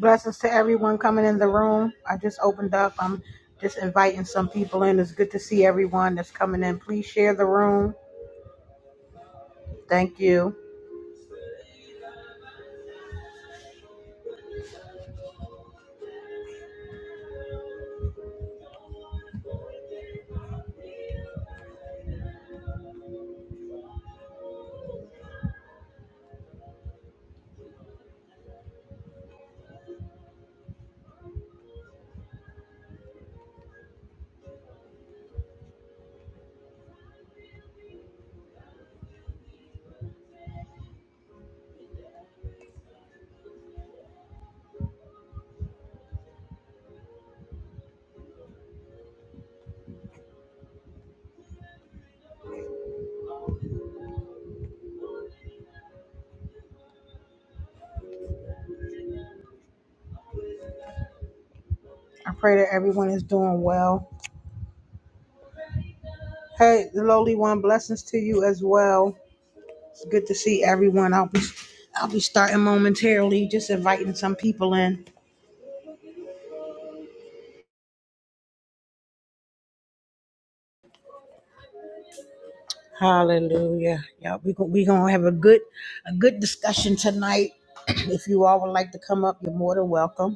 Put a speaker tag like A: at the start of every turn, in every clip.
A: Blessings to everyone coming in the room. I just opened up. I'm just inviting some people in. It's good to see everyone that's coming in. Please share the room. Thank you. I pray that everyone is doing well. Hey, the lowly one, blessings to you as well. It's good to see everyone. I'll be I'll be starting momentarily, just inviting some people in. Hallelujah. Yeah, we're we we gonna have a good a good discussion tonight. if you all would like to come up, you're more than welcome.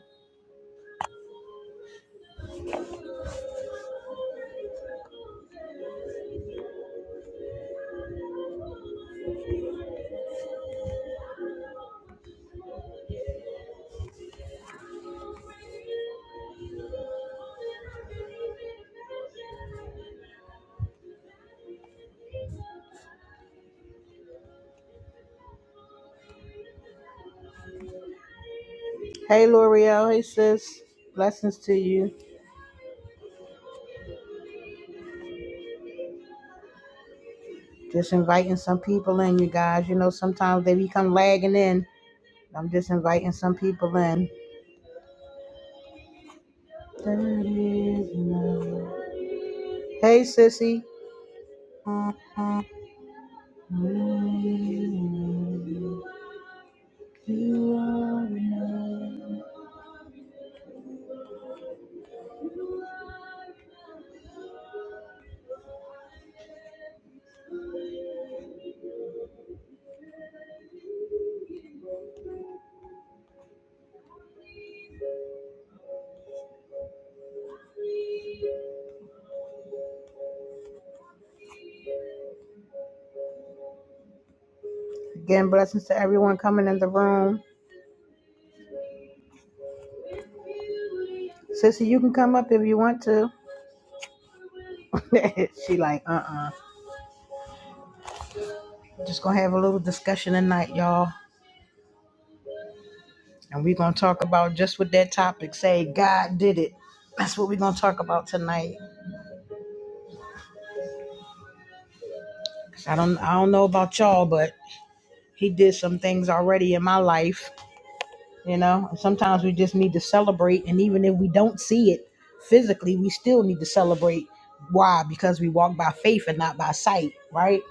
A: Hey, L'Oreal. Hey, sis. Blessings to you. Just inviting some people in, you guys. You know, sometimes they become lagging in. I'm just inviting some people in. There it is now. Hey, sissy. You are enough. Again, blessings to everyone coming in the room. Sissy, you can come up if you want to. she like, uh-uh. Just gonna have a little discussion tonight, y'all. And we're going to talk about just with that topic, say God did it. That's what we're going to talk about tonight. I don't I don't know about y'all, but he did some things already in my life, you know. And sometimes we just need to celebrate and even if we don't see it physically, we still need to celebrate. Why? Because we walk by faith and not by sight, right?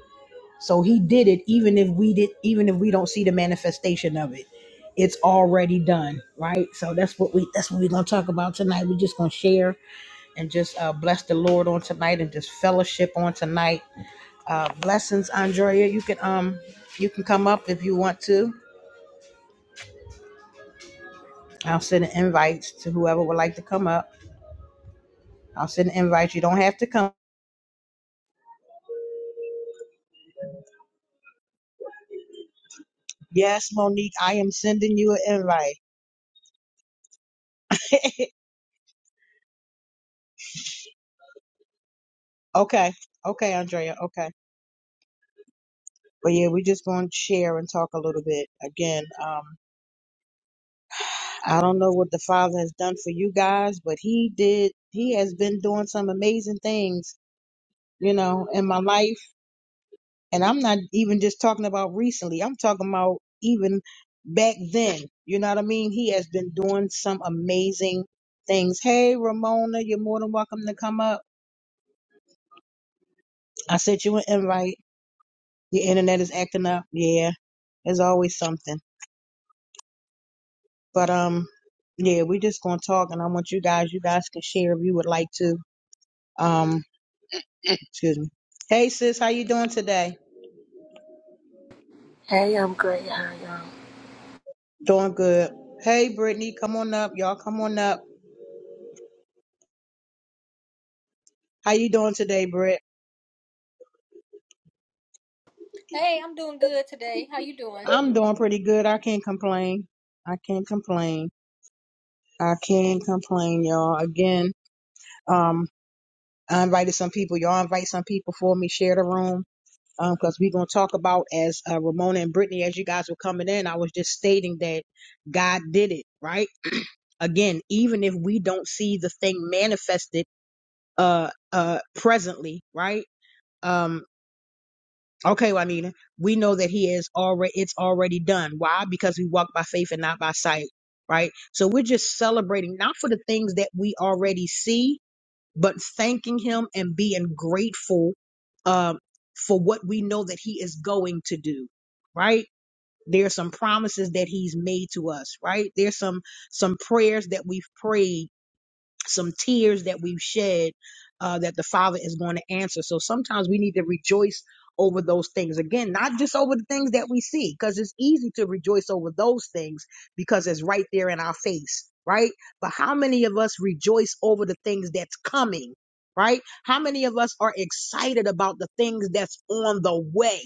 A: So he did it even if we did even if we don't see the manifestation of it. It's already done, right? So that's what we that's what we're gonna talk about tonight. We're just gonna share and just uh, bless the Lord on tonight and just fellowship on tonight. Uh, blessings, Andrea. You can um you can come up if you want to. I'll send invites to whoever would like to come up. I'll send invites. You don't have to come. Yes, Monique, I am sending you an invite. okay, okay, Andrea. Okay, but yeah, we're just going to share and talk a little bit again. Um, I don't know what the Father has done for you guys, but He did. He has been doing some amazing things, you know, in my life And I'm not even just talking about recently. I'm talking about even back then. You know what I mean? He has been doing some amazing things. Hey, Ramona, you're more than welcome to come up. I sent you an invite. Your internet is acting up. Yeah, there's always something. But um, yeah, we're just gonna talk, and I want you guys. You guys can share if you would like to. Um, excuse me. Hey, sis, how you doing today?
B: Hey, I'm great. How are y'all?
A: Doing good. Hey, Brittany, come on up. Y'all, come on up. How you doing today, Britt?
C: Hey, I'm doing good today. How you doing?
A: I'm doing pretty good. I can't complain. I can't complain. I can't complain, y'all. Again, um, I invited some people. Y'all invite some people for me. Share the room. Um, cause we're gonna talk about as uh, Ramona and Brittany, as you guys were coming in, I was just stating that God did it, right? Again, even if we don't see the thing manifested, uh, uh, presently, right? um. Okay, well, I mean, we know that he is already, it's already done. Why? Because we walk by faith and not by sight, right? So we're just celebrating, not for the things that we already see, but thanking him and being grateful um, for what we know that he is going to do, right? There's some promises that he's made to us, right? There's some some prayers that we've prayed some tears that we've shed uh, that the Father is going to answer. So sometimes we need to rejoice over those things. Again, not just over the things that we see, because it's easy to rejoice over those things because it's right there in our face, right? But how many of us rejoice over the things that's coming? Right? How many of us are excited about the things that's on the way?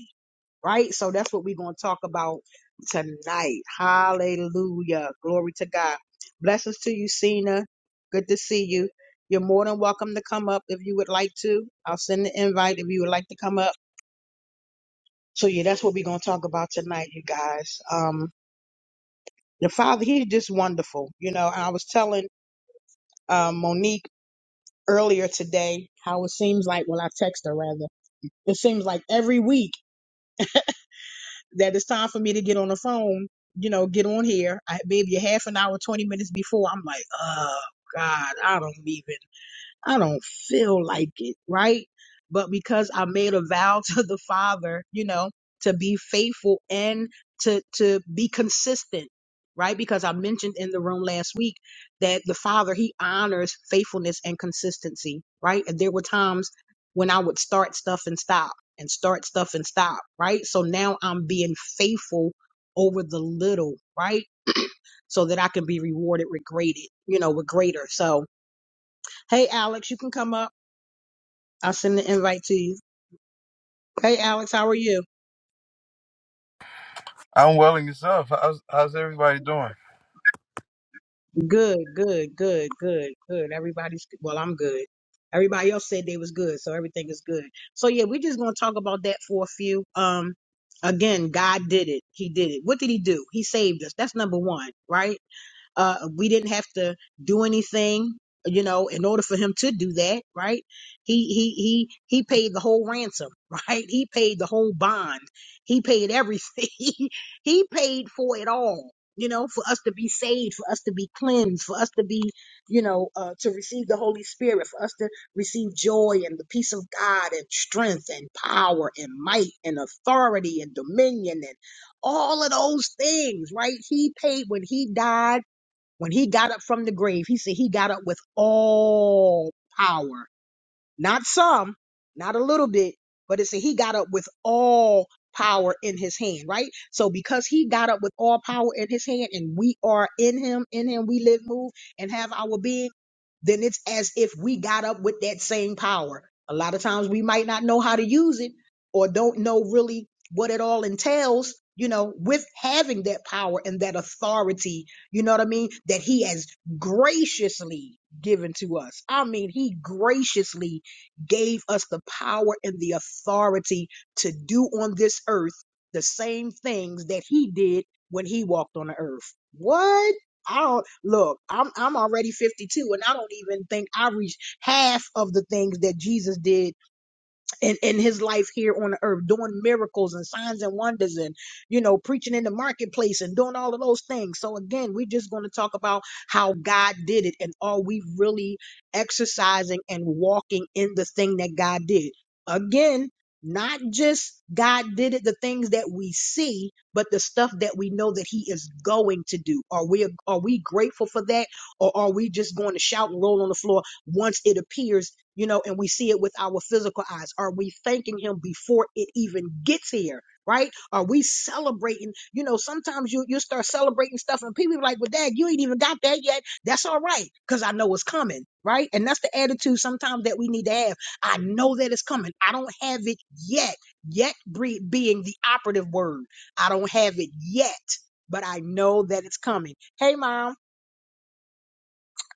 A: right? So that's what we're going to talk about tonight. Hallelujah. Glory to God. Blessings to you, Cena. Good to see you. You're more than welcome to come up if you would like to. I'll send the invite if you would like to come up. So yeah, that's what we're going to talk about tonight, you guys. Um, the Father, He's just wonderful. You know, I was telling uh, Monique earlier today how it seems like, well, I text her rather. It seems like every week that it's time for me to get on the phone, you know, get on here. I, maybe a half an hour, 20 minutes before. I'm like, oh God, I don't even. I don't feel like it, right? But because I made a vow to the Father, you know, to be faithful and to to be consistent, right? Because I mentioned in the room last week that the Father he honors faithfulness and consistency, right? And there were times when I would start stuff and stop and start stuff and stop, right? So now I'm being faithful over the little, right? So that I can be rewarded with greater, you know, with greater. So, hey Alex, you can come up. I'll send the invite to you. Hey, Alex, how are you?
D: I'm well and yourself. How's how's everybody doing?
A: Good, good, good, good, good. Everybody's well. I'm good. Everybody else said they was good, so everything is good. So yeah, we're just gonna talk about that for a few. Um, again, God did it. He did it. What did He do? He saved us. That's number one, right? Uh, we didn't have to do anything, you know, in order for him to do that, right? He he he he paid the whole ransom, right? He paid the whole bond. He paid everything. he he paid for it all, you know, for us to be saved, for us to be cleansed, for us to be, you know, uh, to receive the Holy Spirit, for us to receive joy and the peace of God and strength and power and might and authority and dominion and all of those things, right? He paid when he died when he got up from the grave, he said he got up with all power not some, not a little bit, but it's said he got up with all power in his hand, right? So because he got up with all power in his hand and we are in him, in him we live, move, and have our being, then it's as if we got up with that same power. A lot of times we might not know how to use it or don't know really what it all entails, you know, with having that power and that authority, you know what I mean, that he has graciously given to us. I mean, he graciously gave us the power and the authority to do on this earth the same things that he did when he walked on the earth. What? I don't look, I'm I'm already 52 and I don't even think I reached half of the things that Jesus did in, in his life here on the earth, doing miracles and signs and wonders and, you know, preaching in the marketplace and doing all of those things. So again, we're just going to talk about how God did it and are we really exercising and walking in the thing that God did? Again, not just God did it, the things that we see, but the stuff that we know that He is going to do. Are we are we grateful for that, or are we just going to shout and roll on the floor once it appears you know, and we see it with our physical eyes? Are we thanking Him before it even gets here? Right? Are we celebrating? You know, sometimes you you start celebrating stuff, and people be like, "Well, Dad, you ain't even got that yet." That's all right, cause I know it's coming. Right? And that's the attitude sometimes that we need to have. I know that it's coming. I don't have it yet. Yet bre- being the operative word. I don't have it yet, but I know that it's coming. Hey, mom.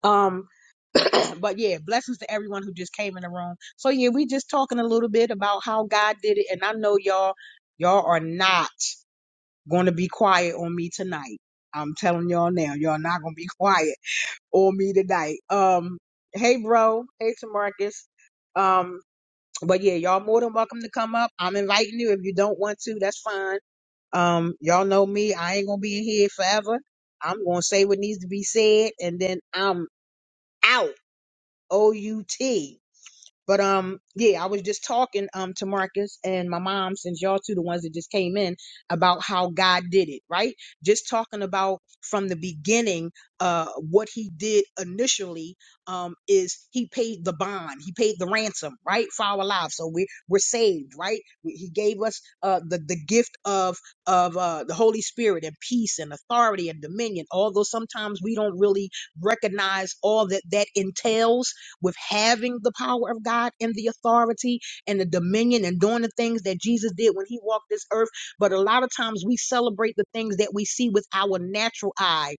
A: Um, but yeah, blessings to everyone who just came in the room. So yeah, we just talking a little bit about how God did it, and I know y'all, y'all are not going to be quiet on me tonight. I'm telling y'all now, y'all not going to be quiet on me tonight. Um, hey bro, hey Tamarcus. Um, but yeah, y'all more than welcome to come up. I'm inviting you. If you don't want to, that's fine. Um, y'all know me. I ain't gonna be in here forever. I'm gonna say what needs to be said, and then I'm out. O U T. But um, yeah, I was just talking um to Marcus and my mom, since y'all two the ones that just came in, about how God did it, right? Just talking about from the beginning, uh, what He did initially, um, is He paid the bond, He paid the ransom, right, for our lives, so we we're saved, right? We- He gave us uh the the gift of of uh the Holy Spirit and peace and authority and dominion. Although sometimes we don't really recognize all that that entails with having the power of God and the authority and the dominion and doing the things that Jesus did when he walked this earth. But a lot of times we celebrate the things that we see with our natural eye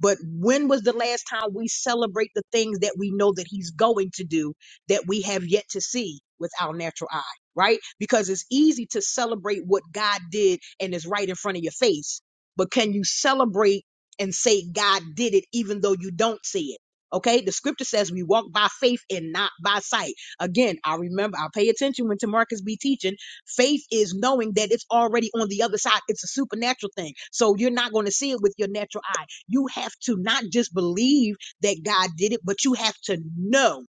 A: but when was the last time we celebrate the things that we know that he's going to do that we have yet to see with our natural eye, right? Because it's easy to celebrate what God did and is right in front of your face. But can you celebrate and say God did it even though you don't see it? Okay, the scripture says we walk by faith and not by sight. Again, I remember, I pay attention when Tamarcus be teaching. Faith is knowing that it's already on the other side. It's a supernatural thing. So you're not going to see it with your natural eye. You have to not just believe that God did it, but you have to know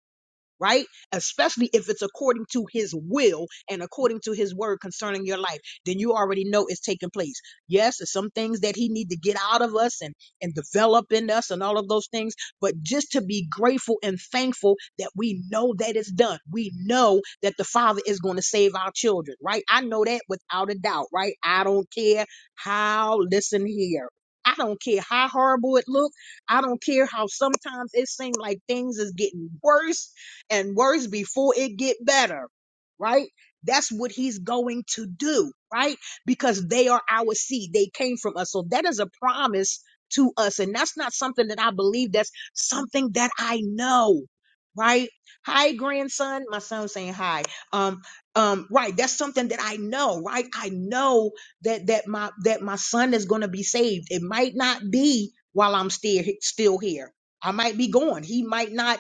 A: right? Especially if it's according to his will and according to his word concerning your life, then you already know it's taking place. Yes, there's some things that he need to get out of us and and develop in us and all of those things, but just to be grateful and thankful that we know that it's done. We know that the Father is going to save our children, right? I know that without a doubt, right? I don't care how listen here. I don't care how horrible it looks. I don't care how sometimes it seems like things is getting worse and worse before it get better, right? That's what he's going to do, right? Because they are our seed. They came from us. So that is a promise to us. And that's not something that I believe. That's something that I know, right? Hi, grandson. My son's saying hi. Um, um, right. That's something that I know, right? I know that, that my, that my son is going to be saved. It might not be while I'm still, still here. I might be gone. He might not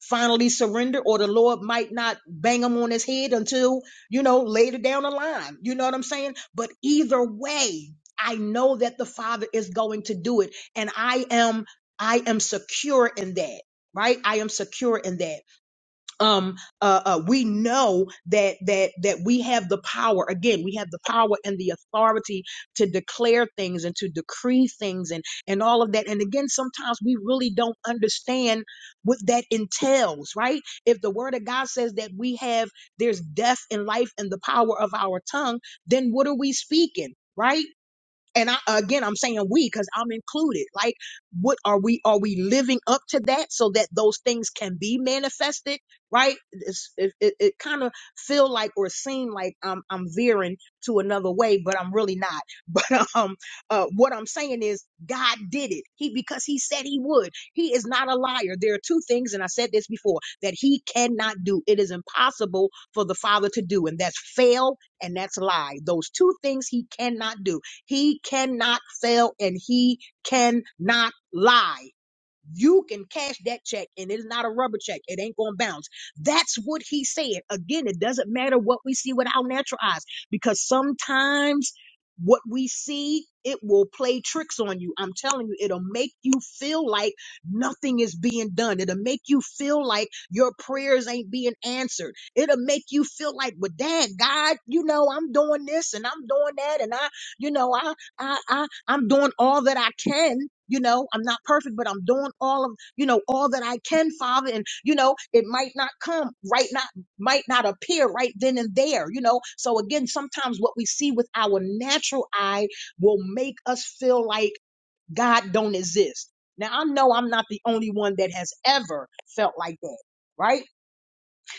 A: finally surrender or the lord might not bang him on his head until you know later down the line you know what i'm saying but either way i know that the father is going to do it and i am i am secure in that right i am secure in that um uh, uh we know that that that we have the power again we have the power and the authority to declare things and to decree things and and all of that and again sometimes we really don't understand what that entails right if the word of god says that we have there's death and life and the power of our tongue then what are we speaking right and I again I'm saying we because I'm included. Like, what are we are we living up to that so that those things can be manifested? Right? It's, it it, it kind of feel like or seem like I'm I'm veering to another way, but I'm really not. But um, uh, what I'm saying is God did it. He because He said He would. He is not a liar. There are two things, and I said this before that He cannot do. It is impossible for the Father to do, and that's fail and that's lie. Those two things He cannot do. He cannot fail and he cannot lie. You can cash that check and it's not a rubber check. It ain't going to bounce. That's what he said. Again, it doesn't matter what we see with our natural eyes because sometimes what we see, it will play tricks on you. I'm telling you, it'll make you feel like nothing is being done. It'll make you feel like your prayers ain't being answered. It'll make you feel like, well, dad, God, you know, I'm doing this and I'm doing that. And I, you know, I, I, I, I'm doing all that I can. You know, I'm not perfect, but I'm doing all of, you know, all that I can, Father. And, you know, it might not come right, not, might not appear right then and there, you know. So again, sometimes what we see with our natural eye will make us feel like God don't exist. Now, I know I'm not the only one that has ever felt like that, right?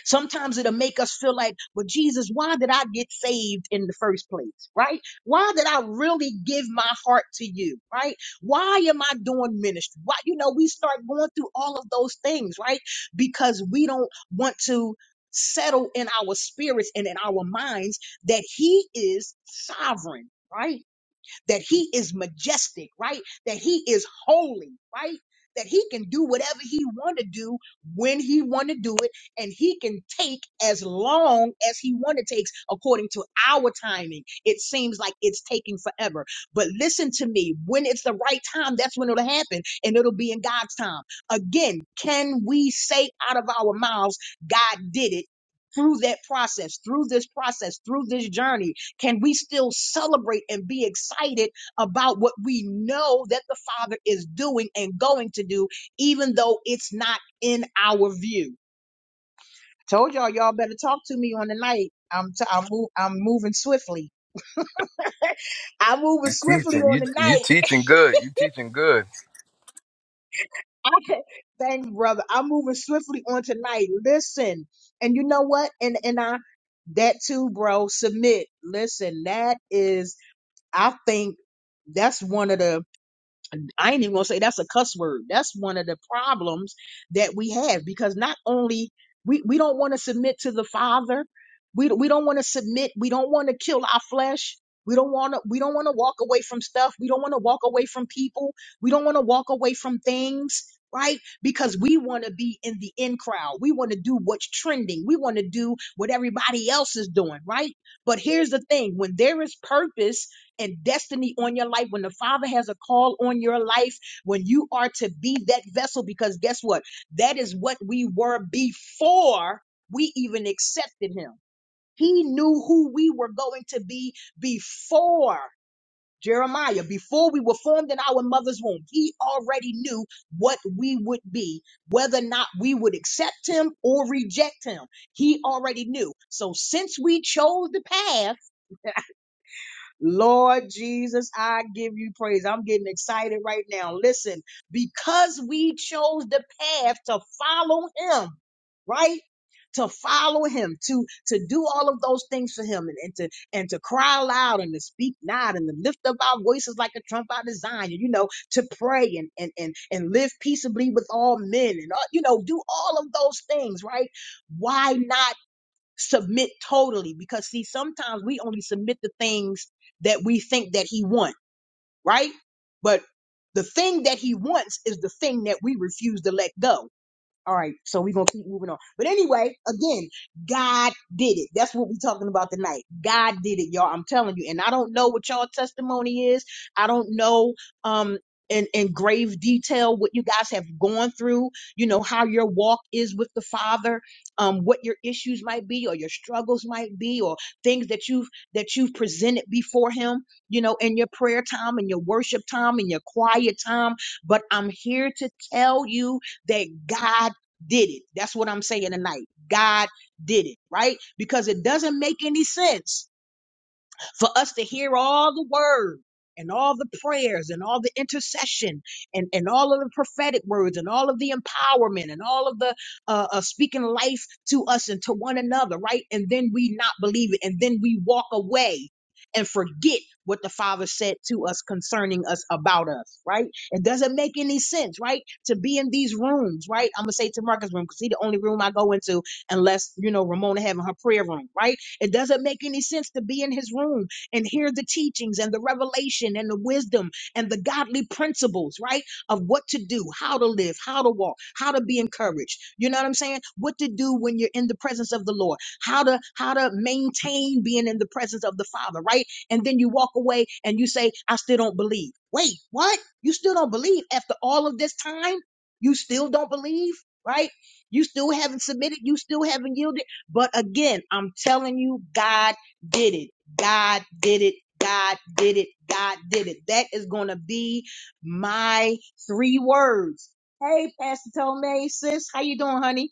A: Sometimes it'll make us feel like, well, Jesus, why did I get saved in the first place? Right? Why did I really give my heart to you? Right? Why am I doing ministry? Why, you know, we start going through all of those things, right? Because we don't want to settle in our spirits and in our minds that He is sovereign. Right? that he is majestic, right? That he is holy, right? That he can do whatever he want to do when he want to do it, and he can take as long as he want to takes according to our timing. It seems like it's taking forever, but listen to me. When it's the right time, that's when it'll happen, and it'll be in God's time. Again, can we say out of our mouths, "God did it"? Through that process, through this process, through this journey, can we still celebrate and be excited about what we know that the Father is doing and going to do, even though it's not in our view? Told y'all, y'all better talk to me on the night. I'm t- I'm, move- I'm moving swiftly. I'm moving
D: You
A: swiftly
D: teaching.
A: on
D: You
A: the
D: you
A: night.
D: teaching good. You teaching good.
A: Thanks, brother. I'm moving swiftly on tonight. Listen, and you know what? And and I that too, bro. Submit. Listen, that is I think that's one of the I ain't even gonna say that's a cuss word. That's one of the problems that we have because not only we, we don't want to submit to the Father, we we don't want to submit, we don't want to kill our flesh. We don't want to we don't want to walk away from stuff. We don't want to walk away from people. We don't want to walk away from things, right? Because we want to be in the in crowd. We want to do what's trending. We want to do what everybody else is doing, right? But here's the thing, when there is purpose and destiny on your life, when the Father has a call on your life, when you are to be that vessel, because guess what? That is what we were before we even accepted Him. He knew who we were going to be before Jeremiah, before we were formed in our mother's womb. He already knew what we would be, whether or not we would accept Him or reject Him. He already knew. So since we chose the path, Lord Jesus, I give you praise. I'm getting excited right now. Listen, because we chose the path to follow him, right? To follow him, to to do all of those things for him and, and to and to cry loud and to speak loud and to lift up our voices like a trump out of Zion, you know, to pray and and and and live peaceably with all men and all, you know, do all of those things, right? Why not? submit totally because see sometimes we only submit the things that we think that he wants right but the thing that he wants is the thing that we refuse to let go all right, so we're gonna keep moving on. But anyway, again, God did it. That's what we're talking about tonight. God did it, y'all. I'm telling you. And I don't know what y'all testimony is. I don't know um in, in grave detail what you guys have gone through, you know, how your walk is with the Father, um, what your issues might be or your struggles might be, or things that you've that you've presented before him, you know, in your prayer time and your worship time and your quiet time. But I'm here to tell you that God did it. That's what I'm saying tonight. God did it, right? Because it doesn't make any sense for us to hear all the word and all the prayers and all the intercession and, and all of the prophetic words and all of the empowerment and all of the uh, uh, speaking life to us and to one another, right? And then we not believe it. And then we walk away and forget what the Father said to us concerning us about us, right? It doesn't make any sense, right? To be in these rooms, right? I'm going to say to Marcus' room because he's the only room I go into unless, you know, Ramona having her prayer room, right? It doesn't make any sense to be in his room and hear the teachings and the revelation and the wisdom and the godly principles, right? Of what to do, how to live, how to walk, how to be encouraged. You know what I'm saying? What to do when you're in the presence of the Lord, how to how to maintain being in the presence of the Father, right? And then you walk away and you say, I still don't believe. Wait, what? You still don't believe after all of this time? You still don't believe, right? You still haven't submitted, you still haven't yielded. But again, I'm telling you, God did it. God did it. God did it. God did it. That is going to be my three words. Hey, Pastor Tomei, sis, how you doing, honey?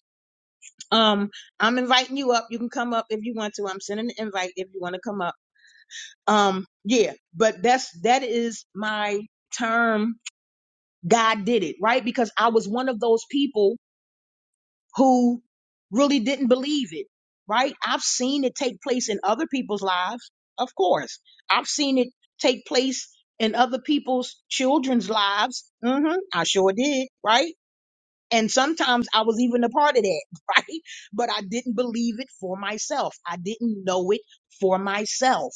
A: Um, I'm inviting you up. You can come up if you want to. I'm sending an invite if you want to come up. Um, yeah, but that's that is my term. God did it, right? Because I was one of those people who really didn't believe it, right? I've seen it take place in other people's lives, of course. I've seen it take place in other people's children's lives. hmm I sure did, right? And sometimes I was even a part of that, right? But I didn't believe it for myself. I didn't know it for myself.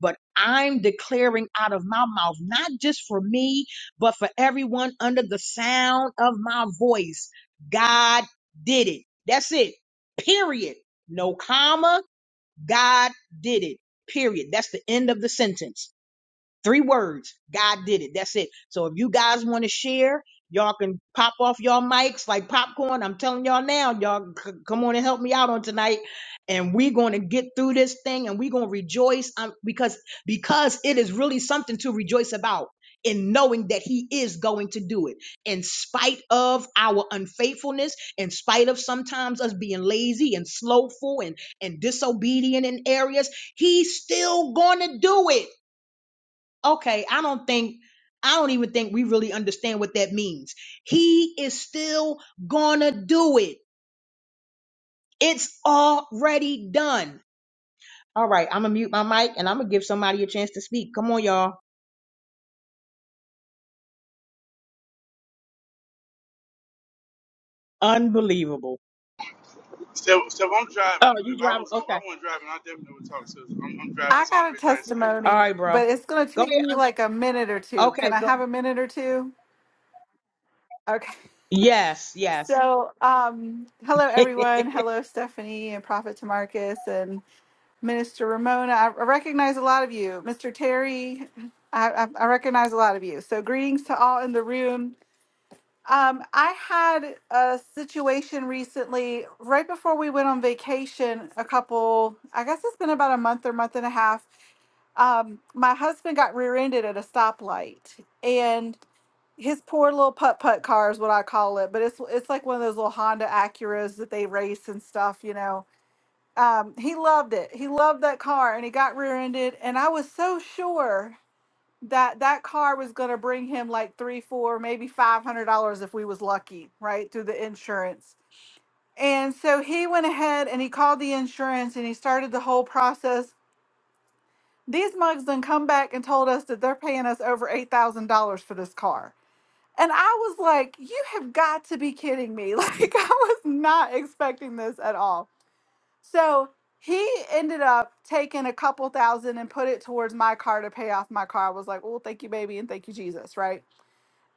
A: But I'm declaring out of my mouth, not just for me, but for everyone under the sound of my voice. God did it. That's it. Period. No comma. God did it. Period. That's the end of the sentence. Three words. God did it. That's it. So if you guys want to share, y'all can pop off y'all mics like popcorn. I'm telling y'all now, y'all c- come on and help me out on tonight. And we're going to get through this thing and we're going to rejoice um, because because it is really something to rejoice about in knowing that he is going to do it in spite of our unfaithfulness in spite of sometimes us being lazy and slowful and and disobedient in areas he's still going to do it okay, I don't think, I don't even think we really understand what that means. He is still gonna do it. It's already done. All right, I'm gonna mute my mic and I'm gonna give somebody a chance to speak. Come on, y'all. Unbelievable.
E: Steph, Steph, I'm driving.
A: Oh, you
E: If I
A: driving?
E: was, if
A: Okay.
E: I wasn't driving, I definitely would talk to. you. I'm, I'm driving.
F: I
E: That's the only
F: got a
E: reason I ain't saying
A: All
E: nothing.
F: testimony,
A: right, bro.
F: but it's going to
A: Go
F: take
A: ahead.
F: me
A: I'm
F: like a minute or two.
A: okay.
F: Can I
A: Go.
F: have a minute or two? Okay.
A: Yes, yes.
F: So, um, hello everyone. Hello Stephanie and Prophet Tamarcus and Minister Ramona. I I recognize a lot of you, Mr. Terry. I, I I recognize a lot of you. So, greetings to all in the room. Um, I had a situation recently, right before we went on vacation. A couple, I guess it's been about a month or month and a half um, my husband got rear-ended at a stoplight, and his poor little putt putt car is what I call it, but it's it's like one of those little Honda Acuras that they race and stuff, you know. Um, he loved it. He loved that car, and he got rear ended. And I was so sure that that car was going to bring him like three, four, maybe five hundred dollars if we was lucky, right, through the insurance. And so he went ahead and he called the insurance and he started the whole process these mugs then come back and told us that they're paying us over eight thousand dollars for this car. And I was like, you have got to be kidding me. Like I was not expecting this at all. So he ended up taking a couple thousand and put it towards my car to pay off my car. I was like, well, thank you, baby, and thank you, Jesus, right?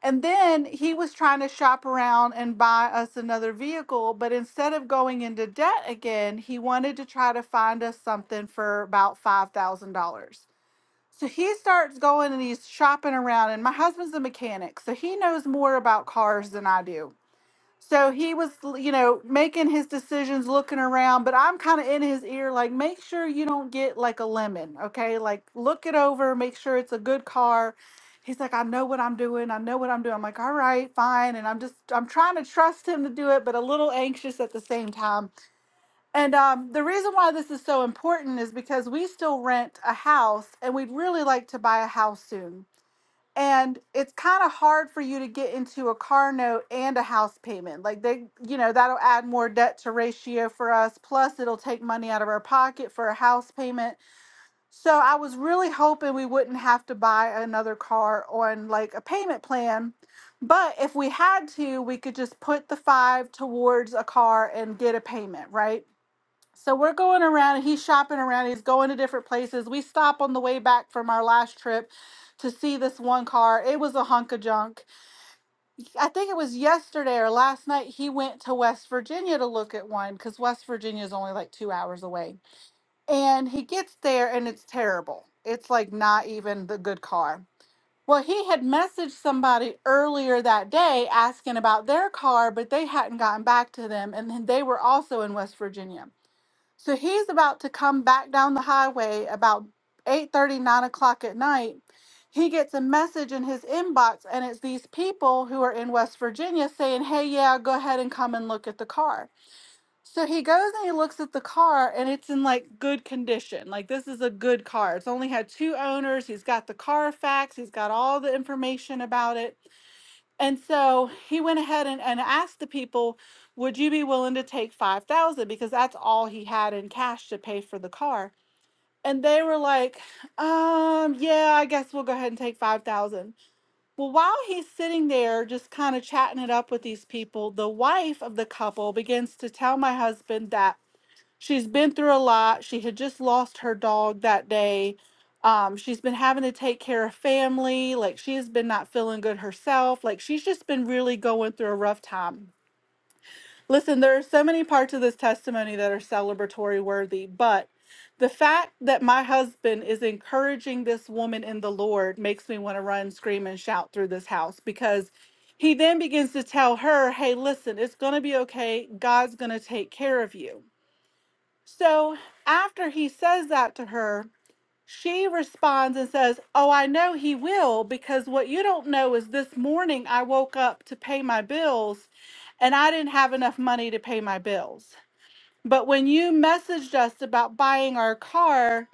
F: And then he was trying to shop around and buy us another vehicle, but instead of going into debt again, he wanted to try to find us something for about $5,000. So he starts going and he's shopping around, and my husband's a mechanic, so he knows more about cars than I do. So he was, you know, making his decisions, looking around, but I'm kind of in his ear, like, make sure you don't get like a lemon, okay? Like, look it over, make sure it's a good car. He's like, I know what I'm doing. I know what I'm doing. I'm like, all right, fine. And I'm just, I'm trying to trust him to do it, but a little anxious at the same time and um, the reason why this is so important is because we still rent a house and we'd really like to buy a house soon. And it's kind of hard for you to get into a car note and a house payment. Like they, you know, that'll add more debt to ratio for us. Plus, it'll take money out of our pocket for a house payment. So I was really hoping we wouldn't have to buy another car on like a payment plan. But if we had to, we could just put the five towards a car and get a payment, right? So we're going around, he's shopping around, he's going to different places. We stop on the way back from our last trip to see this one car. It was a hunk of junk. I think it was yesterday or last night he went to West Virginia to look at one cuz West Virginia is only like 2 hours away. And he gets there and it's terrible. It's like not even the good car. Well, he had messaged somebody earlier that day asking about their car, but they hadn't gotten back to them and then they were also in West Virginia. So he's about to come back down the highway about 8 thirty, 9 o'clock at night. He gets a message in his inbox, and it's these people who are in West Virginia saying, Hey, yeah, go ahead and come and look at the car. So he goes and he looks at the car, and it's in like good condition. Like, this is a good car. It's only had two owners. He's got the Carfax, he's got all the information about it. And so he went ahead and, and asked the people, Would you be willing to take 5,000? Because that's all he had in cash to pay for the car. And they were like, um, yeah, I guess we'll go ahead and take 5,000. Well, while he's sitting there just kind of chatting it up with these people, the wife of the couple begins to tell my husband that She's been through a lot. She had just lost her dog that day. Um, she's been having to take care of family. Like she has been not feeling good herself. Like she's just been really going through a rough time. Listen, there are so many parts of this testimony that are celebratory worthy, but the fact that my husband is encouraging this woman in the Lord makes me want to run, scream, and shout through this house because he then begins to tell her, hey, listen, it's going to be okay. God's going to take care of you. So after he says that to her, she responds and says, Oh, I know he will, because what you don't know is this morning I woke up to pay my bills and I didn't have enough money to pay my bills. But when you messaged us about buying our car,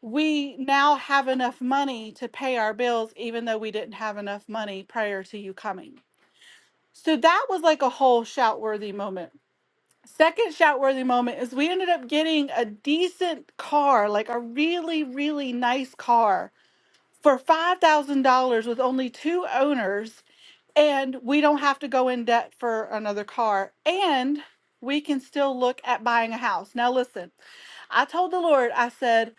F: we now have enough money to pay our bills, even though we didn't have enough money prior to you coming. So that was like a whole shout worthy moment Second shout worthy moment is we ended up getting a decent car, like a really, really nice car for $5,000 with only two owners. And we don't have to go in debt for another car. And we can still look at buying a house. Now, listen, I told the Lord, I said,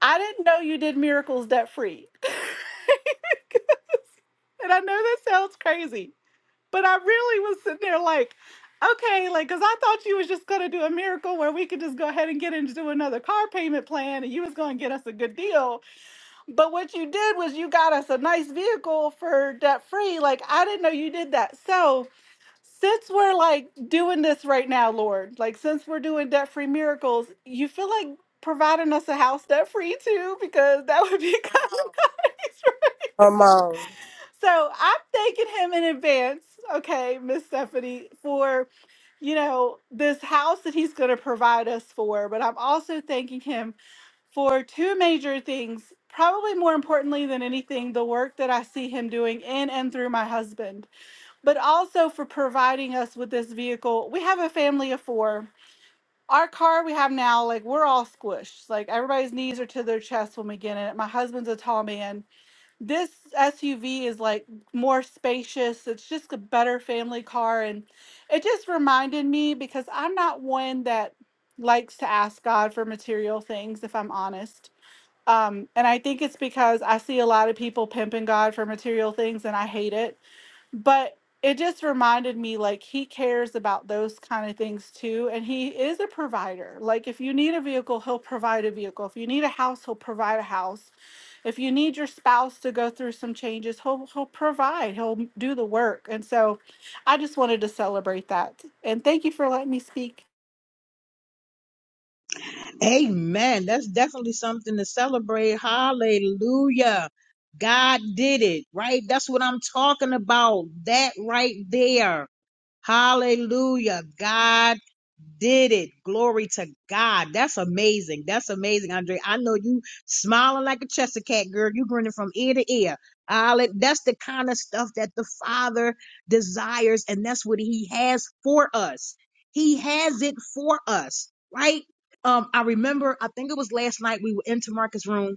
F: I didn't know you did miracles debt free. And I know that sounds crazy, But I really was sitting there like, okay, like, cause I thought you was just gonna do a miracle where we could just go ahead and get into another car payment plan and you was gonna get us a good deal. But what you did was you got us a nice vehicle for debt free. Like, I didn't know you did that. So since we're like doing this right now, Lord, like since we're doing debt free miracles, you feel like providing us a house debt free too, because that would be kind good.
B: Come on.
F: So I'm thanking him in advance, okay, Miss Stephanie, for you know this house that he's going to provide us for. But I'm also thanking him for two major things. Probably more importantly than anything, the work that I see him doing in and through my husband, but also for providing us with this vehicle. We have a family of four. Our car we have now, like we're all squished. Like everybody's knees are to their chest when we get in it. My husband's a tall man this SUV is like more spacious. It's just a better family car. And it just reminded me because I'm not one that likes to ask God for material things, if I'm honest. Um, and I think it's because I see a lot of people pimping God for material things and I hate it but it just reminded me like he cares about those kind of things too and he is a provider like if you need a vehicle he'll provide a vehicle if you need a house he'll provide a house if you need your spouse to go through some changes he'll he'll provide he'll do the work and so i just wanted to celebrate that and thank you for letting me speak
A: Amen. That's definitely something to celebrate. Hallelujah. God did it, right? That's what I'm talking about. That right there. Hallelujah. God did it. Glory to God. That's amazing. That's amazing, Andre. I know you smiling like a Chester cat, girl. You grinning from ear to ear. Hallelujah. That's the kind of stuff that the Father desires, and that's what He has for us. He has it for us, right? Um, I remember, I think it was last night we were into Marcus' room,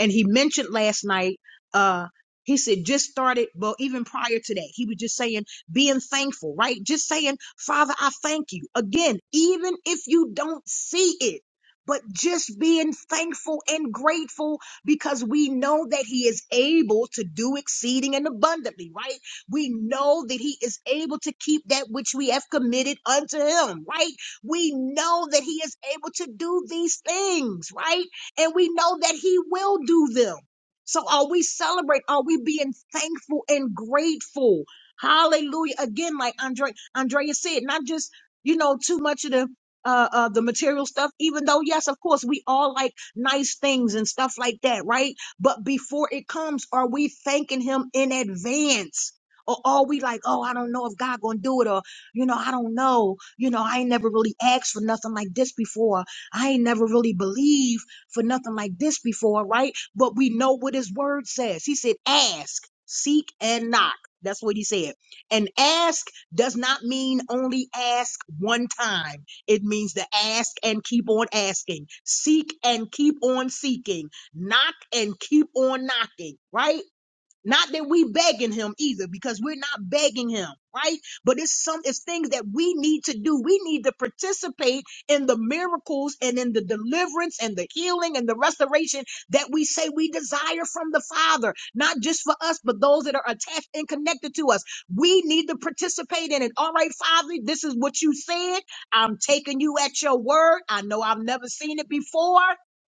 A: and he mentioned last night, uh, he said, just started, well, even prior to that, he was just saying being thankful, right? Just saying, Father, I thank you. Again, even if you don't see it, but just being thankful and grateful because we know that He is able to do exceeding and abundantly, right? We know that He is able to keep that which we have committed unto Him, right? We know that He is able to do these things, right? And we know that He will do them. So are we celebrate? Are we being thankful and grateful? Hallelujah. Again, like Andre, Andrea said, not just, you know, too much of the uh, uh the material stuff even though yes of course we all like nice things and stuff like that right but before it comes are we thanking him in advance or are we like oh i don't know if god gonna do it or you know i don't know you know i ain't never really asked for nothing like this before i ain't never really believed for nothing like this before right but we know what his word says he said ask seek and knock that's what he said. And ask does not mean only ask one time. It means to ask and keep on asking, seek and keep on seeking, knock and keep on knocking, right? Not that we begging him either, because we're not begging him, right? But it's some it's things that we need to do. We need to participate in the miracles and in the deliverance and the healing and the restoration that we say we desire from the Father, not just for us, but those that are attached and connected to us. We need to participate in it. All right, Father, this is what you said. I'm taking you at your word. I know I've never seen it before.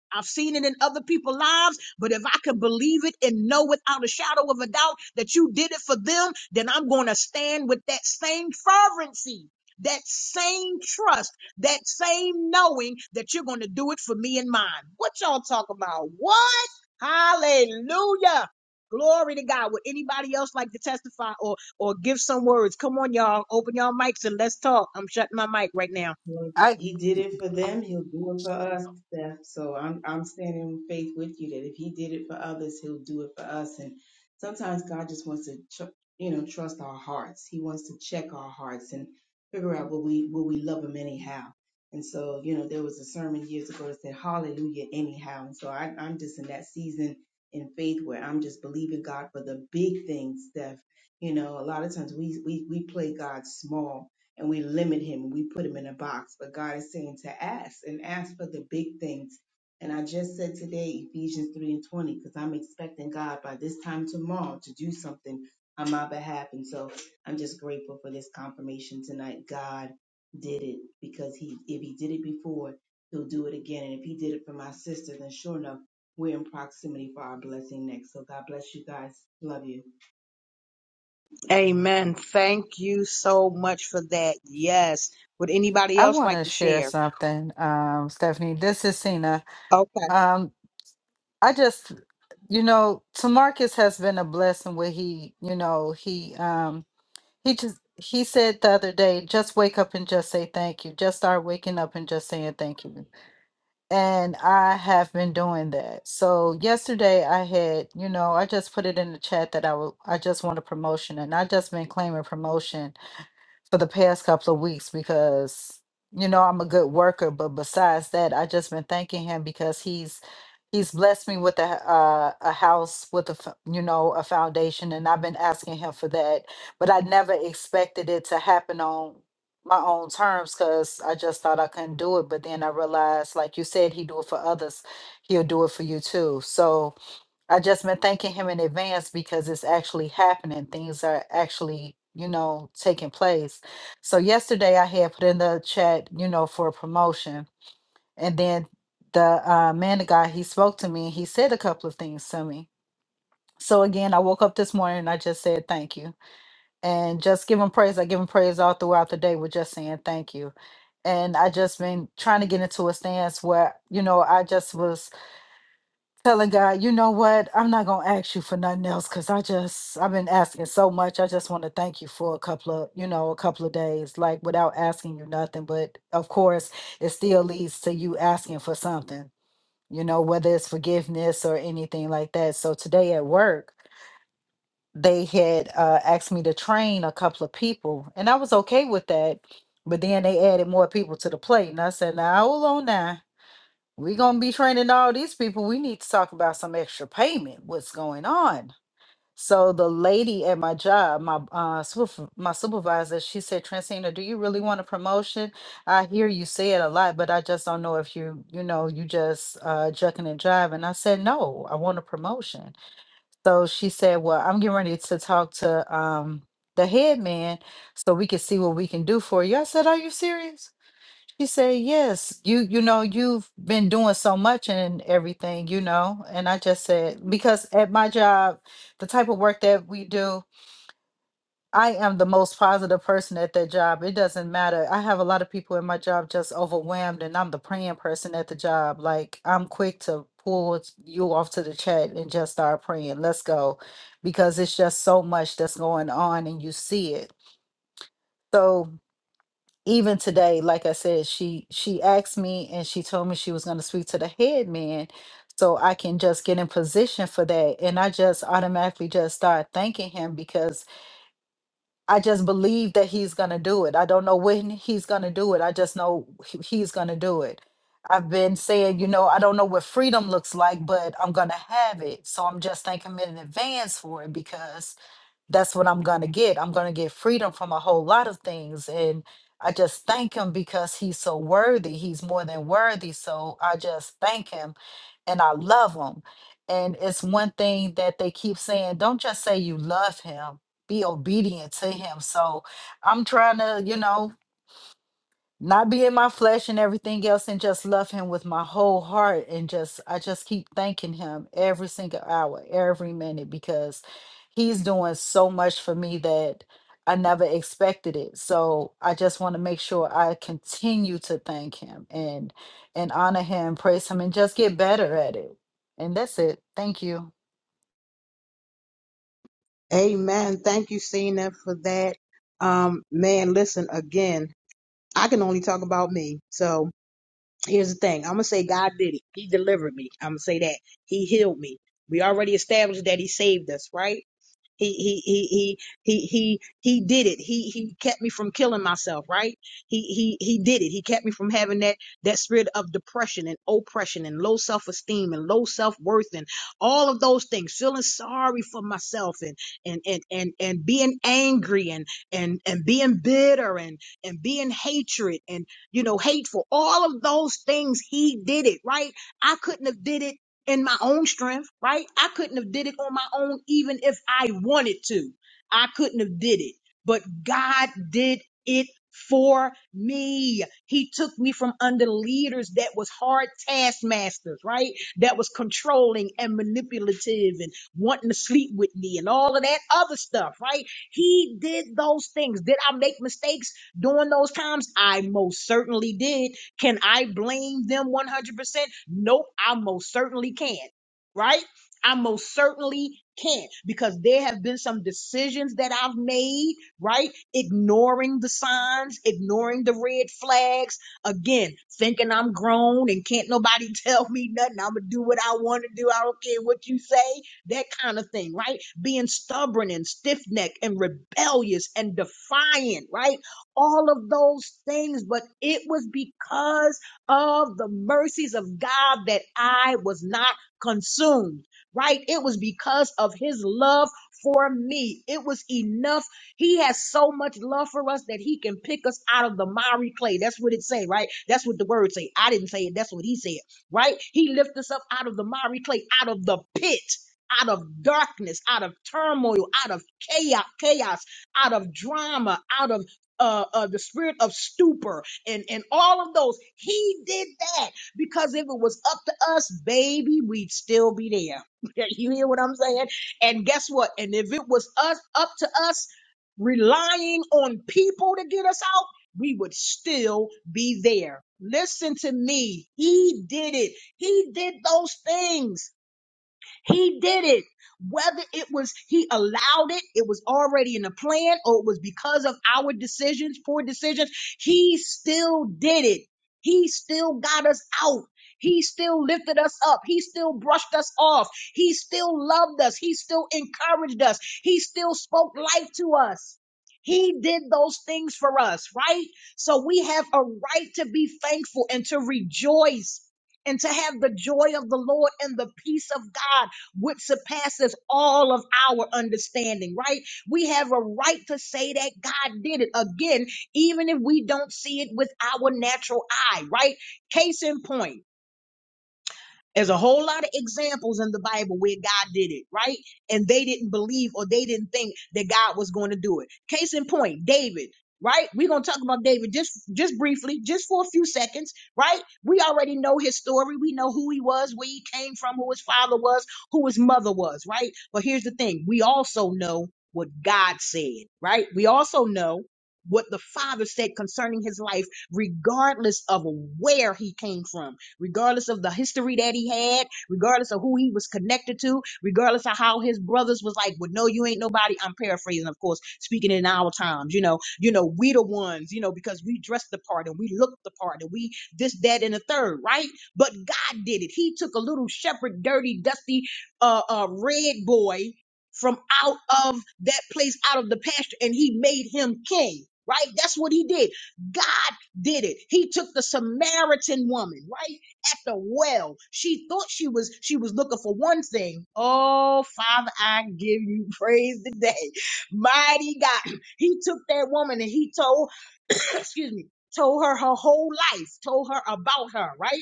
A: I've seen it in other people's lives but if I can believe it and know without a shadow of a doubt that you did it for them, then I'm going to stand with that same fervency, that same trust, that same knowing that you're going to do it for me and mine. What y'all talk about? What? Hallelujah. Glory to God. Would anybody else like to testify or or give some words? Come on, y'all. Open y'all mics and let's talk. I'm shutting my mic right now.
G: Well,
H: I
G: He did it for them, he'll do it for us, Steph. So I'm I'm standing in faith with you that if he did it for others, he'll do it for us. And sometimes God just wants to tr- you know trust our hearts. He wants to check our hearts and figure out will we will we love him anyhow. And so you know there was a sermon years ago that said Hallelujah anyhow. And so I, I'm just in that season in faith where I'm just believing God for the big things, Steph. You know, a lot of times we we we play God small and we limit him and we put him in a box. But God is saying to ask and ask for the big things. And I just said today, Ephesians 3 and 20, because I'm expecting God by this time tomorrow to do something on my behalf. And so I'm just grateful for this confirmation tonight. God did it because he if he did it before, he'll do it again. And if he did it for my sister, then sure enough, we're in proximity for our blessing next. So God bless you guys. Love you.
A: Amen. Thank you so much for that. Yes. Would anybody
H: I
A: else
H: want
A: like
H: to
A: to
H: share
A: share?
H: something, um, Stephanie. This is Cena.
A: Okay.
H: Um, I just, you know, Tamarcus has been a blessing. Where he, you know, he um, he just he said the other day, just wake up and just say thank you. Just start waking up and just saying thank you. And I have been doing that. So yesterday I had, you know, I just put it in the chat that I would, I just want a promotion, and I just been claiming promotion for the past couple of weeks because you know I'm a good worker, but besides that, I just been thanking him because he's he's blessed me with a uh, a house with a f- you know a foundation, and I've been asking him for that, but I never expected it to happen on my own terms because I just thought I couldn't do it, but then I realized, like you said, he do it for others, he'll do it for you too. So I just been thanking him in advance because it's actually happening. Things are actually, you know, taking place. So yesterday I had put in the chat, you know, for a promotion, and then the uh, man, the guy, he spoke to me. and He said a couple of things to me. So again, I woke up this morning and I just said thank you, and just give him praise. I give him praise all throughout the day with just saying thank you, and I just been trying to get into a stance where, you know, I just was telling God, you know what? I'm not gonna ask you for nothing else because I just I've been asking so much. I just want to thank you for a couple of you know a couple of days, like without asking you nothing. But of course, it still leads to you asking for something. You know, whether it's forgiveness or anything like that. So today at work, they had uh, asked me to train a couple of people, and I was okay with that. But then they added more people to the plate, and I said, "Now hold on, now." we gonna be training all these people. We need to talk about some extra payment. What's going on? So the lady at my job, my uh superv- my supervisor, she said, Transina, do you really want a promotion? I hear you say it a lot, but I just don't know if you, you know, you just uh jucking and jiving. I said, No, I want a promotion. So she said, Well, I'm getting ready to talk to um the head man so we can see what we can do for you. I said, Are you serious? She said, "Yes, you you know you've been doing so much and everything, you know." And I just said, because at my job, the type of work that we do, I am the most positive person at that job. It doesn't matter. I have a lot of people in my job just overwhelmed, and I'm the praying person at the job. Like I'm quick to pull you off to the chat and just start praying. Let's go, because it's just so much that's going on, and you see it. So even today like i said she she asked me and she told me she was going to speak to the head man so i can just get in position for that and i just automatically just start thanking him because i just believe that he's going to do it i don't know when he's going to do it i just know he- he's going to do it i've been saying you know i don't know what freedom looks like but i'm going to have it so i'm just thanking him in advance for it because that's what I'm going to get. I'm going to get freedom from a whole lot of things. And I just thank him because he's so worthy. He's more than worthy. So I just thank him and I love him. And it's one thing that they keep saying don't just say you love him, be obedient to him. So I'm trying to, you know not be in my flesh and everything else and just love him with my whole heart and just i just keep thanking him every single hour every minute because he's doing so much for me that i never expected it so i just want to make sure i continue to thank him and and honor him praise him and just get better at it and that's it thank you
A: Amen. Thank you, Cena, for that. Um, man, listen, again, I can only talk about me. So here's the thing. I'm gonna say God did it. He delivered me. I'm gonna say that. He healed me. We already established that he saved us, right? He he he he he he he did it. He he kept me from killing myself, right? He he he did it. He kept me from having that that spirit of depression and oppression and low self-esteem and low self-worth and all of those things, feeling sorry for myself and and and and, and being angry and and and being bitter and and being hatred and you know hateful. All of those things he did it, right? I couldn't have did it in my own strength, right? I couldn't have did it on my own even if I wanted to. I couldn't have did it. But God did it for me. He took me from under leaders that was hard taskmasters, right? That was controlling and manipulative and wanting to sleep with me and all of that other stuff, right? He did those things. Did I make mistakes during those times? I most certainly did. Can I blame them 100%? Nope, I most certainly can. not Right? I most certainly can't because there have been some decisions that I've made, right? Ignoring the signs, ignoring the red flags. Again, thinking I'm grown and can't nobody tell me nothing. I'm going to do what I want to do. I don't care what you say, that kind of thing, right? Being stubborn and stiff necked and rebellious and defiant, right? All of those things. But it was because of the mercies of God that I was not consumed, right? It was because of his love for me. It was enough. He has so much love for us that he can pick us out of the miry clay. That's what it say, right? That's what the word say. I didn't say it. That's what he said, right? He lifts us up out of the miry clay, out of the pit. Out of darkness, out of turmoil, out of chaos, chaos, out of drama, out of uh, uh, the spirit of stupor, and, and all of those. He did that because if it was up to us, baby, we'd still be there. you hear what I'm saying? And guess what? And if it was us up to us relying on people to get us out, we would still be there. Listen to me. He did it. He did those things. He did it. Whether it was he allowed it, it was already in the plan, or it was because of our decisions, poor decisions, he still did it. He still got us out. He still lifted us up. He still brushed us off. He still loved us. He still encouraged us. He still spoke life to us. He did those things for us, right? So we have a right to be thankful and to rejoice and to have the joy of the Lord and the peace of God which surpasses all of our understanding, right? We have a right to say that God did it again, even if we don't see it with our natural eye, right? Case in point. There's a whole lot of examples in the Bible where God did it, right? And they didn't believe or they didn't think that God was going to do it. Case in point, David, right? We're going to talk about David just just briefly, just for a few seconds, right? We already know his story. We know who he was, where he came from, who his father was, who his mother was, right? But here's the thing. We also know what God said, right? We also know what the father said concerning his life regardless of where he came from regardless of the history that he had, regardless of who he was connected to, regardless of how his brothers was like, well, no, you ain't nobody. I'm paraphrasing, of course, speaking in our times, you know, you know, we the ones, you know, because we dressed the part and we looked the part and we this, that, and the third, right? But God did it. He took a little shepherd, dirty, dusty, uh, uh, red boy from out of that place, out of the pasture, and he made him king. Right? That's what he did. God did it. He took the Samaritan woman, right? at the well. She thought she was she was looking for one thing. Oh, Father, I give you praise today. Mighty God. He took that woman and he told, excuse me, told her her whole life, told her about her, right?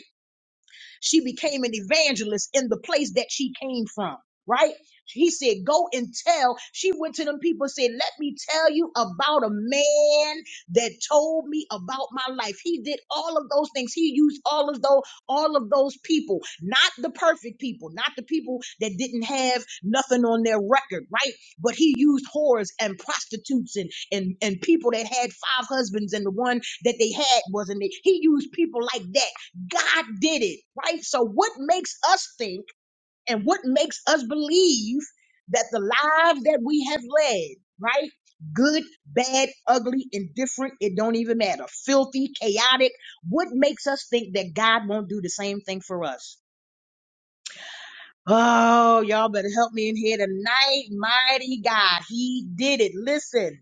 A: She became an evangelist in the place that she came from, right? He said, Go and tell. She went to them people and said, Let me tell you about a man that told me about my life. He did all of those things. He used all of those, all of those people, not the perfect people, not the people that didn't have nothing on their record, right? But he used whores and prostitutes and and, and people that had five husbands and the one that they had wasn't it. He used people like that God did it, right? So, what makes us think and what makes us believe that the lives that we have led, right? Good, bad, ugly, indifferent, it don't even matter. Filthy, chaotic. What makes us think that God won't do the same thing for us? Oh, y'all better help me in here tonight. Mighty God, He did it. Listen.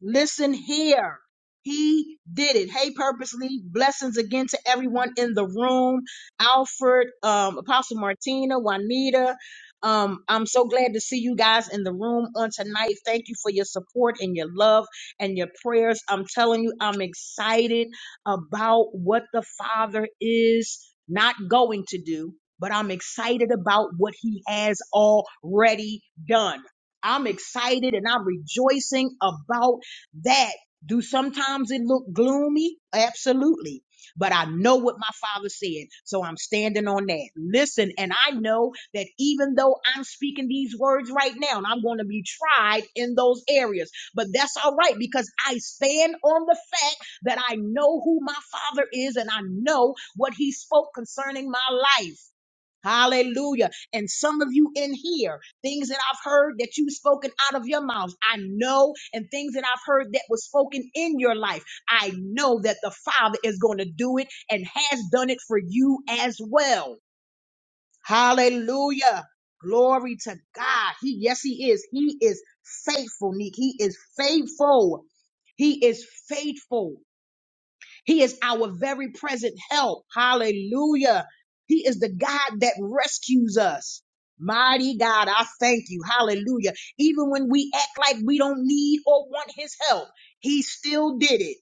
A: Listen here. He did it. Hey, purposely. Blessings again to everyone in the room. Alfred, um, Apostle Martina, Juanita. Um, I'm so glad to see you guys in the room on tonight. Thank you for your support and your love and your prayers. I'm telling you, I'm excited about what the Father is not going to do, but I'm excited about what He has already done. I'm excited and I'm rejoicing about that do sometimes it look gloomy absolutely but i know what my father said so i'm standing on that listen and i know that even though i'm speaking these words right now and i'm going to be tried in those areas but that's all right because i stand on the fact that i know who my father is and i know what he spoke concerning my life Hallelujah. And some of you in here, things that I've heard that you've spoken out of your mouth, I know, and things that I've heard that was spoken in your life, I know that the Father is going to do it and has done it for you as well. Hallelujah. Glory to God. He, yes, He is. He is faithful, Neek. He is faithful. He is faithful. He is our very present help. Hallelujah. He is the God that rescues us. Mighty God, I thank you. Hallelujah. Even when we act like we don't need or want his help, he still did it.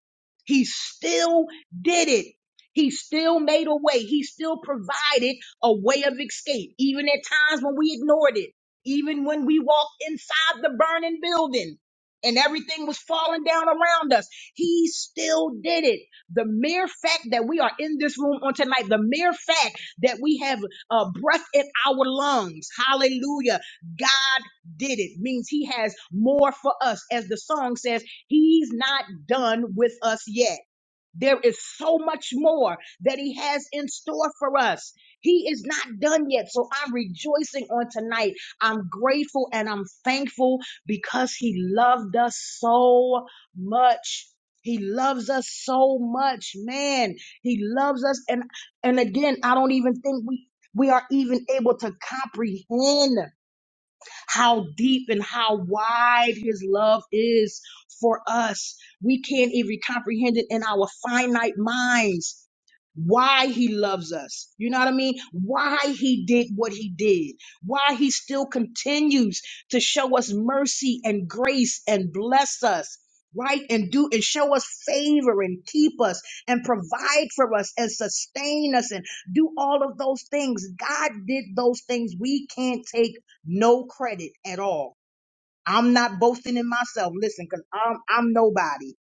A: He still did it. He still made a way. He still provided a way of escape, even at times when we ignored it, even when we walked inside the burning building and everything was falling down around us. He still did it. The mere fact that we are in this room on tonight, the mere fact that we have uh, breath in our lungs, hallelujah, God did it means He has more for us. As the song says, He's not done with us yet. There is so much more that He has in store for us. He is not done yet. So I'm rejoicing on tonight. I'm grateful and I'm thankful because He loved us so much. He loves us so much, man. He loves us. And and again, I don't even think we we are even able to comprehend how deep and how wide his love is for us. We can't even comprehend it in our finite minds why he loves us. You know what I mean? Why he did what he did. Why he still continues to show us mercy and grace and bless us. Right and do and show us favor and keep us and provide for us and sustain us and do all of those things. God did those things we can't take no credit at all. I'm not boasting in myself. Listen, because I'm I'm nobody.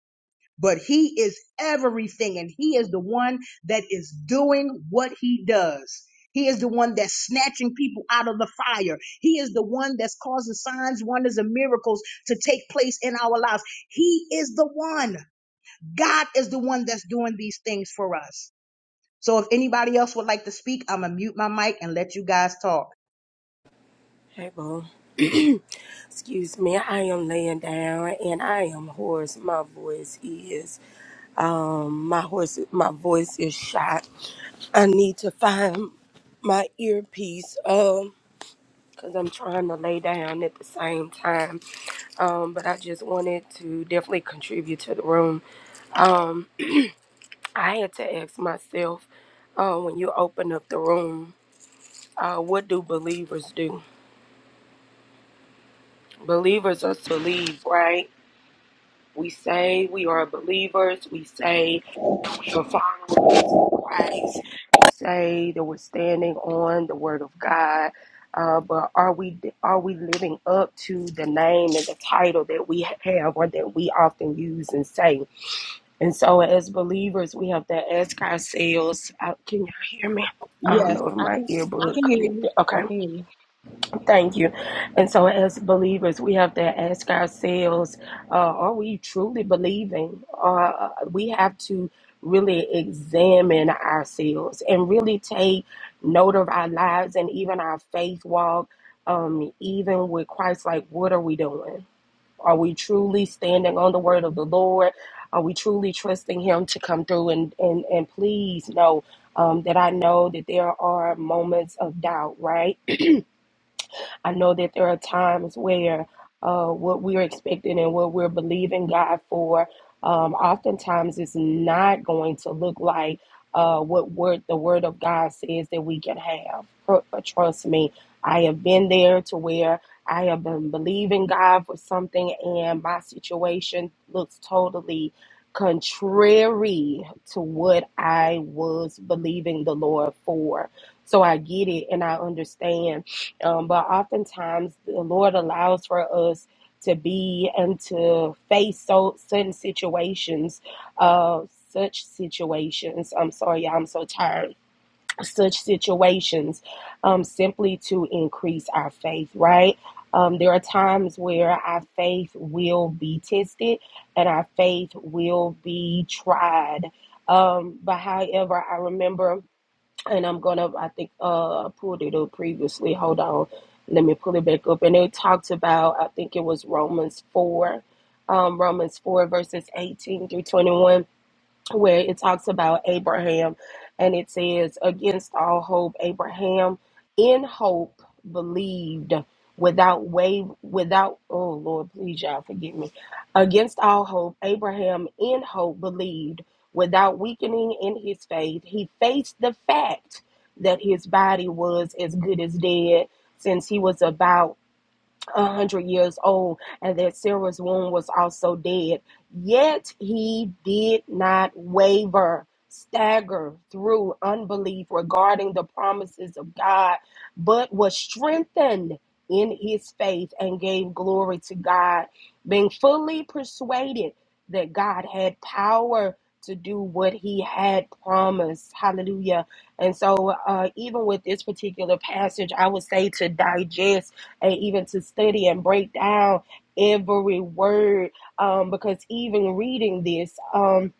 A: But he is everything, and he is the one that is doing what he does. He is the one that's snatching people out of the fire. He is the one that's causing signs, wonders, and miracles to take place in our lives. He is the one. God is the one that's doing these things for us. So if anybody else would like to speak, I'm gonna mute my mic and let you guys talk.
B: Hey, boo. Excuse me. I am laying down and I am hoarse. My voice is, um, my horse, my voice is shot. I need to find my earpiece, um, cause I'm trying to lay down at the same time. Um, but I just wanted to definitely contribute to the room. Um, I had to ask myself, uh, when you open up the room, uh, what do believers do? Believers us believe, right? We say we are believers. We say we're followers of Christ. We say that we're standing on the Word of God. Uh, but are we are we living up to the name and the title that we have or that we often use and say? And so, as believers, we have to ask ourselves. Uh, can y'all hear me? I don't
A: Yes,
B: know if
A: I
B: my
A: can. I
B: earbud
A: can hear you.
B: connected. Okay
A: I can hear you.
B: Thank you. And so, as believers, we have to ask ourselves uh, are we truly believing? Uh, we have to really examine ourselves and really take note of our lives and even our faith walk, um, even with Christ. Like, what are we doing? Are we truly standing on the word of the Lord? Are we truly trusting Him to come through? And, and, and please know um, that I know that there are moments of doubt, right? I know that there are times where uh, what we're expecting and what we're believing God for, um, oftentimes is not going to look like uh, what word the Word of God says that we can have. Tr- uh, Trust me, I have been there to where I have been believing God for something, and my situation looks totally contrary to what I was believing the Lord for. So I get it and I understand um, but oftentimes, the Lord allows for us to be and to face so certain situations, uh, such situations. I'm sorry, y'all, I'm so tired. Such situations, um, simply to increase our faith. Right? Um, there are times where our faith will be tested and our faith will be tried. Um, but however, I remember and I'm gonna I think uh I pulled it up previously. Hold on, let me pull it back up. And it talked about I think it was Romans four, um, Romans four verses eighteen through twenty one where it talks about Abraham and it says, Against all hope, Abraham in hope believed without wave without oh Lord, please y'all forgive me. Against all hope, Abraham in hope believed without weakening in his faith. He faced the fact that his body was as good as dead since he was about a hundred years old and that Sarah's womb was also dead. Yet he did not waver, stagger through unbelief regarding the promises of God, but was strengthened in his faith and gave glory to God, being fully persuaded that God had power to do what he had promised. Hallelujah. And so, uh, even with this particular passage, I would say to digest and even to study and break down every word um, because even reading this um,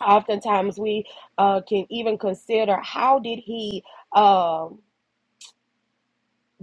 B: oftentimes we uh, can even consider how did he um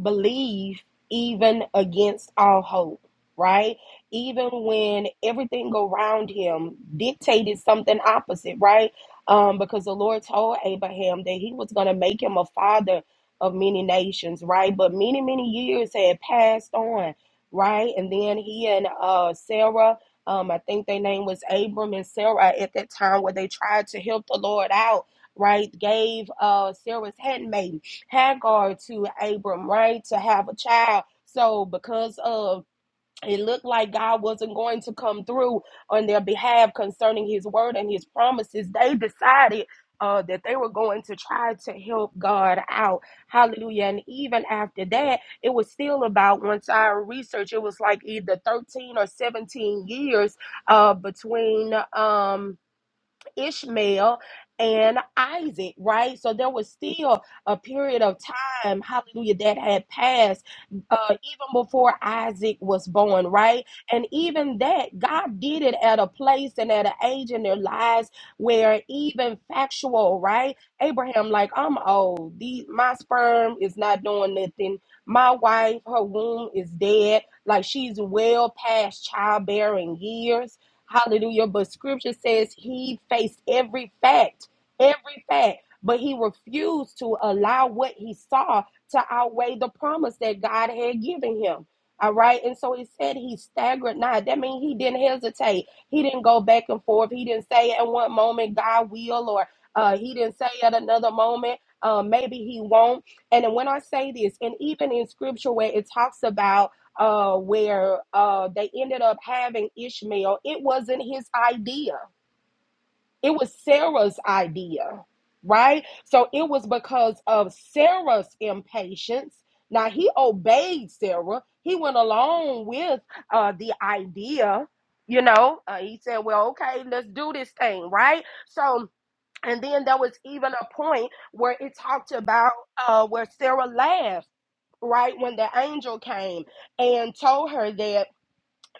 B: believe even against all hope right even when everything around him dictated something opposite right um because the lord told abraham that he was going to make him a father of many nations right but many many years had passed on right and then he and uh sarah um i think their name was abram and sarah at that time where they tried to help the lord out right gave uh sarah's handmaid Hagar to Abram, right, to have a child. So because of it looked like God wasn't going to come through on their behalf concerning his word and his promises, they decided uh, that they were going to try to help God out. Hallelujah. And even after that, it was still about, once I researched, it was like either 13 or 17 years uh, between. Um, Ishmael and Isaac, right? So there was still a period of time, hallelujah, that had passed uh, even before Isaac was born, right? And even that, God did it at a place and at an age in their lives where even factual, right? Abraham, like, I'm old. These, my sperm is not doing nothing. My wife, her womb is dead. Like, she's well past childbearing years Hallelujah. But scripture says he faced every fact, every fact, but he refused to allow what he saw to outweigh the promise that God had given him. All right. And so he said he staggered not. That means he didn't hesitate. He didn't go back and forth. He didn't say at one moment, God will, or uh, he didn't say at another moment, uh, maybe he won't. And when I say this, and even in scripture where it talks about uh, where uh, they ended up having Ishmael, it wasn't his idea. It was Sarah's idea, right? So it was because of Sarah's impatience. Now he obeyed Sarah. He went along with uh, the idea. You know, uh, he said, "Well, okay, let's do this thing, right?" So, and then there was even a point where it talked about uh, where Sarah laughed, right, when the angel came and told her that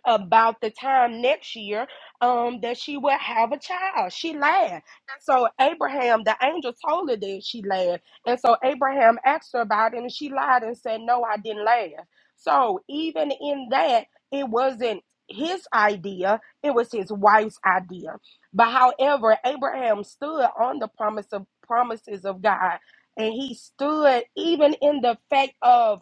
B: about the time next year um, that she would have a child. She lied. And so Abraham, the angel told her that she lied. And so Abraham asked her about it and she lied and said, No, I didn't lie. So even in that, it wasn't his idea, it was his wife's idea. But however, Abraham stood on the promise of promises of God. And he stood even in the fact of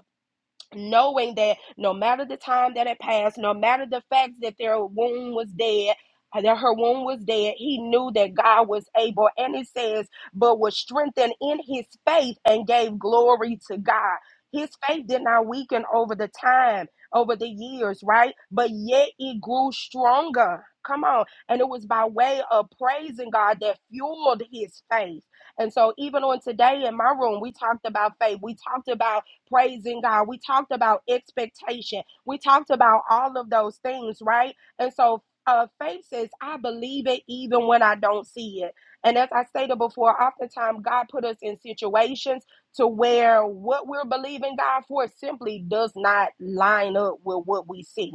B: knowing that no matter the time that it passed, no matter the fact that their womb was dead, uh, that her womb was dead, he knew that God was able, and it says, but was strengthened in his faith and gave glory to God. His faith did not weaken over the time, over the years, right? But yet it grew stronger. Come on. And it was by way of praising God that fueled his faith. And so, even on today in my room, we talked about faith. We talked about praising God. We talked about expectation. We talked about all of those things, right? And so uh, faith says, I believe it even when I don't see it. And as I stated before, oftentimes God put us in situations to where what we're believing God for simply does not line up with what we see.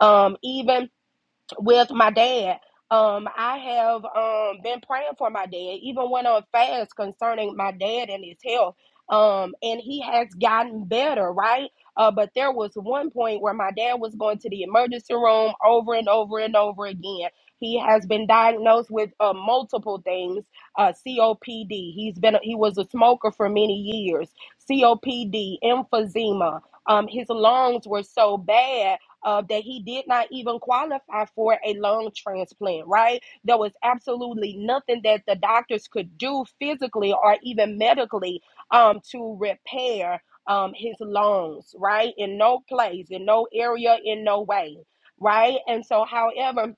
B: Um, even with my dad. Um, I have um been praying for my dad, even went on fast concerning my dad and his health. Um, and he has gotten better, right? Uh, but there was one point where my dad was going to the emergency room over and over and over again. He has been diagnosed with uh, multiple things, uh, COPD. He's been he was a smoker for many years. COPD, emphysema. Um, his lungs were so bad uh, that he did not even qualify for a lung transplant, right? There was absolutely nothing that the doctors could do physically or even medically um, to repair um, his lungs, right? In no place, in no area, in no way, right? And so, however,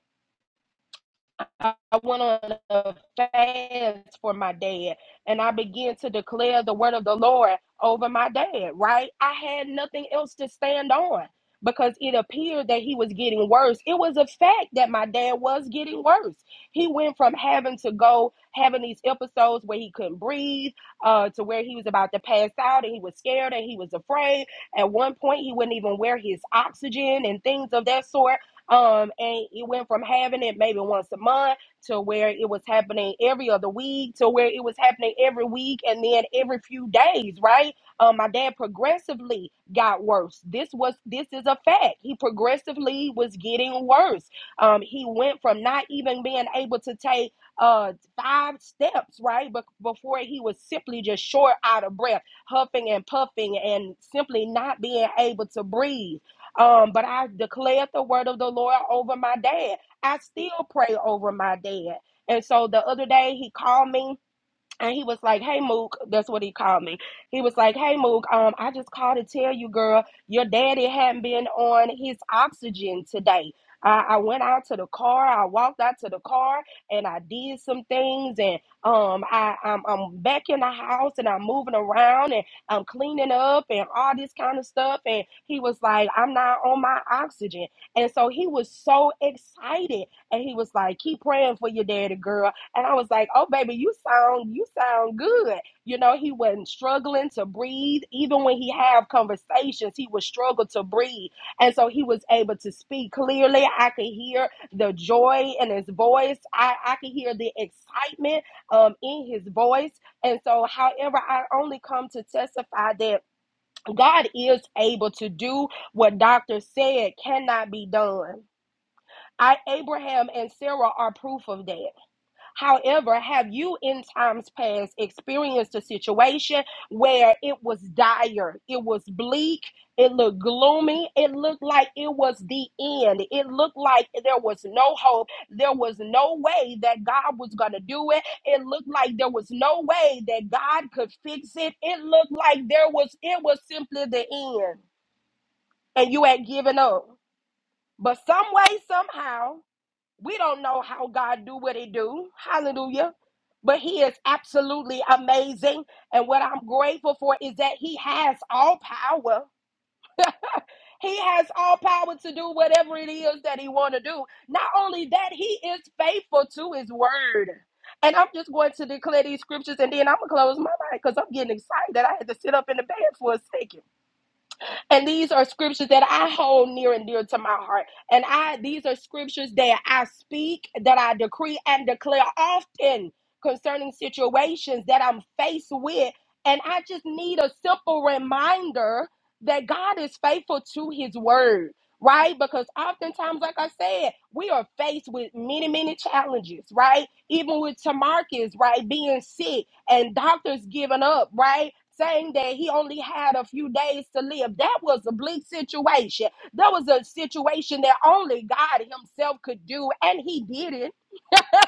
B: I went on a fast for my dad and I began to declare the word of the Lord over my dad, right? I had nothing else to stand on because it appeared that he was getting worse. It was a fact that my dad was getting worse. He went from having to go, having these episodes where he couldn't breathe, uh, to where he was about to pass out and he was scared and he was afraid. At one point, he wouldn't even wear his oxygen and things of that sort um, and it went from having it maybe once a month to where it was happening every other week to where it was happening every week and then every few days, right? Um, my dad progressively got worse. This was this is a fact. He progressively was getting worse. Um, he went from not even being able to take uh five steps, right? But before he was simply just short out of breath, huffing and puffing and simply not being able to breathe um, but I declared the word of the Lord over my dad. I still pray over my dad. And so the other day he called me and he was like, "Hey Mook," that's what he called me. He was like, "Hey Mook, um, I just called to tell you, girl, your daddy hadn't been on his oxygen today. I, I went out to the car, I walked out to the car, and I did some things, and um, I I'm, I'm back in the house, and I'm moving around, and I'm cleaning up, and all this kind of stuff." And he was like, "I'm not on my oxygen," and so he was so excited, and he was like, "Keep praying for your daddy, girl." And I was like, "Oh, baby, you sound you sound good." You know, he wasn't struggling to breathe. Even when he had conversations, he would struggle to breathe, and so he was able to speak clearly. I could hear the joy in his voice. I I could hear the excitement um in his voice. And so, however, I only come to testify that God is able to do what doctors said cannot be done. I Abraham and Sarah are proof of that. However, have you in times past experienced a situation where it was dire, it was bleak, it looked gloomy, it looked like it was the end, it looked like there was no hope, there was no way that God was going to do it, it looked like there was no way that God could fix it, it looked like there was, it was simply the end, and you had given up. But some way, somehow, we don't know how God do what he do. Hallelujah. But he is absolutely amazing. And what I'm grateful for is that he has all power. He has all power to do whatever it is that he want to do. Not only that, he is faithful to his word. And I'm just going to declare these scriptures and then I'm going to close my mic because I'm getting excited. I had to sit up in the bed for a second. And these are scriptures that I hold near and dear to my heart. And I these are scriptures that I speak, that I decree and declare often concerning situations that I'm faced with. And I just need a simple reminder that God is faithful to his word right? Because oftentimes, like I said, we are faced with many, many challenges, right? Even with Tamarcus, right, being sick and doctors giving up, right? Saying that he only had a few days to live. That was a bleak situation. That was a situation that only God Himself could do, and He didn't.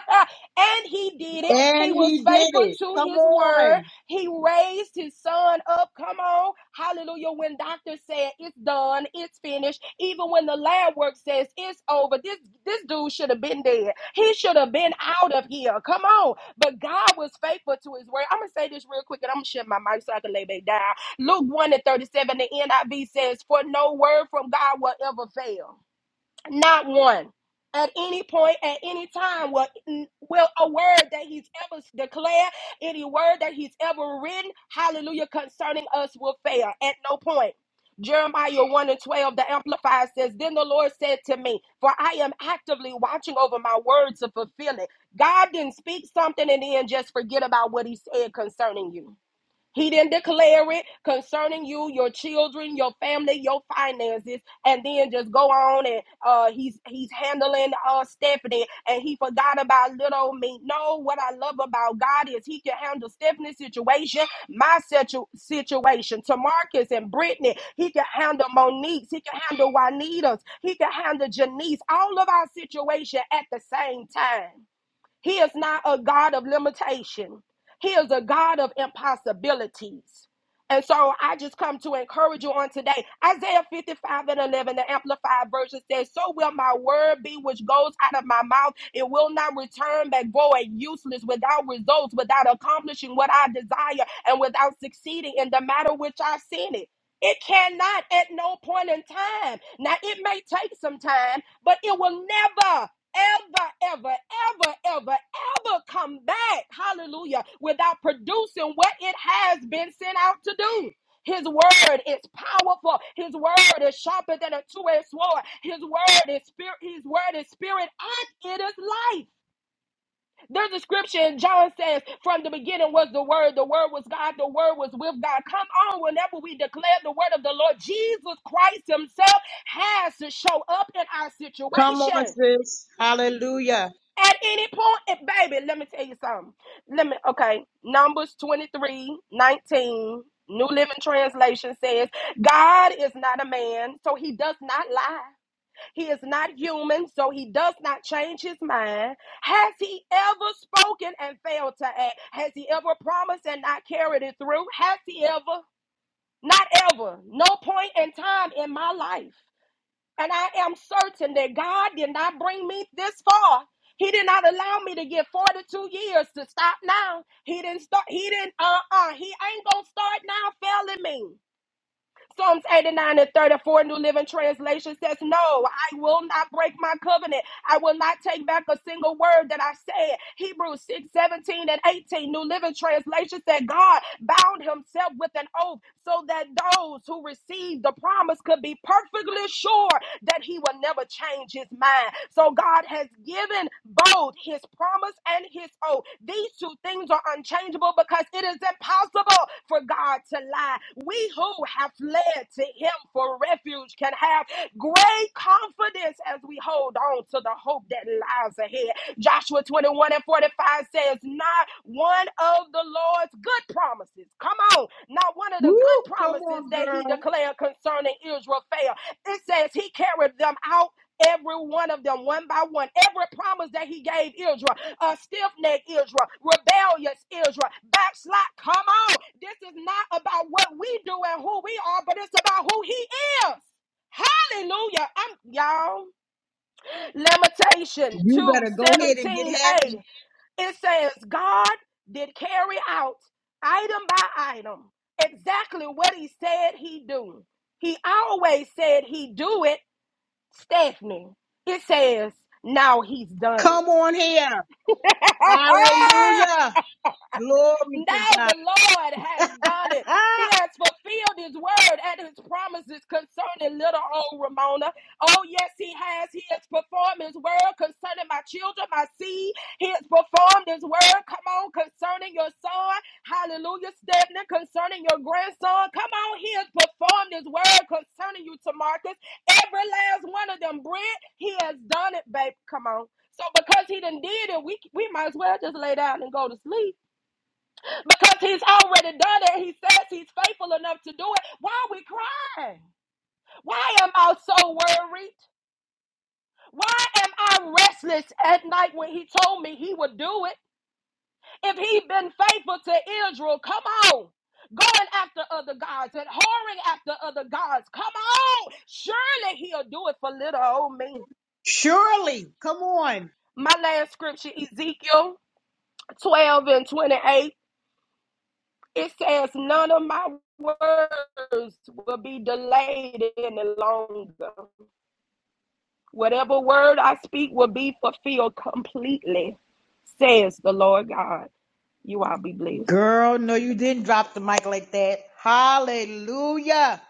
B: and he did it. He
A: And
B: was
A: he
B: faithful
A: did it.
B: to
A: Come
B: his word.
A: on.
B: He raised his son up. Come on. Hallelujah. When doctors said it's done, it's finished. Even when the lab work says it's over, this, this dude should have been dead. He should have been out of here. Come on. But God was faithful to his word. I'm going to say this real quick and I'm going to shut my mic so I can lay back down. Luke 1 and 37, the NIV says, For no word from God will ever fail. Not one. At any point, at any time, will, will a word that he's ever declared, any word that he's ever written, hallelujah, concerning us will fail at no point. Jeremiah 1 and 12, the Amplifier says, Then the Lord said to me, For I am actively watching over my words to fulfill it. God didn't speak something and then just forget about what he said concerning you. He didn't declare it concerning you, your children, your family, your finances, and then just go on and uh, he's he's handling uh, Stephanie, and he forgot about little me. No, what I love about God is He can handle Stephanie's situation, my situ- situation, Tamarcus and Brittany. He can handle Monique's. He can handle Juanita's. He can handle Janice. All of our situation at the same time. He is not a God of limitation, He is a God of impossibilities. And so I just come to encourage you on today. Isaiah 55 and 11, the Amplified Version says, So will my word be which goes out of my mouth. It will not return back void, useless, without results, without accomplishing what I desire, and without succeeding in the matter which I sent it. It cannot at no point in time. Now, it may take some time, but it will never ever, ever, ever, ever, ever come back, hallelujah, without producing what it has been sent out to do. His word is powerful. His word is sharper than a two-edged sword. His word is spirit. His word is spirit, and it is life. There's a scripture in John says, "From the beginning was the word. The word was God. The word was with God." Come on, whenever we declare the word of the Lord, Jesus Christ Himself has to show up in our
A: Come on,
B: situation.
A: sis. Hallelujah.
B: At any point, and baby, let me tell you something. Let me, okay. Numbers 23 19, New Living Translation says, God is not a man, so he does not lie. He is not human, so he does not change his mind. Has he ever spoken and failed to act? Has he ever promised and not carried it through? Has he ever? Not ever. No point in time in my life. And I am certain that God did not bring me this far. He did not allow me to get 42 years to stop now. He didn't start, he didn't, uh-uh, he ain't gonna start now failing me. Psalms 89 and 34 New Living Translation says, No, I will not break my covenant. I will not take back a single word that I said. Hebrews 6, 17, and 18 New Living Translation said, God bound himself with an oath so that those who received the promise could be perfectly sure that he will never change his mind. So God has given both his promise and his oath. These two things are unchangeable because it is impossible for God to lie. We who have fled to him for refuge can have great confidence as we hold on to the hope that lies ahead. Joshua 21 and 45 says, Not one of the Lord's good promises, come on, not one of the
A: Woo,
B: good
A: come
B: promises
A: on,
B: that he
A: girl.
B: declared concerning Israel failed. It says he carried them out, every one of them, one by one. Every promise that he gave Israel, uh, stiff necked Israel, rebellious Israel, backslide. Come on. This is not about what we do and who we are, but it's about who he is. Hallelujah. I'm, y'all. Limitation
A: You
B: two
A: better go ahead and get
B: seventeen
A: happy.
B: a It says, God did carry out item by item exactly what he said he do. He always said he do it Stephanie, it says, now he's done it.
A: Come on here. Hallelujah. Glory to
B: Now the
A: God.
B: Lord has done it. He
A: Ah,
B: has fulfilled his word and his promises concerning little old Ramona. Oh, yes, he has. He has performed his word concerning my children, my seed. He has performed his word. Come on, concerning your son. Hallelujah, Stephanie, concerning your grandson. Come on, he has performed his word concerning you, Tamarcus. Every last one of them, Brent, he has done it, babe. Come on. So because he done did it, we, we might as well just lay down and go to sleep. Because he's already done it. He says he's faithful enough to do it. Why are we crying? Why am I so worried? Why am I restless at night when he told me he would do it? If he'd been faithful to Israel, come on. Going after other gods and whoring after other gods. Come on. Surely he'll do it for little old me.
A: surely. Come on.
B: My last scripture, Ezekiel 12 and 28. It says, None of my words will be delayed any longer. Whatever word I speak will be fulfilled completely, says the Lord God. You all be blessed.
A: Girl, no, you didn't drop the mic like that. Hallelujah.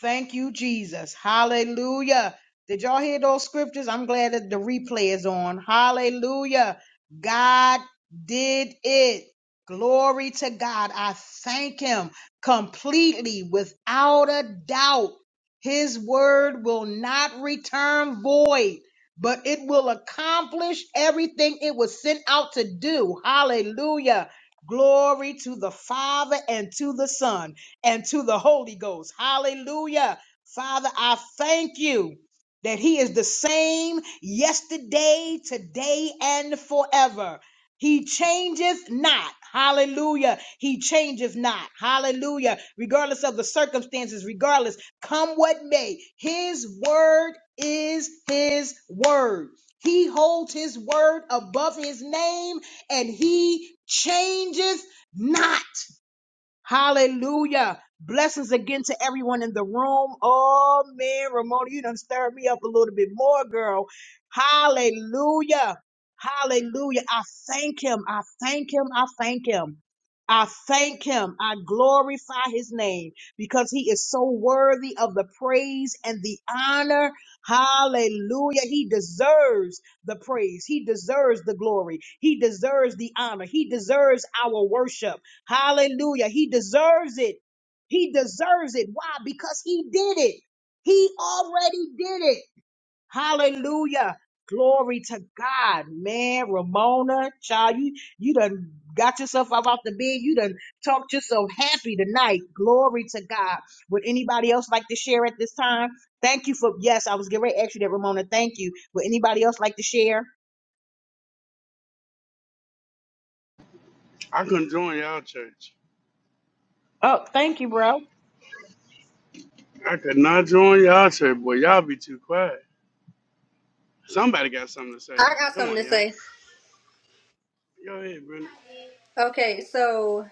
A: Thank you, Jesus. Hallelujah. Did y'all hear those scriptures? I'm glad that the replay is on. Hallelujah. God did it. Glory to God. I thank Him completely without a doubt. His word will not return void, but it will accomplish everything it was sent out to do. Hallelujah. Glory to the Father and to the Son and to the Holy Ghost. Hallelujah. Father, I thank you that He is the same yesterday, today, and forever. He changeth not. Hallelujah. He changeth not. Hallelujah. Regardless of the circumstances, regardless, come what may, His word is His word. He holds His word above His name and He changeth not. Hallelujah. Blessings again to everyone in the room. Oh man, Ramona, you done stirred me up a little bit more, girl. Hallelujah. Hallelujah. I thank him. I thank him. I thank him. I thank him. I glorify his name because he is so worthy of the praise and the honor. Hallelujah. He deserves the praise. He deserves the glory. He deserves the honor. He deserves our worship. Hallelujah. He deserves it. He deserves it. Why? Because he did it. He already did it. Hallelujah. Glory to God, man. Ramona, child, you, you done got yourself up off the bed. You done talked yourself happy tonight. Glory to God. Would anybody else like to share at this time? Thank you for, yes, I was getting ready to ask you that, Ramona. Thank you. Would anybody else like to share?
E: I couldn't join y'all church.
A: Oh, thank you, bro.
E: I could not join y'all church, boy. Y'all be too quiet. Somebody got something to say.
C: I got
E: Come
C: something
E: on,
C: to
E: y'all.
C: say.
E: Go ahead, Brent.
C: Okay, so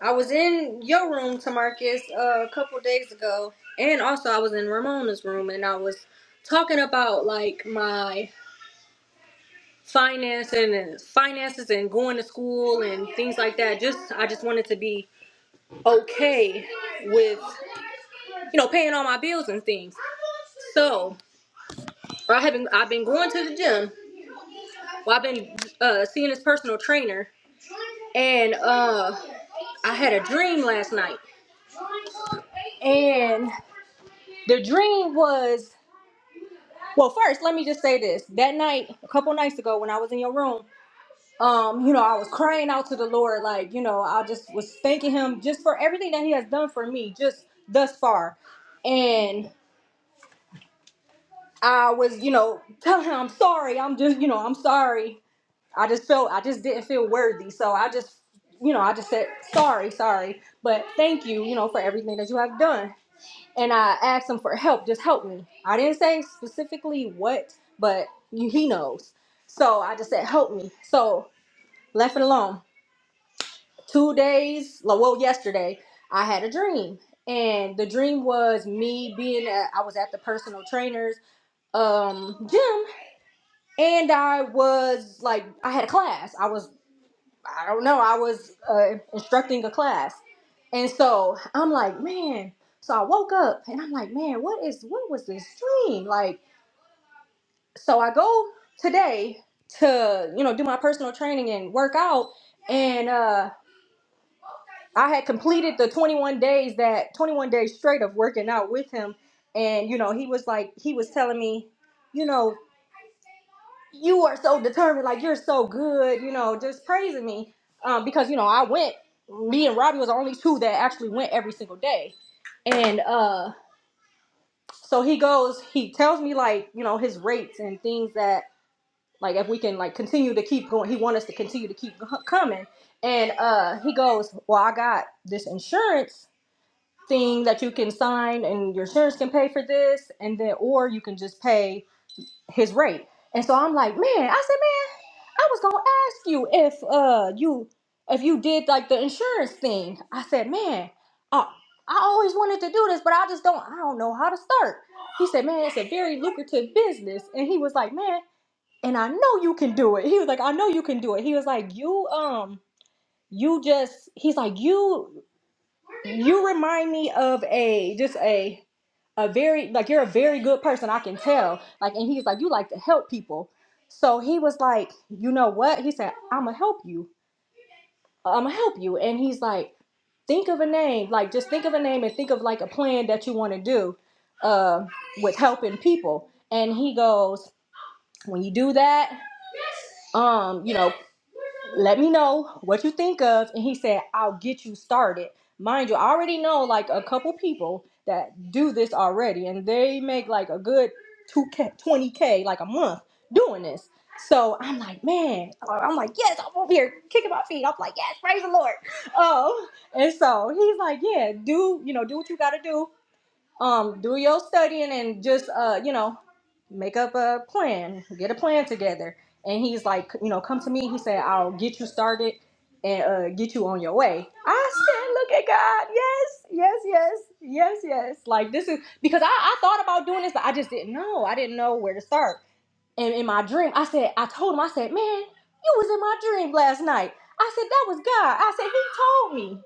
C: I was in your room, Tamarcus, uh, a couple days ago, and also I was in Ramona's room, and I was talking about like my financing and finances and going to school and things like that. Just I just wanted to be okay with you know paying all my bills and things. So I haven't I've been going to the gym. Well, I've been uh, seeing this personal trainer, and uh I had a dream last night, and the dream was well. First, let me just say this: that night, a couple nights ago, when I was in your room, um, you know, I was crying out to the Lord, like you know, I just was thanking Him just for everything that He has done for me just thus far, and I was, you know, telling Him I'm sorry. I'm just, you know, I'm sorry. I just felt I just didn't feel worthy, so I just, you know, I just said sorry, sorry, but thank you, you know, for everything that you have done and I asked him for help. Just help me. I didn't say specifically what, but you- he knows. So I just said, help me. So left it alone. Two days, like, well, yesterday, I had a dream. And the dream was me being at, I was at the personal trainer's um, gym. And I was like, I had a class. I was I don't know, I was uh, instructing a class. And so I'm like, man. So I woke up and I'm like, man, what is what was this dream? Like, so I go today to, you know, do my personal training and work out. And uh I had completed the 21 days that 21 days straight of working out with him. And, you know, he was like, he was telling me, you know, you are so determined, like you're so good, you know, just praising me. Um, because you know, I went, me and Robbie was the only two that actually went every single day. And uh so he goes, he tells me like, you know, his rates and things that like if we can like continue to keep going, he wants us to continue to keep go- coming. And uh he goes, Well, I got this insurance thing that you can sign and your insurance can pay for this and then or you can just pay his rate. And so I'm like, man, I said, man, I was gonna ask you if uh you if you did like the insurance thing. I said, man, I I always wanted to do this, but I just don't I don't know how to start. He said, man, it's a very lucrative business, and he was like, man, and I know you can do it. He was like, I know you can do it. He was like, you um you just he's like you you remind me of a just a a very like you're a very good person i can tell like and he's like you like to help people so he was like you know what he said i'm gonna help you i'm gonna help you and he's like think of a name like just think of a name and think of like a plan that you want to do uh, with helping people and he goes when you do that um you know let me know what you think of and he said i'll get you started mind you i already know like a couple people that do this already and they make like a good 2k 20k like a month doing this so i'm like man i'm like yes i'm over here kicking my feet i'm like yes praise the lord oh and so he's like yeah do you know do what you gotta do um do your studying and just uh you know make up a plan get a plan together and he's like you know come to me he said i'll get you started and uh get you on your way i said look at god yes yes yes yes yes like this is because i, I thought about doing this but i just didn't know i didn't know where to start and in my dream i said i told him i said man you was in my dream last night i said that was god i said he told me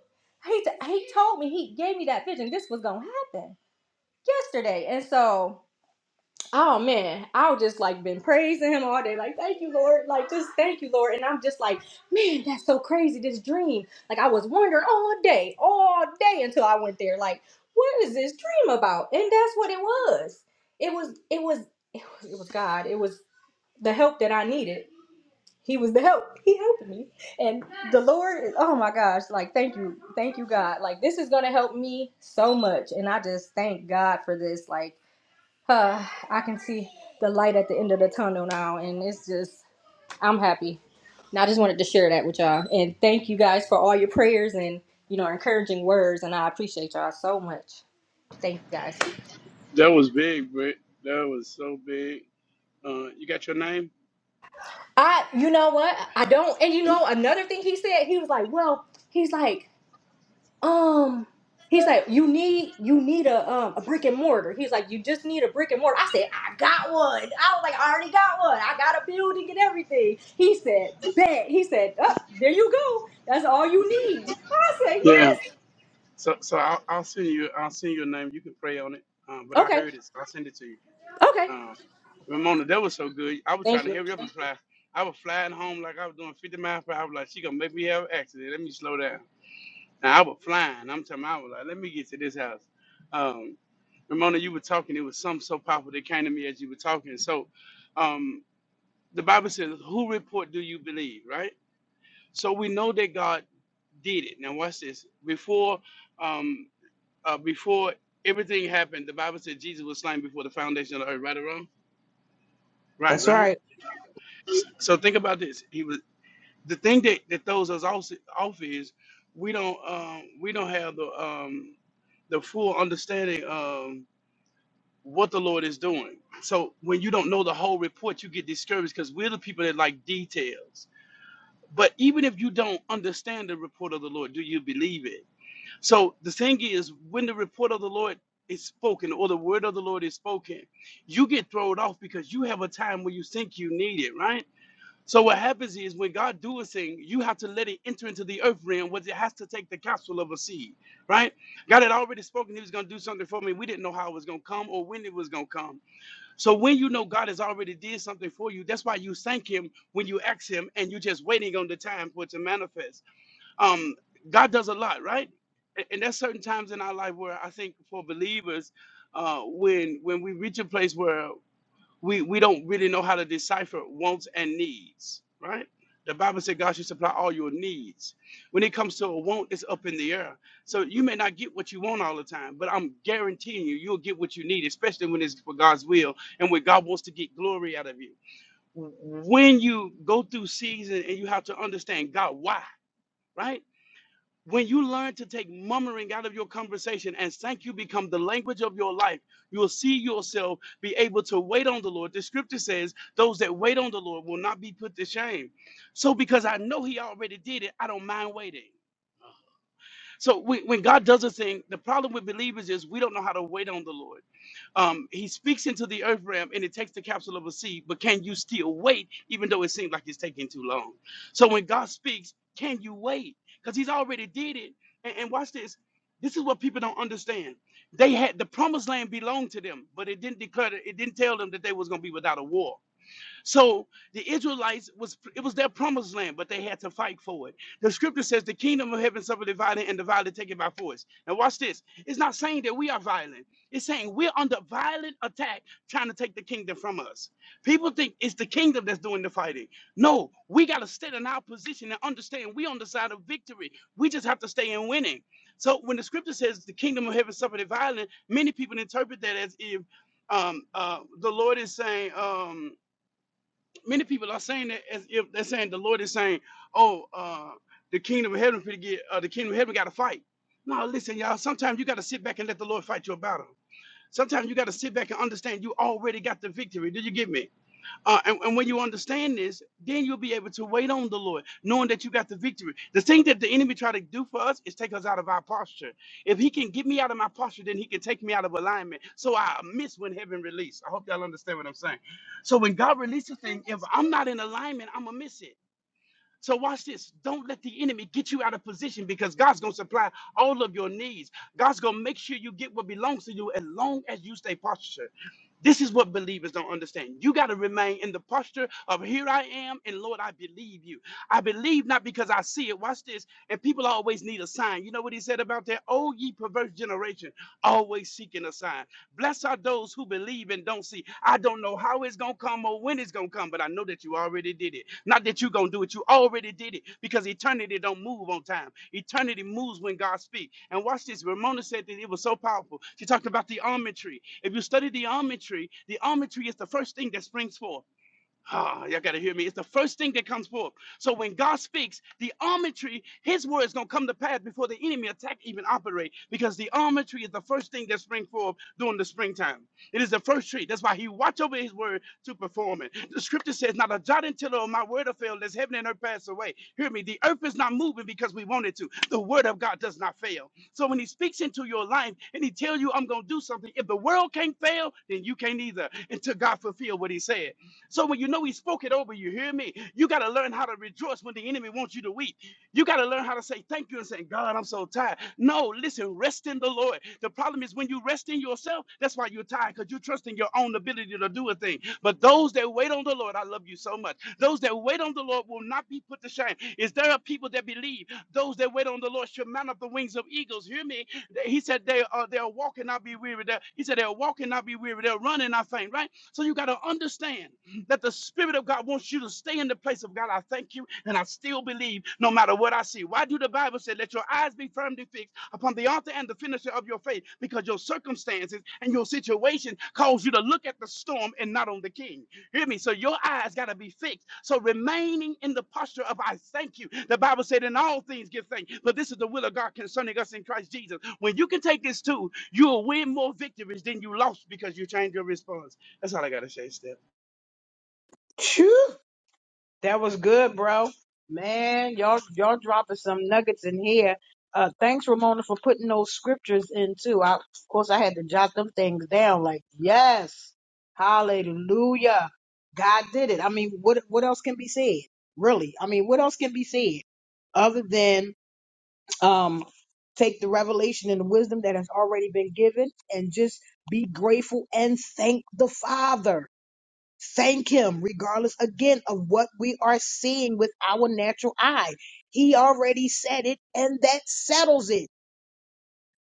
C: he, t- he told me he gave me that vision this was gonna happen yesterday. And so, oh man, I've just like been praising him all day. Like, thank you, Lord. Like, just thank you, Lord. And I'm just like, man, that's so crazy. This dream. Like, I was wondering all day, all day until I went there. Like, what is this dream about? And that's what it was. It was, it was, it was, it was God. It was the help that I needed. He was the help. He helped me. And the Lord, is- oh my gosh, like, thank you. Thank you, God. Like, this is going to help me so much. And I just thank God for this. Like, uh, I can see the light at the end of the tunnel now, and it's just, I'm happy. Now, I just wanted to share that with y'all, and thank you guys for all your prayers and you know encouraging words, and I appreciate y'all so much. Thank you guys.
E: That was big, Brent. That was so big. Uh, you got your name?
C: I, you know what, I don't, and you know another thing he said, he was like, well, he's like. um he's like you need you need a um a brick and mortar he's like you just need a brick and mortar i said i got one i was like i already got one i got a building and everything he said bet he said oh, there you go that's all you need i said
E: Yeah.
C: yes
E: So, so I'll, I'll send you. I'll send your name. You can pray on it. Uh, but I
C: okay
E: heard it. I'll send it to you.
C: okay
E: Uh, Ramona, that was so good. I was trying
C: thank
E: to
C: you
E: hurry up and fly. I was flying home like I was doing 50 miles per hour. I was like, she gonna make me have an accident. Let me slow down. Now I was flying. I'm telling you, I was like, let me get to this house. Um, Ramona, you were talking. It was something so powerful that came to me as you were talking. So, um, the Bible says, "Who report do you believe?" Right. So we know that God did it. Now watch this. Before, um, uh, before everything happened, the Bible said Jesus was slain before the foundation of the earth. Right or wrong? Right.
A: That's
E: Right.
A: right.
E: So think about this. He was the thing that, that throws us off, off is we don't um, we don't have the um, the full understanding of what the Lord is doing. So when you don't know the whole report, you get discouraged because we're the people that like details. But even if you don't understand the report of the Lord, do you believe it? So the thing is, when the report of the Lord is spoken or the word of the Lord is spoken, you get thrown off because you have a time where you think you need it, right? So what happens is when God do a thing, you have to let it enter into the earth realm, which it has to take the counsel of a seed, right? God had already spoken He was going to do something for me. We didn't know how it was going to come or when it was going to come. So when you know God has already did something for you, that's why you thank Him when you ask Him, and you're just waiting on the time for it to manifest. Um, God does a lot, right? A- And there's certain times in our life where I think for believers, uh, when when we reach a place where we we don't really know how to decipher wants and needs, right? The Bible said God should supply all your needs. When it comes to a want, it's up in the air. So you may not get what you want all the time, but I'm guaranteeing you, you'll get what you need, especially when it's for God's will and when God wants to get glory out of you. When you go through season and you have to understand God, why, right? When you learn to take murmuring out of your conversation and thank you become the language of your life, you'll see yourself be able to wait on the Lord. The scripture says, Those that wait on the Lord will not be put to shame. So, because I know He already did it, I don't mind waiting. So, when when God does a thing, the problem with believers is we don't know how to wait on the Lord. Um, he speaks into the earth realm and it takes the capsule of a seed, but can you still wait even though it seems like it's taking too long? So when God speaks, can you wait? Because he's already did it. And, and watch this. This is what people don't understand. They had the promised land belonged to them, but it didn't declare it didn't tell them that they was gonna be without a war. So the Israelites was it was their promised land, but they had to fight for it. The scripture says the kingdom of heaven suffered divided and divided taken by force. Now watch this. It's not saying that we are violent. It's saying we're under violent attack trying to take the kingdom from us. People think it's the kingdom that's doing the fighting. No, we got to stay in our position and understand we on the side of victory. We just have to stay in winning. So when the scripture says the kingdom of heaven suffered divided, many people interpret that as if um, uh, the Lord is saying. Um, many people are saying that as if they're saying the Lord is saying, "Oh, uh, the kingdom of heaven for to get uh, the kingdom of heaven got to fight." No, listen, y'all. Sometimes you got to sit back and let the Lord fight your battle. Sometimes you got to sit back and understand you already got the victory. Did you get me? Uh, and, and when you understand this, then you'll be able to wait on the Lord, knowing that you got the victory. The thing that the enemy try to do for us is take us out of our posture. If he can get me out of my posture, then he can take me out of alignment. So I miss when heaven released. I hope y'all understand what I'm saying. So when God releases a thing, if I'm not in alignment, I'm gonna miss it. So watch this. Don't let the enemy get you out of position because God's gonna supply all of your needs. God's gonna make sure you get what belongs to you as long as you stay postured. This is what believers don't understand. You got to remain in the posture of here I am, and Lord, I believe you. I believe not because I see it. Watch this. And people always need a sign. You know what he said about that? Oh, ye perverse generation, always seeking a sign. Blessed are those who believe and don't see. I don't know how it's going to come or when it's going to come, but I know that you already did it. Not that you're going to do it, you already did it because eternity don't move on time. Eternity moves when God speaks. And watch this. Ramona said that it was so powerful. She talked about the almond tree. If you study the almond tree, the almond tree is the first thing that springs forth. Ah, y'all gotta hear me. It's the first thing that comes forth. So when God speaks, the almond tree, his words gonna come to pass before the enemy attack even operate. Because the almond tree is the first thing that springs forth during the springtime. It is the first tree. That's why he watch over his word to perform it. The scripture says, Not a jot and tittle of my word will fail, lest heaven and earth pass away. Hear me, the earth is not moving because we want it to. The word of God does not fail. So when he speaks into your life and he tell you, I'm gonna do something, if the world can't fail, then you can't either until God fulfill what he said. So when you know he spoke it over, you hear me? You got to learn how to rejoice when the enemy wants you to weep. You got to learn how to say thank you and say, God, I'm so tired. No, listen, rest in the Lord. The problem is when you rest in yourself, that's why you're tired because you're trusting your own ability to do a thing. But those that wait on the Lord, I love you so much. Those that wait on the Lord will not be put to shame. Is there a people that believe those that wait on the Lord shall mount up the wings of eagles? Hear me? He said they are they'll walk and not be weary. They'll- He said they'll walk and not be weary. They'll run and not faint. Right? So you got to understand that the Spirit of God wants you to stay in the place of God. I thank you, and I still believe no matter what I see. Why do the Bible say, Let your eyes be firmly fixed upon the author and the finisher of your faith? Because your circumstances and your situation cause you to look at the storm and not on the king. Hear me? So your eyes got to be fixed. So remaining in the posture of I thank you. The Bible said, In all things give thanks, but this is the will of God concerning us in Christ Jesus. When you can take this too, you'll win more victories than you lost because you changed your response. That's all I got to say, Steph.
A: That was good, bro. Man, y'all y'all dropping some nuggets in here. Uh thanks Ramona for putting those scriptures in too. I, of course I had to jot them things down like, yes. Hallelujah. God did it. I mean, what what else can be said? Really? I mean, what else can be said other than um take the revelation and the wisdom that has already been given and just be grateful and thank the Father Thank Him, regardless again of what we are seeing with our natural eye. He already said it, and that settles it.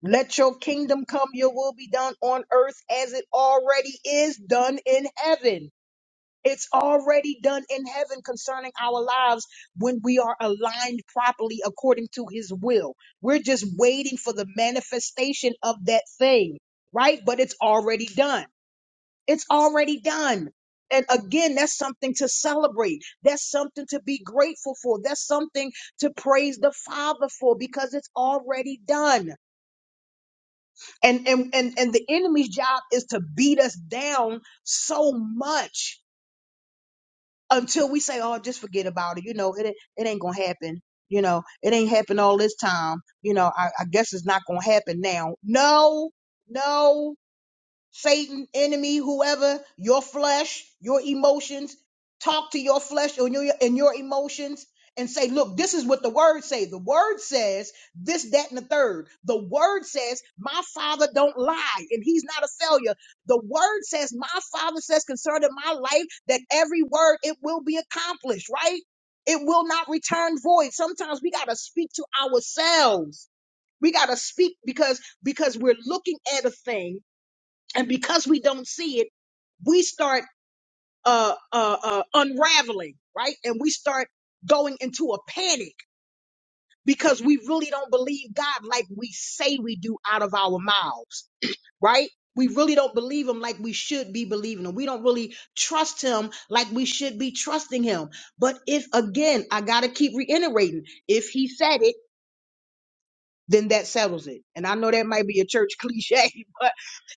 A: Let your kingdom come, your will be done on earth as it already is done in heaven. It's already done in heaven concerning our lives when we are aligned properly according to His will. We're just waiting for the manifestation of that thing, right? But it's already done. It's already done. And again, that's something to celebrate. That's something to be grateful for. That's something to praise the Father for because it's already done. And and and, and the enemy's job is to beat us down so much until we say, "Oh, just forget about it." You know, it ain't- it ain't gonna happen. You know, it ain't happened all this time. You know, I, I guess it's not gonna happen now. No, no, Satan, enemy, whoever, your flesh, your emotions, talk to your flesh and your, and your emotions and say, look, this is what the word say. The word says this, that, and the third. The word says my father don't lie and he's not a failure. The word says my father says concerning my life that every word, it will be accomplished, right? It will not return void. Sometimes we got to speak to ourselves. We got to speak because, because we're looking at a thing and because we don't see it, we start uh, uh, uh, unraveling, right? And we start going into a panic because we really don't believe God like we say we do out of our mouths, right? We really don't believe him like we should be believing him. We don't really trust him like we should be trusting him. But if, again, I got to keep reiterating, if he said it, then that settles it. And I know that might be a church cliche, but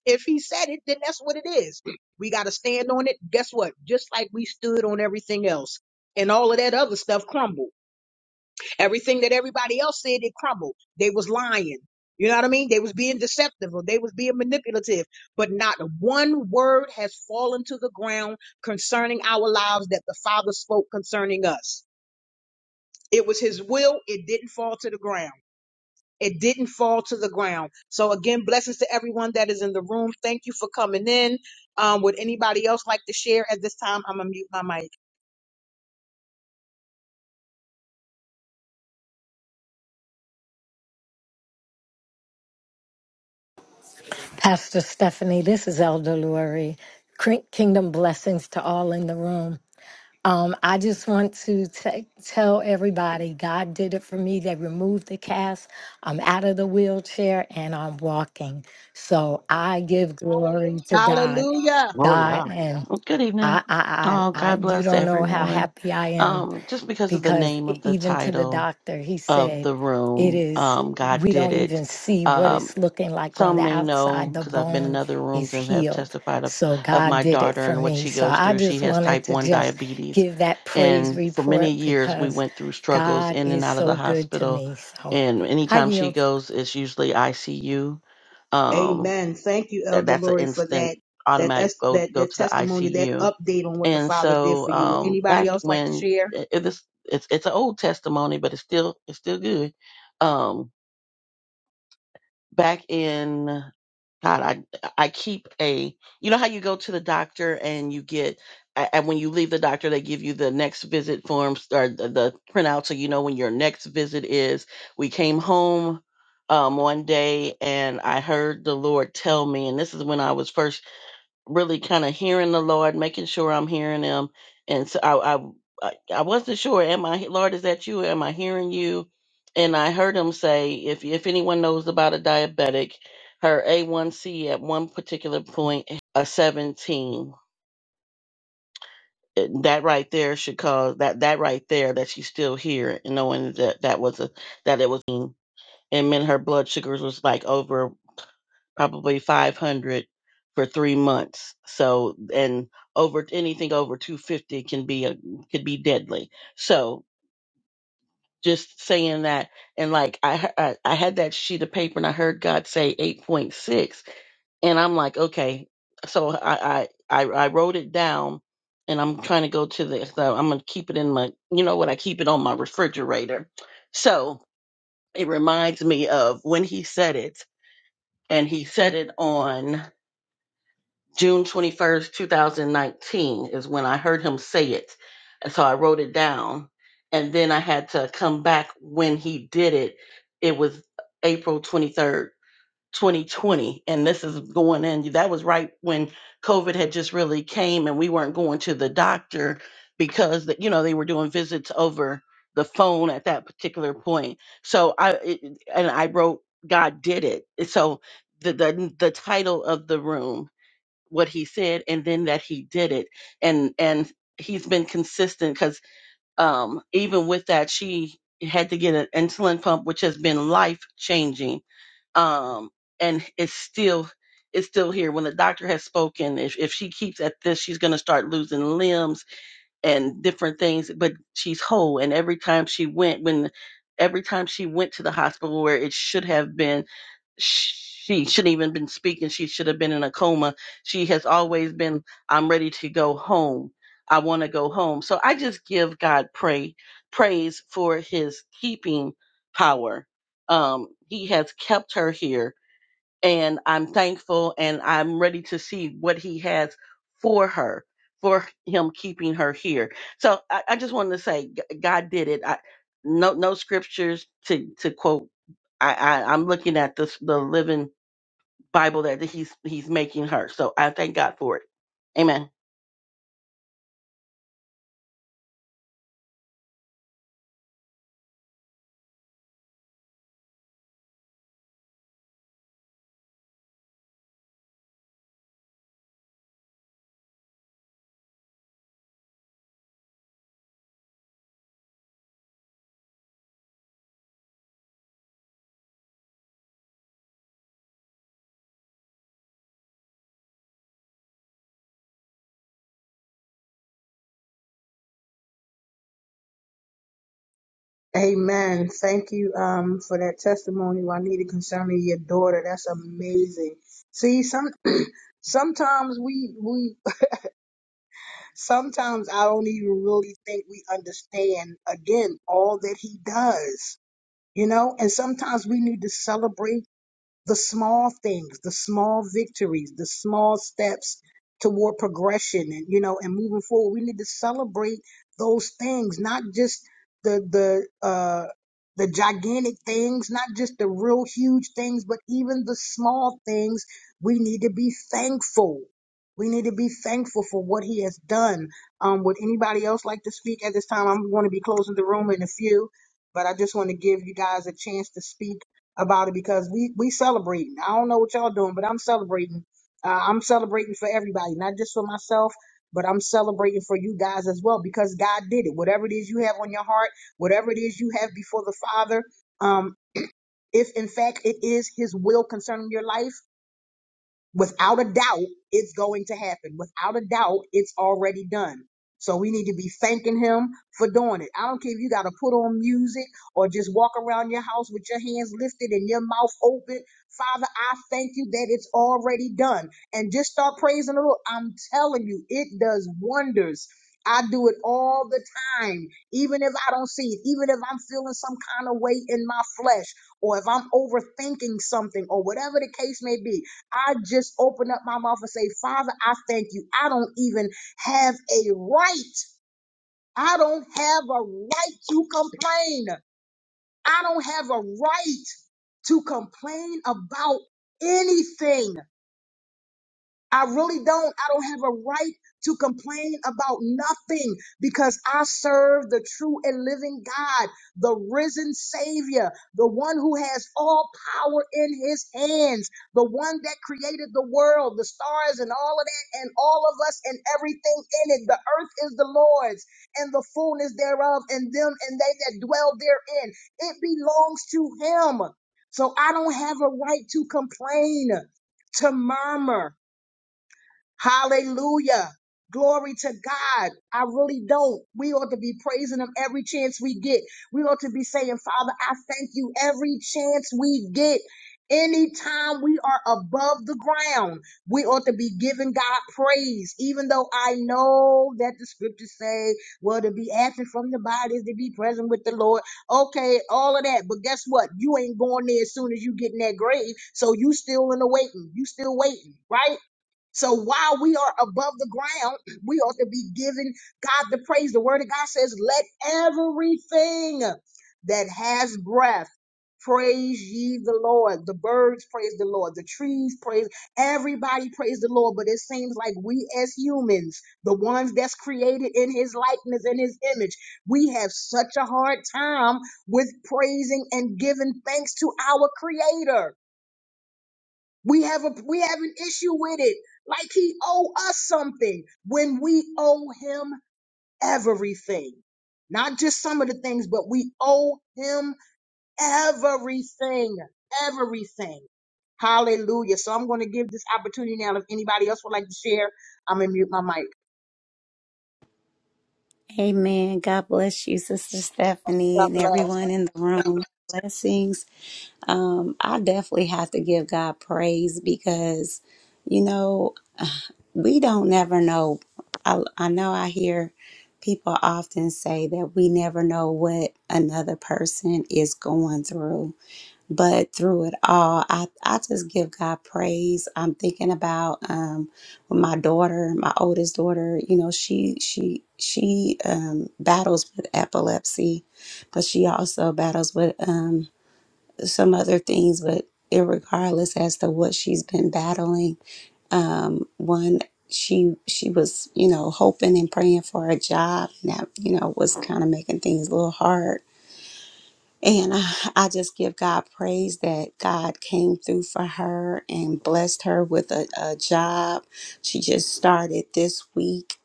A: if he said it, then that's what it is. We got to stand on it. Guess what? Just like we stood on everything else. And all of that other stuff crumbled. Everything that everybody else said, it crumbled. They was lying. You know what I mean? They was being deceptive or they was being manipulative. But not one word has fallen to the ground concerning our lives that the Father spoke concerning us. It was his will. It didn't fall to the ground. It didn't fall to the ground. So again, blessings to everyone that is in the room. Thank you for coming in. Um, would anybody else like to share at this time? I'm gonna mute my mic.
I: Pastor Stephanie, this is Elder Lori. Cre- Kingdom blessings to all in the room. Um, I just want to t- tell everybody God did it for me. They removed the cast. I'm out of the wheelchair and I'm walking. So I give glory to God.
A: Hallelujah.
J: Glory to
I: God
J: God.
I: and
J: Good evening.
I: I, I, I,
J: Oh,
I: I,
J: God
I: you
J: bless
I: don't know how
J: everyone.
I: happy I am
J: Um, just because of the
I: because
J: name
I: e-
J: of the
I: even to the
J: title
I: doctor, he
J: of
I: said,
J: the
I: it
J: room,
I: is,
J: um, God
I: we
J: did
I: don't
J: it.
I: even see what
J: Um,
I: it's looking like on the
J: some may know
I: outside. The
J: because I've been in
I: bone
J: other
I: is
J: rooms and have
I: healed.
J: testified of,
I: So
J: of
I: God
J: my
I: did it
J: daughter
I: for
J: and what
I: me.
J: she
I: So
J: goes
I: I
J: through.
I: just
J: She has
I: wanted
J: type
I: to
J: 1
I: just
J: diabetes.
I: give that praise
J: And for many
I: report
J: years, we
I: because
J: went through struggles
I: God
J: in
I: is
J: and out of the
I: so good to
J: hospital.
I: me. So
J: And
I: I
J: anytime she
I: yield.
J: goes, it's usually ICU
A: Amen. Thank you,
J: that
A: Elder
J: that's an
A: Lori, for
J: instant
A: that that
J: automatic
A: es-
J: go
A: that
J: go
A: that
J: to the
A: testimony, that
J: ICU.
A: update on what the
J: And
A: Father did
J: so
A: for you. Would
J: um,
A: anybody
J: back
A: else like to
J: when
A: share?
J: it, it is- it's it's an old testimony, but it's still it's still good. Um, back in God, I I keep a you know how you go to the doctor and you get a- and when you leave the doctor they give you the next visit forms or the, the printout so you know when your next visit is. We came home um, one day and I heard the Lord tell me, and this is when I was first really kind of hearing the Lord, making sure I'm hearing Him. And so I, I, I I wasn't sure. Am I Lord? Is that you? Am I hearing you? And I heard Him say, if if anyone knows about a diabetic, her A1C at one particular point a 17. It- That right there should cause that that right there that she's still here and knowing that that was a that it was and meant her blood sugars was like over probably 500 for three months. So, and over anything over 250 can be a, could be deadly. So just saying that. And like, I, he- I, I had that sheet of paper and I heard God say 8.6 and I'm like, okay. So I, I, I, I wrote it down and I'm trying to go to the, so I'm going to keep it in my, you know what? I keep it on my refrigerator. So it reminds me of when he said it and he said it on June 21st, 2019 is when I heard him say it. And so I wrote it down. And then I had to come back when he did it. It was April 23rd, 2020. And this is going in. That was right when COVID had just really came and we weren't going to the doctor because, you know, they were doing visits over the phone at that particular point. So I, it, and I wrote, God did it. So the, the, the title of the room what he said and then that he did it and and he's been consistent because um even with that she had to get an insulin pump which has been life changing um and it's still it's still here when the doctor has spoken if, if she keeps at this she's going to start losing limbs and different things but she's whole and every time she went when every time she went to the hospital where it should have been she shouldn't even been speaking. She should have been in a coma. She has always been, I'm ready to go home. I want to go home. So I just give God pray, praise for his keeping power. Um, he has kept her here and I'm thankful and I'm ready to see what he has for her, for him keeping her here. So I, I just wanted to say, G- God did it. I, no, no scriptures to to quote. I, I I'm looking at this the living Bible that he's he's making her. So I thank God for it. Amen.
A: Amen. Thank you um for that testimony, Juanita, concerning your daughter. That's amazing. See, some sometimes we we Sometimes I don't even really think we understand, again, all that he does, you know? And sometimes we need to celebrate the small things, the small victories, the small steps toward progression and you know and moving forward. We need to celebrate those things, not just the the uh the gigantic things, not just the real huge things, but even the small things, we need to be thankful. We need to be thankful for what he has done. Um, would anybody else like to speak at this time? I'm going to be closing the room in a few, but I just want to give you guys a chance to speak about it because we we celebrating. I don't know what y'all doing, but I'm celebrating. Uh, I'm celebrating for everybody, not just for myself, but I'm celebrating for you guys as well because God did it. Whatever it is you have on your heart, whatever it is you have before the Father, um, if in fact it is His will concerning your life. Without a doubt, it's going to happen. Without a doubt, it's already done. So we need to be thanking him for doing it. I don't care if you got to put on music or just walk around your house with your hands lifted and your mouth open. Father, I thank you that it's already done. And just start praising the Lord. I'm telling you, it does wonders. I do it all the time, even if I don't see it, even if I'm feeling some kind of weight in my flesh, or if I'm overthinking something, or whatever the case may be I just open up my mouth and say, Father, I thank you. I don't even have a right. I don't have a right to complain. I don't have a right to complain about anything. I really don't. I don't have a right to complain about nothing because I serve the true and living God, the risen Savior, the one who has all power in his hands, the one that created the world, the stars, and all of that, and all of us and everything in it. The earth is the Lord's and the fullness thereof, and them and they that dwell therein. It belongs to him. So I don't have a right to complain, to murmur Hallelujah. Glory to God. I really don't. We ought to be praising Him every chance we get. We ought to be saying, Father, I thank you every chance we get. Anytime we are above the ground, we ought to be giving God praise, even though I know that the scriptures say, well, to be absent from the body is to be present with the Lord. Okay, all of that. But guess what? You ain't going there as soon as you get in that grave. So you still in the waiting. You still waiting, right? So while we are above the ground, we ought to be giving God the praise. The word of God says, let everything that has breath praise ye the Lord. The birds praise the Lord. The trees praise. Everybody praise the Lord. But it seems like we as humans, the ones that's created in his likeness and his image, we have such a hard time with praising and giving thanks to our creator. We have a we have an issue with it. Like he owe us something when we owe him everything. Not just some of the things, but we owe him everything. Everything. Hallelujah. So I'm going to give this opportunity now. If anybody else would like to share, I'm going to mute my mic.
K: Amen. God bless you, Sister Stephanie,
A: God
K: and
A: bless.
K: everyone in the room. Blessings. Um, I definitely have to give God praise because, you know, we don't never know. I, I know I hear people often say that we never know what another person is going through. But through it all, I, I just give God praise. I'm thinking about um, when my daughter, my oldest daughter, you know, she she she um, battles with epilepsy, but she also battles with um, some other things. But regardless as to what she's been battling, um, one she she was you know hoping and praying for a job, and that you know was kind of making things a little hard and I, I just give God praise that God came through for her and blessed her with a, a job. She just started this week.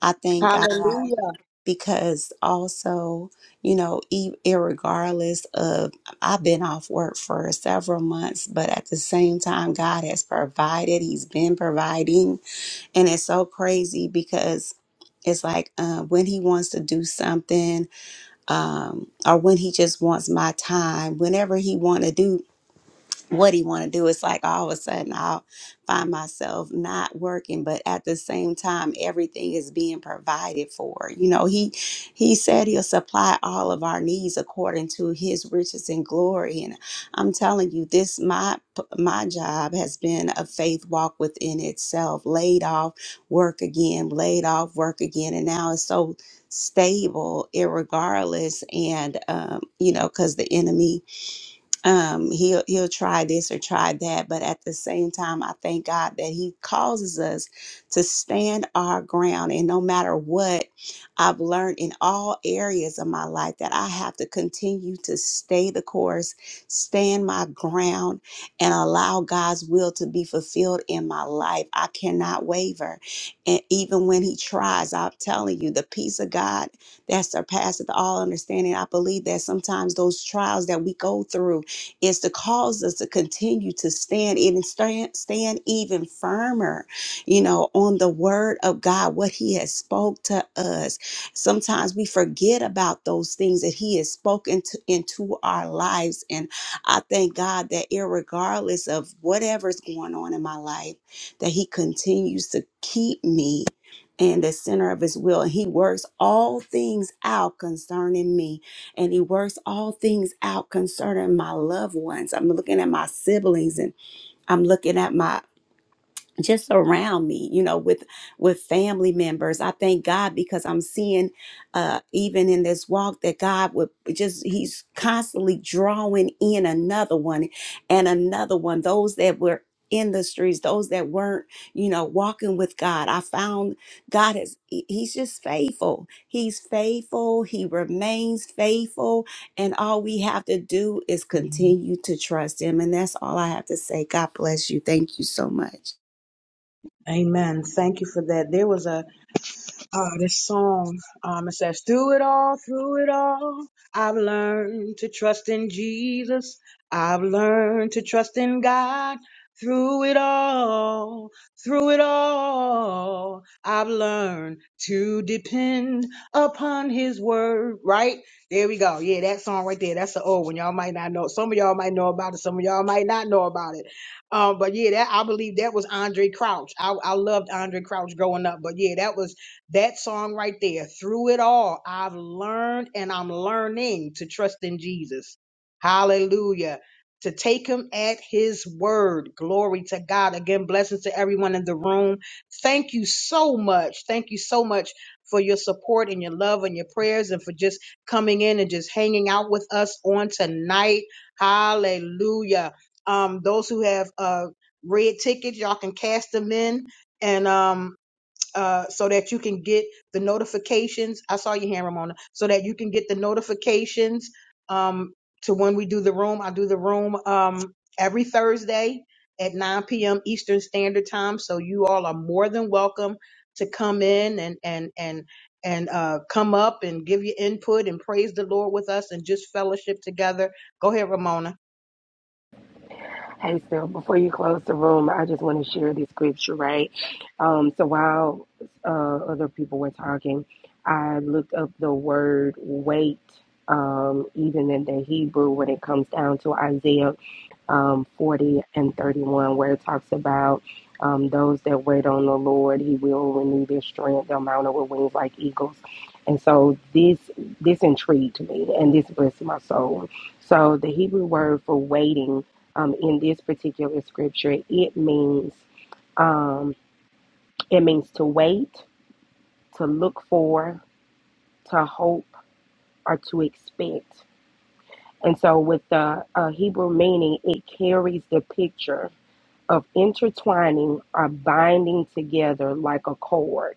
K: I thank God
A: Hallelujah.
K: because also, you know, e- irregardless of, I've been off work for several months, but at the same time, God has provided, He's been providing. And it's so crazy because it's like uh, when He wants to do something, um, or when he just wants my time, whenever he want to do what he want to do it's like all of a sudden i'll find myself not working but at the same time everything is being provided for you know he he said he'll supply all of our needs according to his riches and glory and i'm telling you this my my job has been a faith walk within itself laid off work again laid off work again and now it's so stable irregardless and um you know because the enemy um he'll he'll try this or try that but at the same time i thank god that he causes us to stand our ground and no matter what i've learned in all areas of my life that i have to continue to stay the course stand my ground and allow god's will to be fulfilled in my life i cannot waver and even when he tries i'm telling you the peace of god that surpasseth all understanding i believe that sometimes those trials that we go through is to cause us to continue to stand in and stand, stand even firmer, you know, on the word of God, what he has spoke to us. Sometimes we forget about those things that he has spoken to, into our lives. And I thank God that irregardless of whatever's going on in my life, that he continues to keep me in the center of his will. And he works all things out concerning me and he works all things out concerning my loved ones. I'm looking at my siblings and I'm looking at my just around me you know with with family members i thank god because i'm seeing uh even in this walk that god would just he's constantly drawing in another one and another one those that were in the streets those that weren't you know walking with god i found god is he- he's just faithful he's faithful he remains faithful and all we have to do is continue to trust him and that's all i have to say god bless you thank you so much
A: Amen. Thank you for that. There was a uh, this song. Um, it says, Through it all, through it all, I've learned to trust in Jesus. I've learned to trust in God. Through it all, through it all, I've learned to depend upon His word. Right there, we go. Yeah, that song right there. That's the old one. Y'all might not know. Some of y'all might know about it. Some of y'all might not know about it. Um, but yeah, that I believe that was Andre Crouch. I, I loved Andre Crouch growing up. But yeah, that was that song right there, through it all, I've learned and I'm learning to trust in Jesus. Hallelujah. To take him at his word. Glory to God. Again, blessings to everyone in the room. Thank you so much. Thank you so much for your support and your love and your prayers and for just coming in and just hanging out with us on tonight. Hallelujah. Um, those who have uh, red tickets, y'all can cast them in. And um, uh, so that you can get the notifications. I saw your hand, Ramona. So that you can get the notifications um, to when we do the room. I do the room um, every Thursday at 9 p.m. Eastern Standard Time. So you all are more than welcome to come in and and and and uh, come up and give your input and praise the Lord with us and just fellowship together. Go ahead, Ramona.
B: Hey, Phil, before you close the room, I just want to share this scripture, right? Um, so while uh, other people were talking, I looked up the word wait, um, even in the Hebrew when it comes down to Isaiah. um, 40 and 31, where it talks about um, those that wait on the Lord, He will renew their strength, they'll mount up with wings like eagles. And so this this intrigued me and this blessed my soul. So the Hebrew word for waiting um, in this particular scripture, it means um, it means to wait, to look for, to hope, or to expect. And so with the uh, Hebrew meaning, it carries the picture of intertwining or binding together like a cord.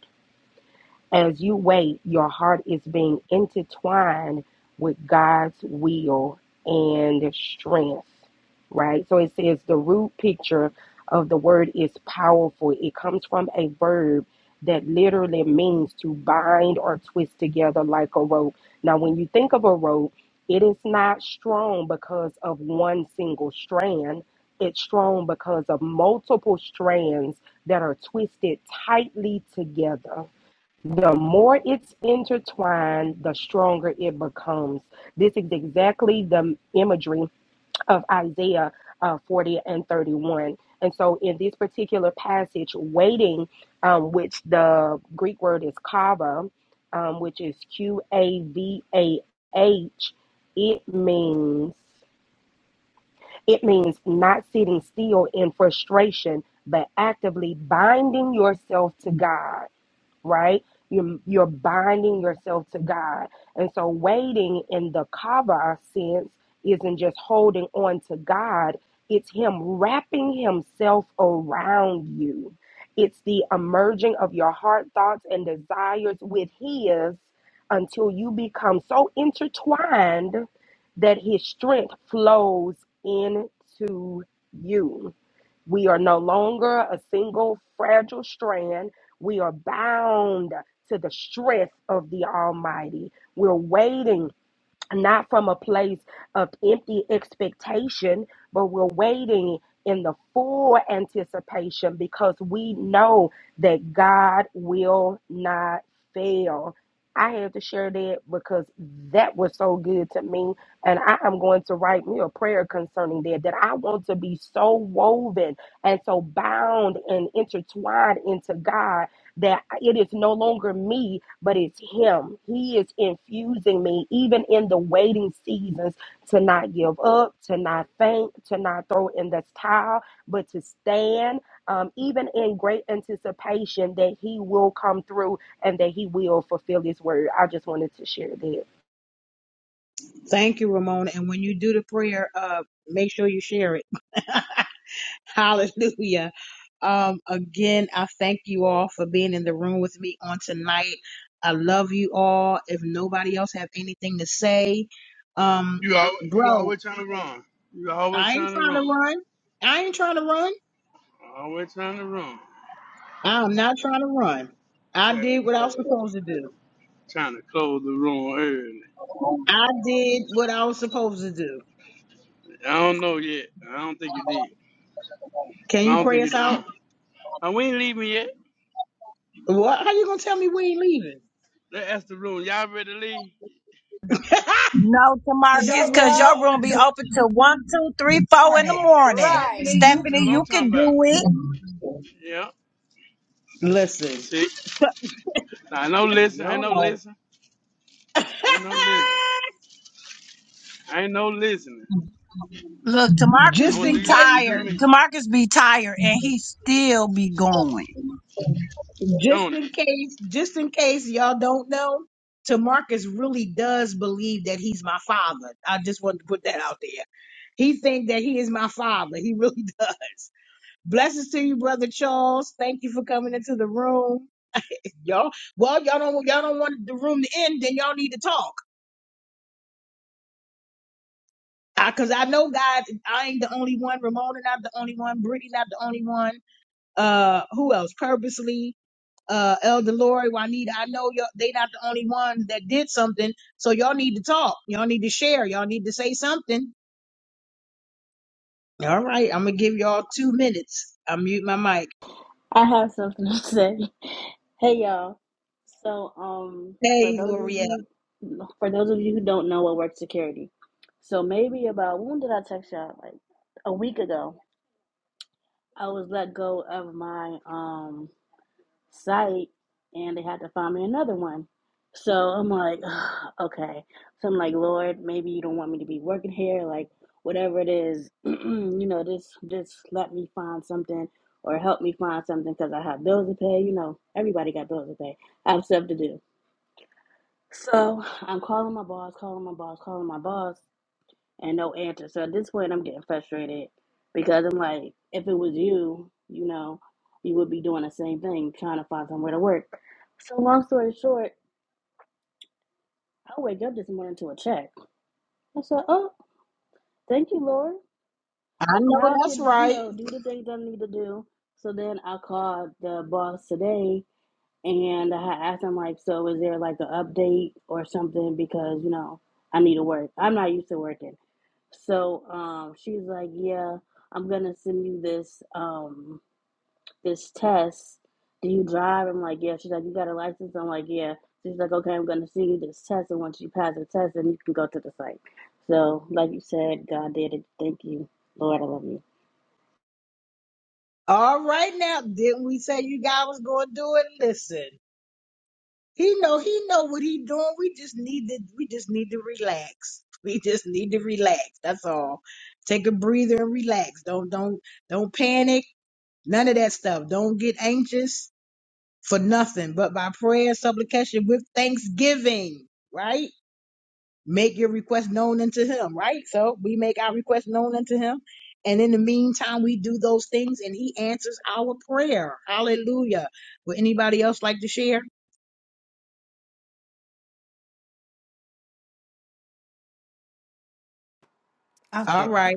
B: As you wait, your heart is being intertwined with God's will and strength, right? So it says the root picture of the word is powerful. It comes from a verb that literally means to bind or twist together like a rope. Now, when you think of a rope, it is not strong because of one single strand. It's strong because of multiple strands that are twisted tightly together the more it's intertwined, the stronger it becomes. This is exactly the imagery of Isaiah uh, 40 and 31. And so, in this particular passage, waiting, um, which the Greek word is kava, um, which is Q A V A H, it means it means not sitting still in frustration, but actively binding yourself to God right? You're, you're binding yourself to God. And so, waiting in the Kava sense isn't just holding on to God, it's Him wrapping Himself around you. It's the emerging of your heart, thoughts, and desires with His until you become so intertwined that His strength flows into you we are no longer a single fragile strand. We are bound to the strength of the Almighty. We're waiting not from a place of empty expectation, but we're waiting in the full anticipation because we know that God will not fail. I had to share that because that was so good to me. And I am going to write me a prayer concerning that, that I want to be so woven and so bound and intertwined into God that it is no longer me, but it's Him. He is infusing me, even in the waiting seasons, to not give up, to not faint, to not throw in the towel, but to stand, um, even in great anticipation that He will come through and that He will fulfill His word. I just wanted to share that.
A: Thank you, Ramona. And when you do the prayer, uh, make sure you share it. Hallelujah. Um, again, I thank you all for being in the room with me on tonight. I love you all. If nobody else have anything to say, um,
E: You al you
A: bro,
E: always trying to run. You always
A: I ain't
E: trying to run.
A: trying to run. I ain't trying to run.
E: Always trying to run.
A: I'm not trying to run. I
E: Trying to
A: did what I was
E: close.
A: supposed to do.
E: Trying to close the room early.
A: I did what I was supposed to do.
E: I don't know yet. I don't think you did.
A: Can
E: I
A: you
E: don't
A: pray
E: think
A: us
E: it's
A: out?
E: done. Uh, we ain't leaving yet.
A: What? How you gonna tell me we ain't leaving?
E: That's the room. Y'all ready to leave?
L: No,
C: Cause y'all
L: Tamarcus,
C: room be
L: because your
C: No,
L: room
C: open
L: be
C: till
L: open till one, two, three, four in the
C: morning.
L: morning.
C: right Stephanie, you
E: That's
L: Stephanie,
E: what I'm
L: you can
E: talking about.
L: do it.
E: Yeah.
A: Listen,
E: See, I know listen. I know
A: y'all.
E: listen. I know listen. I ain't no listening.
L: Look,
E: I'm
L: Tamarcus
A: Just
E: gonna
A: in
E: do
L: be
E: you like you
A: case,
E: do
L: tired.
E: me.
L: Tamarcus be tired, and he still be going.
A: just
E: Don't it?
A: in case, just in case y'all don't know, Tamarcus really does believe that he's my father. I just wanted to put that out there. He think that he is my father. He really does. Blessings to you, brother Charles. Thank you for coming into the room. Y'all, well, y'all don't y'all don't want the room to end, then y'all need to talk. I, Cause I know guys. I ain't the only one. Ramona not the only one. Brittany not the only one. Uh, who else? Purposely. uh, Elder Lori, Juanita, I know y'all, they not the only one that did something. So y'all need to talk. Y'all need to share. Y'all need to say something. All right. I'm going to give y'all two minutes. I mute my mic.
M: I have something to say. Hey y'all. So um for
A: Hey,
M: those of
A: L'Oreal.
M: you for those of you who don't know what work security. So maybe about when did I text y'all? Like a week ago. I was let go of my um site and they had to find me another one. So I'm like, ugh, okay. So I'm like, Lord, maybe you don't want me to be working here, like whatever it is, you know, just just let me find something or help me find something because I have bills to pay. You know, everybody got bills to pay. I have stuff to do. So I'm calling my boss, calling my boss, calling my boss and no answer. So at this point, I'm getting frustrated because I'm like, if it was you, you know, you would be doing the same thing, trying to find somewhere to work. So long story short, I wake up this morning to a check. I said, oh, thank you, Lord.
A: I know
M: Now I
A: that's
M: could, you
A: right.
M: know, do the things I need to do. So then I called the boss today and I asked him, like, so is there like an update or something? Because, you know, I need to work. I'm not used to working. So um, she's like, "Yeah, I'm gonna send you this um, this test. Do you drive?" I'm like, "Yeah." She's like, "You got a license?" I'm like, "Yeah." She's like, "Okay, I'm gonna send you this test, and once you pass the test, then you can go to the site." So, like you said, God did it. Thank you, Lord. I love you.
A: All right now. Didn't we say you guys was going to do it? Listen, he know, he know what he doing. We just need to, we just need to relax. We just need to relax. That's all. Take a breather and relax. Don't, don't, don't panic. None of that stuff. Don't get anxious for nothing, but by prayer and supplication with thanksgiving, right? Make your request known unto him, right? So we make our request known unto him. And in the meantime, we do those things and he answers our prayer. Hallelujah. Would anybody else like to share? All
N: Okay.
A: right.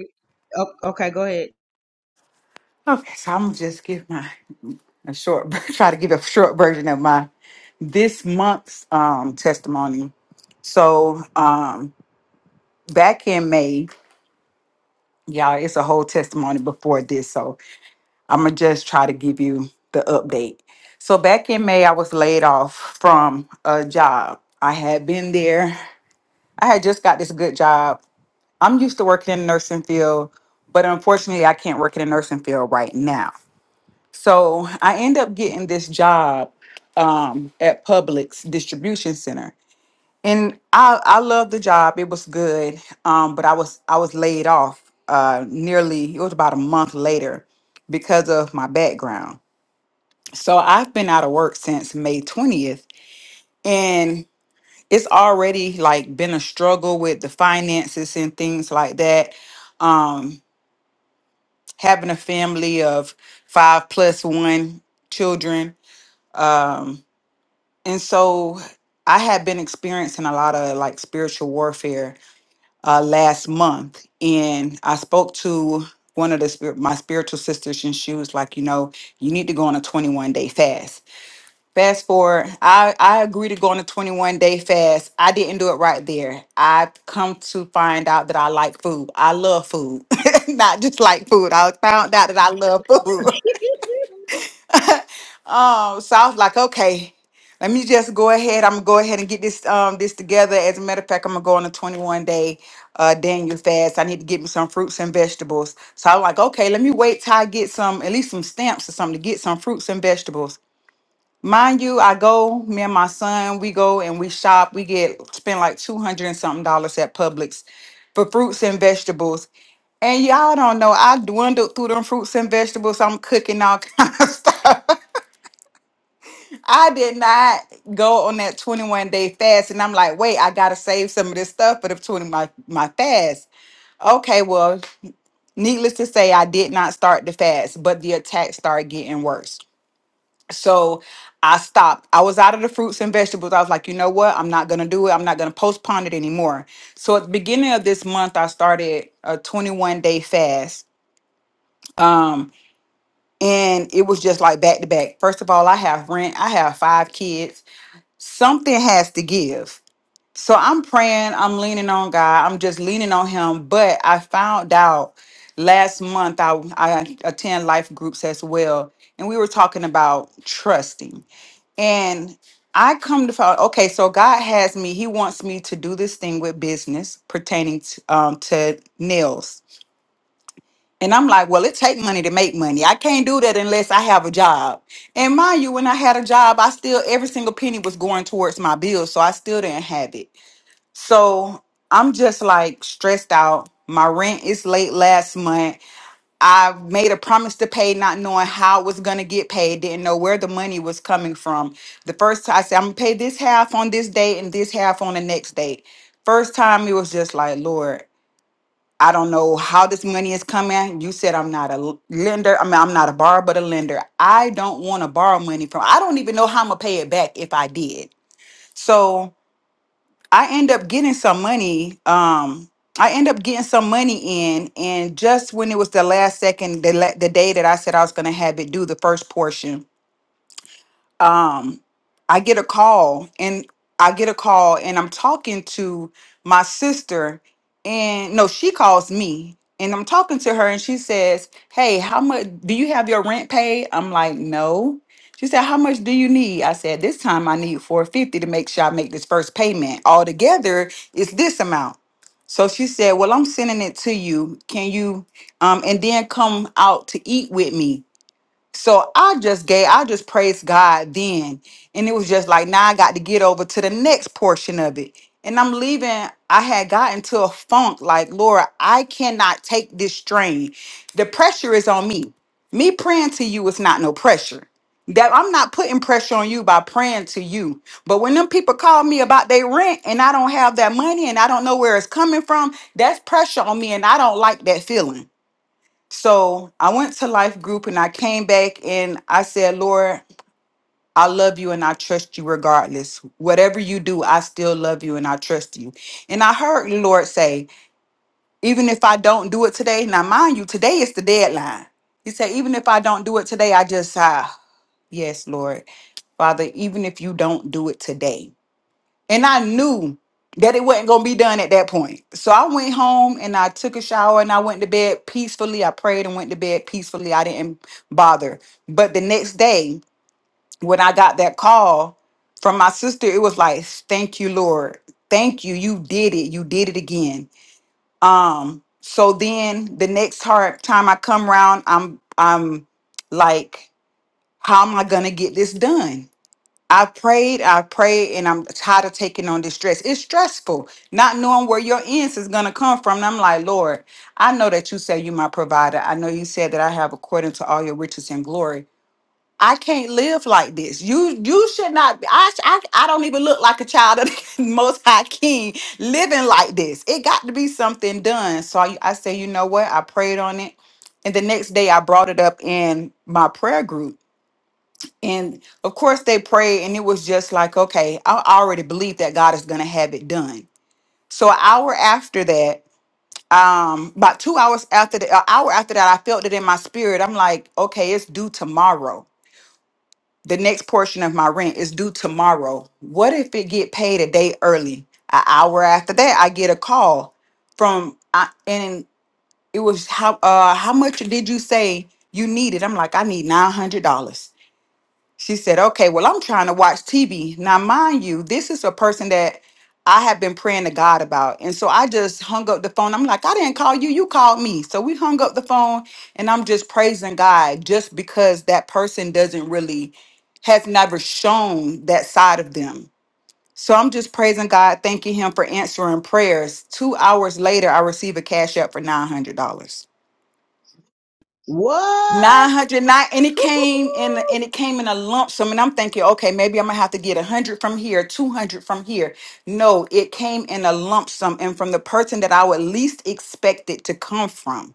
A: O- okay, go ahead.
N: Okay. So I'm gonna just give my a short try to give a short version of my this month's um testimony. So um back in May, y'all, it's a whole testimony before this. So I'm gonna just try to give you the update. So back in May, I was laid off from a job. I had been there. I had just got this good job. I'm used to working in the nursing field, but unfortunately, I can't work in the nursing field right now. So I end up getting this job um, at Publix distribution center, and I I love the job. It was good, um, but I was I was laid off uh, nearly it was about a month later because of my background. So I've been out of work since May twentieth, and it's already like been a struggle with the finances and things like that. Um, having a family of five plus one children um, And so I had been experiencing a lot of like spiritual warfare uh, last month. And I spoke to one of the spirit, my spiritual sisters, and she was like, you know, you need to go on a 21 day fast. Fast forward, I, I agree to go on a 21 day fast. I didn't do it right there. I've come to find out that I like food. I love food, not just like food. I found out that I love food. Um, so I was like, okay, let me just go ahead. I'm gonna go ahead and get this um this together. As a matter of fact, I'm gonna go on a 21 day uh Daniel fast. I need to get me some fruits and vegetables. So I'm like, okay, let me wait till I get some at least some stamps or something to get some fruits and vegetables. Mind you, I go, me and my son, we go and we shop. We get spend like 200 and something dollars at Publix for fruits and vegetables. And y'all don't know, I dwindled through them fruits and vegetables. I'm cooking all kinds I did not go on that 21 day fast. And I'm like, wait, I gotta save some of this stuff for the 20 my, my fast. Okay, well, needless to say, I did not start the fast, but the attacks started getting worse. So I stopped. I was out of the fruits and vegetables. I was like, you know what? I'm not gonna do it. I'm not gonna postpone it anymore. So at the beginning of this month, I started a 21 day fast. Um, and it was just like back to back. First of all, I have rent, I have five kids. something has to give. So I'm praying, I'm leaning on God, I'm just leaning on Him. But I found out last month, I, I attend life groups as well, and we were talking about trusting. And I come to find, okay, so God has me, He wants me to do this thing with business pertaining to, um, to nails. And I'm like, well, it take money to make money. I can't do that unless I have a job. And mind you, when I had a job, I still every single penny was going towards my bills, so I still didn't have it. So I'm just like stressed out. My rent is late last month. I made a promise to pay, not knowing how it was gonna get paid. Didn't know where the money was coming from. The first time I said I'm gonna pay this half on this date and this half on the next date. First time it was just like, Lord. I don't know how this money is coming. You said I'm not a l- lender. I mean, I'm not a borrower, but a lender. I don't want to borrow money from, I don't even know how I'm going to pay it back if I did. So I end up getting some money. Um, I end up getting some money in. And just when it was the last second, the, la- the day that I said I was going to have it do the first portion, um I get a call and I get a call and I'm talking to my sister and no she calls me and I'm talking to her and she says, "Hey, how much do you have your rent paid?" I'm like, "No." She said, "How much do you need?" I said, "This time I need 450 to make sure I make this first payment. Altogether, it's this amount." So she said, "Well, I'm sending it to you. Can you um and then come out to eat with me?" So I just gave, I just praised God then. And it was just like, now I got to get over to the next portion of it. And I'm leaving, I had gotten to a funk like, Lord, I cannot take this strain. The pressure is on me. Me praying to you is not no pressure. That I'm not putting pressure on you by praying to you. But when them people call me about their rent and I don't have that money and I don't know where it's coming from, that's pressure on me and I don't like that feeling. So I went to life group and I came back and I said, Lord, I love you and I trust you regardless. Whatever you do, I still love you and I trust you. And I heard the Lord say, even if I don't do it today, now mind you, today is the deadline. He said, even if I don't do it today, I just, ah, yes, Lord. Father, even if you don't do it today. And I knew that it wasn't going to be done at that point. So I went home and I took a shower and I went to bed peacefully. I prayed and went to bed peacefully. I didn't bother. But the next day, when I got that call from my sister, it was like, thank you, Lord. Thank you. You did it. You did it again. Um, so then the next hard time I come around, I'm I'm like, how am I gonna get this done? I prayed, I prayed, and I'm tired of taking on this stress. It's stressful, not knowing where your ends is gonna come from. And I'm like, Lord, I know that you say you my provider. I know you said that I have according to all your riches and glory. I can't live like this. You you should not. be- I I, I don't even look like a child of the Most High King living like this. It got to be something done. So I, I say, you know what? I prayed on it, and the next day I brought it up in my prayer group and of course, they prayed, and it was just like, okay, I already believe that God is going to have it done. So, an hour after that, um, about two hours after the an hour after that, I felt it in my spirit. I'm like, okay, it's due tomorrow. The next portion of my rent is due tomorrow. What if it get paid a day early? An hour after that, I get a call from, I, and it was how uh, how much did you say you needed? I'm like, I need nine hundred dollars. She said, Okay, well, I'm trying to watch TV. Now, mind you, this is a person that I have been praying to God about. And so I just hung up the phone. I'm like, I didn't call you, you called me. So we hung up the phone and I'm just praising God just because that person doesn't really, has never shown that side of them. So I'm just praising God, thanking Him for answering prayers. Two hours later, I receive a cash up for $900.
A: What?
N: Nine hundred nine, and it came in, and it came in a lump sum. And I'm thinking, okay, maybe I'm gonna have to get a hundred from here, two hundred from here. No, it came in a lump sum, and from the person that I would least expect it to come from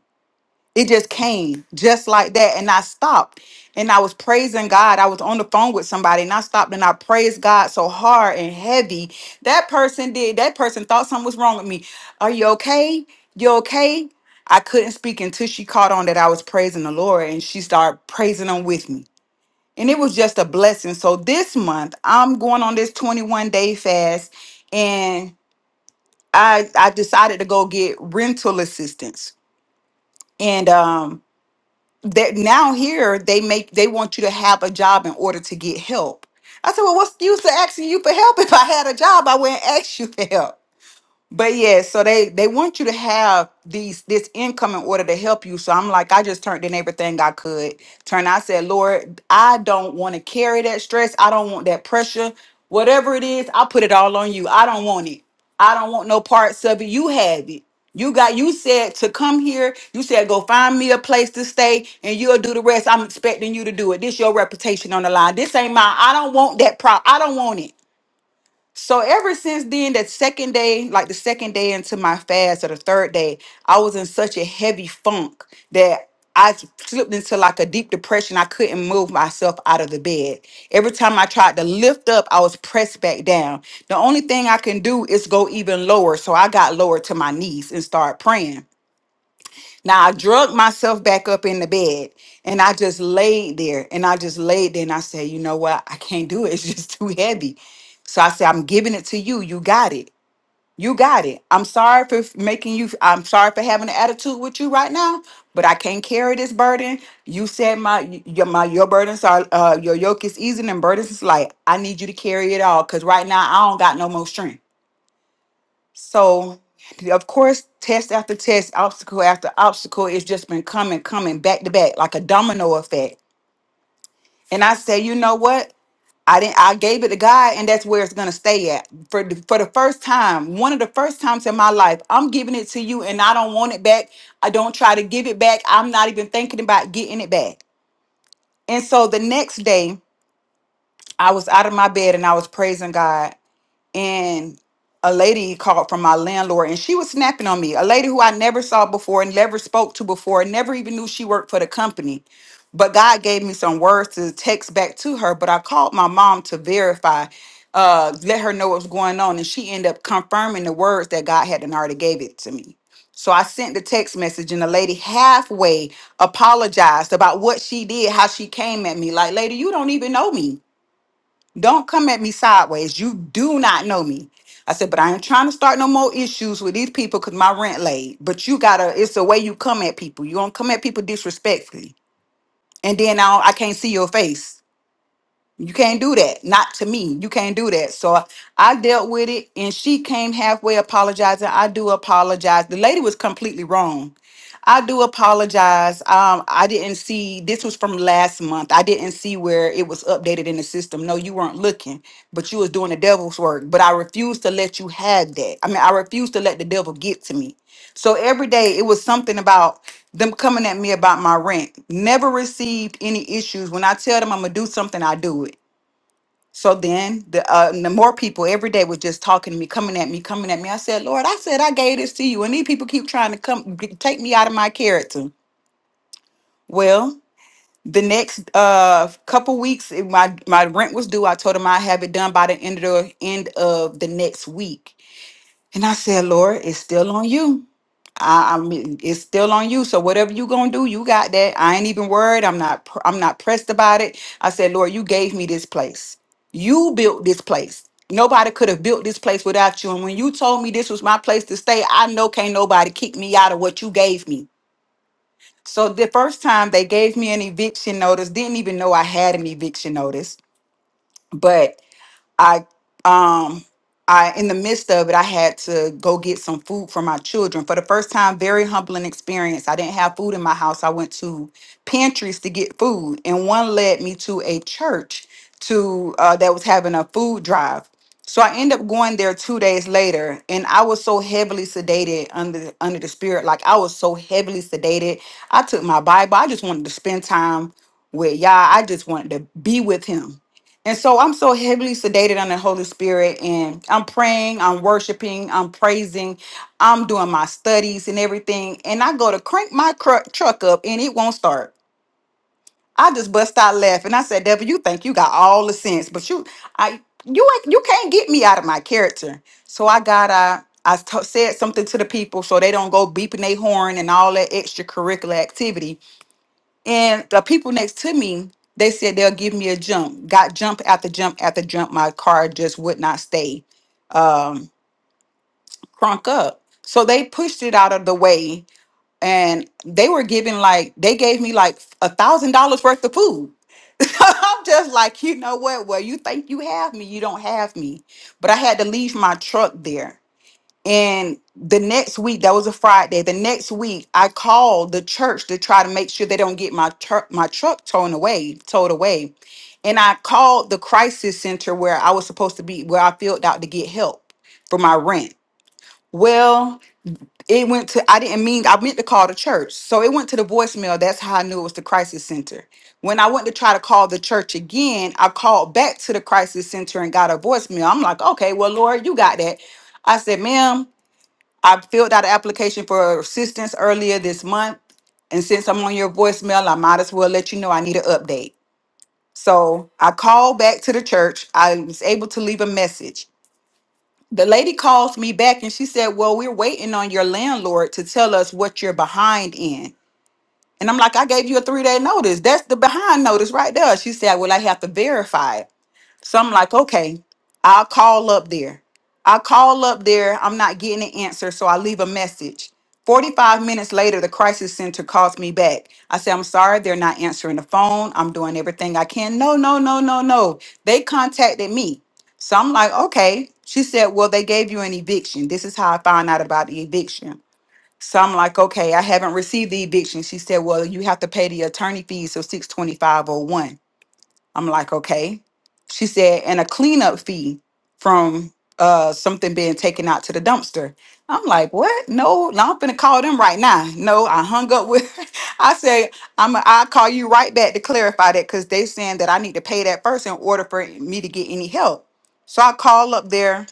N: it just came just like that and i stopped and i was praising god i was on the phone with somebody and i stopped and i praised god so hard and heavy that person did that person thought something was wrong with me are you okay you okay i couldn't speak until she caught on that i was praising the lord and she started praising him with me and it was just a blessing so this month i'm going on this 21 day fast and i i decided to go get rental assistance and um that now here they make they want you to have a job in order to get help. I said, well, what's the use of asking you for help? If I had a job, I wouldn't ask you for help. But yeah, so they they want you to have these this income in order to help you. So I'm like, I just turned in everything I could. Turn, I said, Lord, I don't want to carry that stress. I don't want that pressure. Whatever it is, I put it all on you. I don't want it. I don't want no parts of it. You have it. You got you said to come here. You said go find me a place to stay and you'll do the rest. I'm expecting you to do it. This your reputation on the line. This ain't mine. I don't want that prop. I don't want it. So ever since then, that second day, like the second day into my fast or the third day, I was in such a heavy funk that I slipped into like a deep depression. I couldn't move myself out of the bed. Every time I tried to lift up, I was pressed back down. The only thing I can do is go even lower. So I got lower to my knees and started praying. Now I drug myself back up in the bed and I just laid there and I just laid there and I said, you know what? I can't do it. It's just too heavy. So I said, I'm giving it to you. You got it. You got it. I'm sorry for f- making you, I'm sorry for having an attitude with you right now, but I can't carry this burden. You said my y- your my your burdens are uh your yoke is easy and burdens is light. I need you to carry it all because right now I don't got no more strength. So, of course, test after test, obstacle after obstacle, it's just been coming, coming back to back like a domino effect. And I say, you know what? I didn't. I gave it to God, and that's where it's gonna stay at for the, for the first time. One of the first times in my life, I'm giving it to you, and I don't want it back. I don't try to give it back. I'm not even thinking about getting it back. And so the next day, I was out of my bed and I was praising God. and a lady called from my landlord and she was snapping on me a lady who i never saw before and never spoke to before and never even knew she worked for the company but god gave me some words to text back to her but i called my mom to verify uh let her know what was going on and she ended up confirming the words that god had and already gave it to me so i sent the text message and the lady halfway apologized about what she did how she came at me like lady you don't even know me don't come at me sideways. You do not know me. I said, but I ain't trying to start no more issues with these people because my rent late. But you gotta, it's the way you come at people. You don't come at people disrespectfully. And then now I can't see your face. You can't do that. Not to me. You can't do that. So I dealt with it and she came halfway apologizing. I do apologize. The lady was completely wrong I do apologize. Um, I didn't see this was from last month. I didn't see where it was updated in the system. No, you weren't looking, but you was doing the devil's work. But I refuse to let you have that. I mean, I refuse to let the devil get to me. So every day it was something about them coming at me about my rent. Never received any issues. When I tell them I'm gonna do something, I do it. So then the uh, the more people every day was just talking to me, coming at me, coming at me. I said, Lord, I said I gave this to you, and these people keep trying to come g- take me out of my character. Well, the next uh couple weeks, it- my my rent was due. I told them I have it done by the end of the end of the next week, and I said, Lord, it's still on you. I, I mean, it's still on you. So whatever you gonna do, you got that. I ain't even worried. I'm not. pr- I'm not pressed about it. I said, Lord, you gave me this place. You built this place. Nobody could have built this place without you. And when you told me this was my place to stay, I know can't nobody kick me out of what you gave me. So the first time they gave me an eviction notice, didn't even know I had an eviction notice. but. I um I in the midst of it, I had to go get some food for my children. For the first time, very humbling experience. I didn't have food in my house. I went to pantries to get food, and one led me to a church to uh, that was having a food drive. So I ended up going there two days later, and I was so heavily sedated under under the spirit. Like I was so heavily sedated. I took my Bible. I just wanted to spend time with Yah. I just wanted to be with Him and so I'm so heavily sedated on the Holy Spirit, and I'm praying, I'm worshiping, I'm praising, I'm doing my studies and everything. And I go to crank my cr- truck up, and it won't start. I just bust out laughing. I said, "Devil, you think you got all the sense, but you, I, you, ain't, you can't get me out of my character." So I got, I, I t- said something to the people so they don't go beeping their horn and all that extracurricular activity and the people next to me, they said they'll give me a jump. Got jump after jump after jump. My car just would not stay um, crunk up. So they pushed it out of the way and they were giving like, they gave me like a thousand dollars worth of food. I'm just like, you know what? Well, you think you have me, you don't have me. But I had to leave my truck there and the next week, that was a Friday. The next week, I called the church to try to make sure they don't get my tur my truck towed away, towed away. And I called the crisis center where I was supposed to be, where I filled out to get help for my rent. Well, it went to I didn't mean I meant to call the church, so it went to the voicemail. That's how I knew it was the crisis center. When I went to try to call the church again, I called back to the crisis center and got a voicemail. I'm like, okay, well, Lord, you got that. I said, ma'am, I filled out an application for assistance earlier this month. And since I'm on your voicemail, I might as well let you know I need an update. So I called back to the church. I was able to leave a message. The lady calls me back and she said, Well, we're waiting on your landlord to tell us what you're behind in. And I'm like, I gave you a three day notice. That's the behind notice right there. She said, Well, I have to verify it. So I'm like, okay, I'll call up there. I call up there. I'm not getting an answer, so I leave a message. 45 minutes later, the crisis center calls me back. I say, I'm sorry, they're not answering the phone. I'm doing everything I can. No, no, no, no, no. They contacted me. So I'm like, okay. She said, well, they gave you an eviction. This is how I found out about the eviction. So I'm like, okay, I haven't received the eviction. She said, well, you have to pay the attorney fees of 625.01. I'm like, okay. She said, and a cleanup fee from uh something being taken out to the dumpster. I'm like, what? No, no, I'm finna call them right now. No, I hung up with I said, I'm a, I'll call you right back to clarify that because they saying that I need to pay that first in order for me to get any help. So I call up there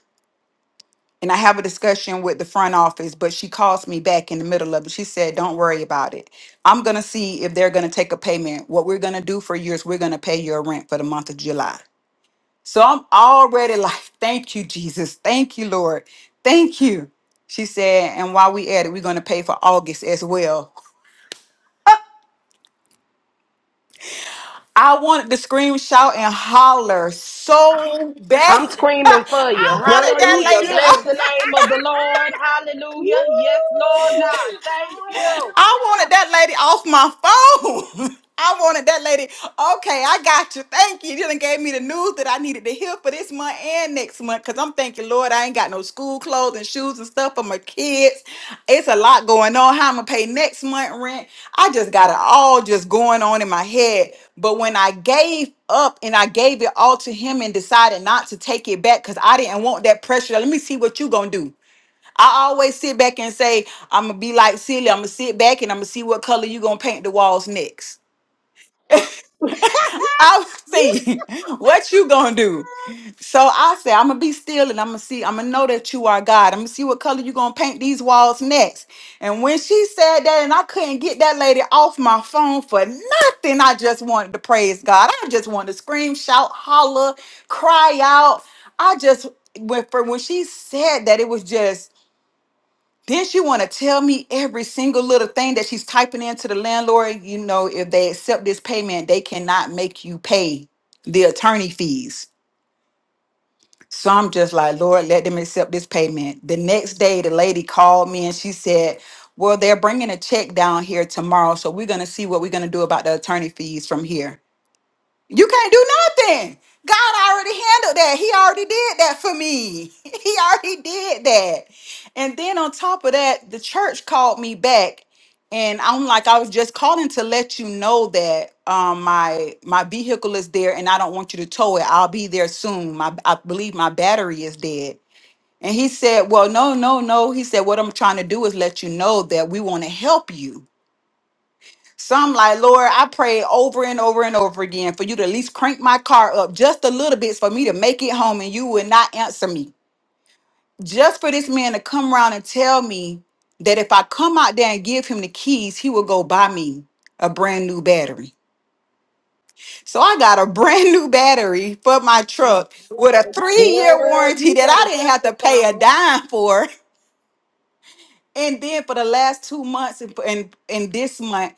N: and I have a discussion with the front office, but she calls me back in the middle of it. She said, Don't worry about it. I'm going to see if they're going to take a payment. What we're going to do for you is we're going to pay your rent for the month of July. So I'm already like, Thank you, Jesus. Thank you, Lord. Thank you. She said, And while we at it, we're going to pay for August as well. I wanted to scream, shout, and holler so bad.
B: I'm screaming for you.
N: I wanted
A: Girl, you
N: that
B: Hallelujah.
A: should
N: lady.
B: Bless
A: have.
B: the name of the Lord.
A: Woo!
B: Hallelujah. Yes, Lord God. Thank you.
N: I
A: Hallelujah.
N: wanted that lady off my phone. I wanted that lady. Okay, I got you. Thank you. You done gave me the news that I needed to hear for this month and next month. Cause I'm thinking, Lord, I ain't got no school clothes and shoes and stuff for my kids. It's a lot going on. How I'm gonna pay next month rent. I just got it all just going on in my head. But when I gave up and I gave it all to him and decided not to take it back because I didn't want that pressure. Let me see what you gonna do. I always sit back and say, I'm gonna be like silly. I'm gonna sit back and I'm gonna see what color you gonna paint the walls next. I'll see what you gonna do. So I say, I'm gonna be still and I'm gonna see, I'm gonna know that you are God. I'm gonna see what color you gonna paint these walls next. And when she said that, and I couldn't get that lady off my phone for nothing, I just wanted to praise God. I just wanted to scream, shout, holler, cry out. I just went for when she said that, it was just then she want to tell me every single little thing that she's typing into the landlord. You know, if they accept this payment, they cannot make you pay the attorney fees. So I'm just like, Lord, let them accept this payment. The next day, the lady called me and she said, Well, they're bringing a check down here tomorrow. So we're going to see what we're going to do about the attorney fees from here. You can't do nothing. God already handled that. He already did that for me. He already did that. And then on top of that, the church called me back. And I'm like, I was just calling to let you know that um, my my vehicle is there, and I don't want you to tow it. I'll be there soon. My I believe my battery is dead. And he said, Well, no, no, no. He said, What I'm trying to do is let you know that we want to help you so I'm like, Lord, I pray over and over and over again for you to at least crank my car up just a little bit for me to make it home, and you would not answer me. Just for this man to come around and tell me that if I come out there and give him the keys, he will go buy me a brand new battery. So I got a brand new battery for my truck with a three year
A: Girl,
N: warranty
A: you
N: that I
A: better
N: didn't have to pay
A: testify.
N: a dime for. And then for the last two months and and, and this month,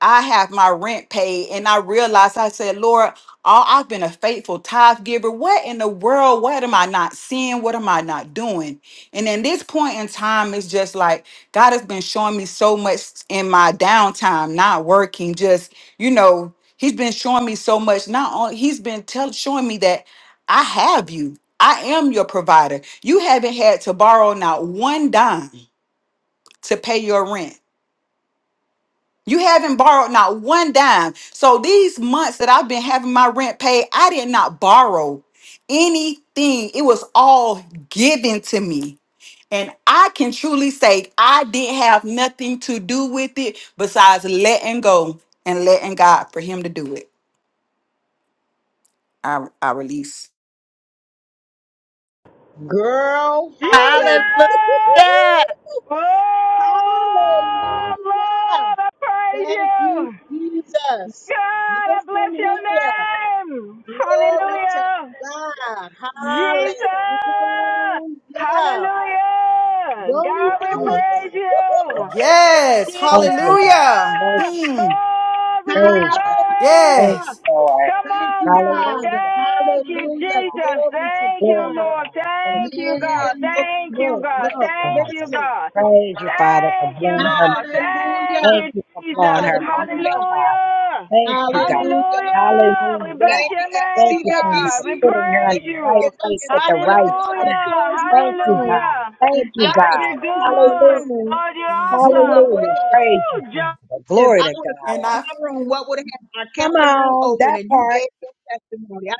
N: I have my rent paid. And I realized I said, Lord, all I've been a faithful tithe giver. What in the world? What am I not seeing? What am I not doing? And in this point in time, it's just like God has been showing me so much in my downtime, not working, just, you know, He's been showing me so much. Not only He's been tell, showing me that I have you. I am your provider. You haven't had to borrow not one dime to pay your rent. You haven't borrowed not one dime. So these months that I've been having my rent paid, I did not borrow anything. It was all given to me. And I can truly say I didn't have nothing to do with it besides letting go and letting God for him to do it. I, I release.
A: Girl, hallelujah.
O: Jesus!
K: Hallelujah.
O: Oh,
A: Hallelujah.
O: Lord, I praise
A: Thank you,
O: you.
A: Jesus.
O: God,
A: Listen
O: I bless your
A: here.
O: name.
A: Glory to
O: Hallelujah.
A: God.
O: Jesus!
A: Hallelujah.
O: Hallelujah.
A: Won't he
O: God, we
A: do it?
P: Hallelujah.
O: praise you.
N: Yes.
P: Thank you, Lord.
N: Hallelujah.
P: Thank
O: Jesus!
P: you,
N: Mm,
P: God.
O: Lord, we give you
P: Praise you. Thank
O: glory.
P: you,
A: Hallelujah.
N: Yes.
P: Lord.
O: Come
A: Thank
O: on,
A: you,
O: God.
A: Father.
P: Hallelujah.
O: Thank you,
P: Glory to
A: Hallelujah.
P: God.
O: Jesus.
A: Glory to
O: Thank you,
P: Glory to
A: God.
O: Lord.
P: God. Thank
O: Thank
P: you,
O: you,
A: Man,
P: Father.
O: God.
A: look,
O: Thank you,
A: look,
O: God.
P: Praise you,
A: look.
O: Thank
P: Father.
O: you,
A: Listen.
O: God.
P: Praise you, Father, for
O: Thank you,
P: blowing her
O: Lord.
P: mind.
O: Thank
A: Hallelujah.
P: Thank
O: you,
P: you for blowing
O: Jesus.
P: her mind,
A: Hallelujah.
P: Father.
O: Hallelujah.
P: Thank you, God.
A: Hallelujah.
O: Hallelujah. We
P: Hallelujah.
O: bless
A: Thank you.
O: your
A: Uh,
P: Thank
A: See
O: name,
P: you,
A: that,
P: Father,
A: DC?
O: God.
P: for
O: We
P: putting her in
O: praise
A: If,
P: the right
O: you.
A: if I
P: place
A: if
P: at
A: I
P: the
A: would
P: right
A: if I would
P: time.
A: have
O: Hallelujah.
A: closed my
P: Thank you,
A: room,
P: God.
O: Hallelujah.
P: Thank
A: if
P: you,
A: I
O: God,
A: would have
O: you're
P: God.
A: closed my
O: good.
P: Hallelujah.
A: room,
O: Lord, you're
N: Yes,
A: then
N: Lord.
A: what
O: awesome.
A: would
P: Hallelujah.
A: have happened?
P: Praise you,
O: Woo! Jo-
P: Father.
A: If
P: Glory
A: I
P: to
A: would have
N: And
P: God.
A: closed
N: I
A: my room, what would have happened? I
P: Come
A: kept the room
P: on,
A: open
P: that
A: and you
P: part,
A: gave your testimony. I,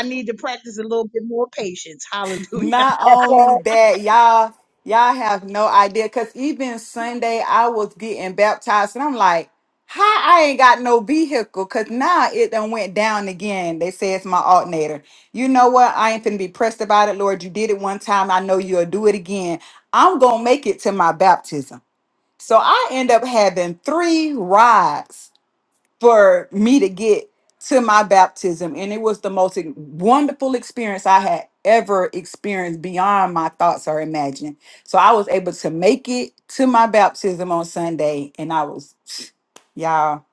A: I need to practice a little bit more patience. Hallelujah.
N: Not
P: that
N: only
P: part.
N: that, y'all, y'all have no idea. Cause even Sunday, I was getting baptized, and I'm like, "How I ain't got no vehicle?" Cause now it done went down again. They say it's my alternator. You know what? I ain't finna be pressed about it, Lord. You did it one time. I know you'll do it again. I'm gonna make it to my baptism. So I end up having three rides for me to get to my baptism and it was the most e- wonderful experience i had ever experienced beyond my thoughts or imagining so i was able to make it to my baptism on sunday and i was y'all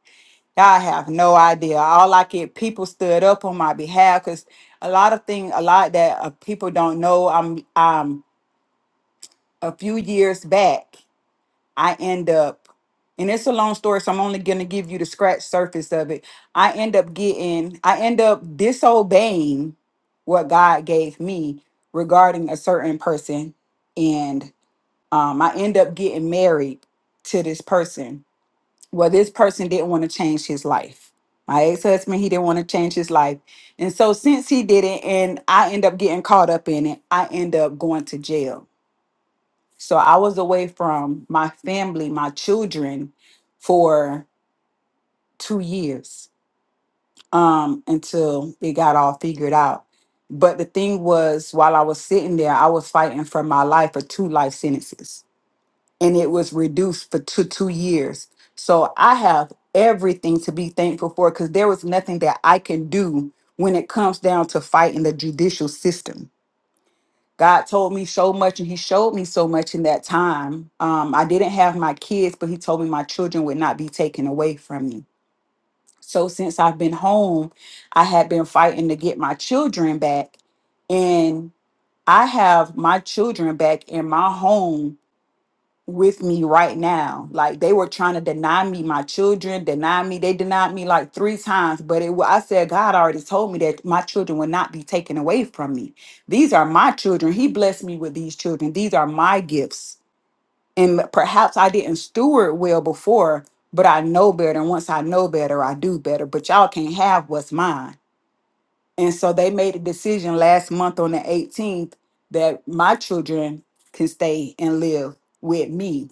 N: y'all have no idea all i could people stood up on my behalf because a lot of thing a lot that uh, people don't know i'm i'm a few years back I end up, and it's a long story, so I'm only gonna give you the scratch surface of it. I end up getting, I end up disobeying what God gave me regarding a certain person, and um, I end up getting married to this person. Well, this person didn't want to change his life. My ex-husband, he didn't want to change his life. And so since he didn't, and I end up getting caught up in it, I end up going to jail so I was away from my family, my children, for two years um, until it got all figured out. But the thing was, while I was sitting there, I was fighting for my life for two life sentences, and it was reduced for two two years. So I have everything to be thankful for because there was nothing that I can do when it comes down to fighting the judicial system God told me so much and he showed me so much in that time. Um, I didn't have my kids, but he told me my children would not be taken away from me. So since I've been home, I had been fighting to get my children back. And I have my children back in my home with me right now. Like they were trying to deny me my children, deny me. They denied me like three times, but it wa- I said God already told me that my children would not be taken away from me. These are my children. He blessed me with these children. These are my gifts. And perhaps I didn't steward well before, but I know better. And once I know better, I do better. But y'all can't have what's mine. And so they made a decision last month on the 18th that my children can stay and live with me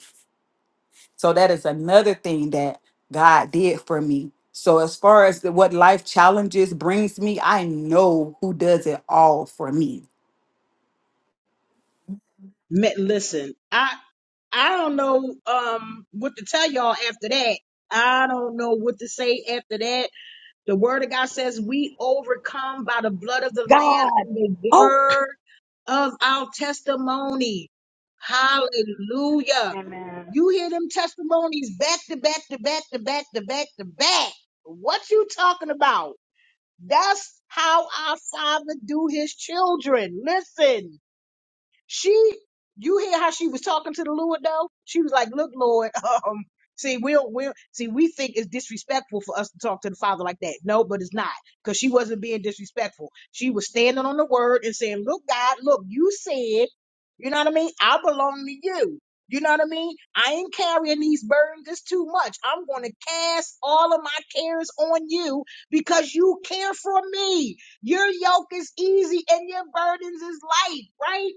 N: so that is another thing that God did for me. So as far as the, what life challenges brings me, I know who does it all for me.
A: Ma- Listen, I I don't know um what to tell y'all after that. I don't know what to say after that The word of God says we overcome by the blood of the Lamb
P: God.
A: and the
P: Oh,
A: word of our testimony. Hallelujah.
O: Amen.
A: You hear them testimonies back to back to back to back to back to back. What you talking about? That's how our father do his children. Listen. She, you hear how she was talking to the Lord though? She was like, "Look, Lord, um, see, we'll we'll see. We think it's disrespectful for us to talk to the Father like that. No, but it's not because she wasn't being disrespectful. She was standing on the word and saying, "Look, God, look, you said, you know what I mean? I belong to you." You know what I mean? I ain't carrying these burdens. It's too much. I'm going to cast all of my cares on you because you care for me. Your yoke is easy and your burdens is light, right?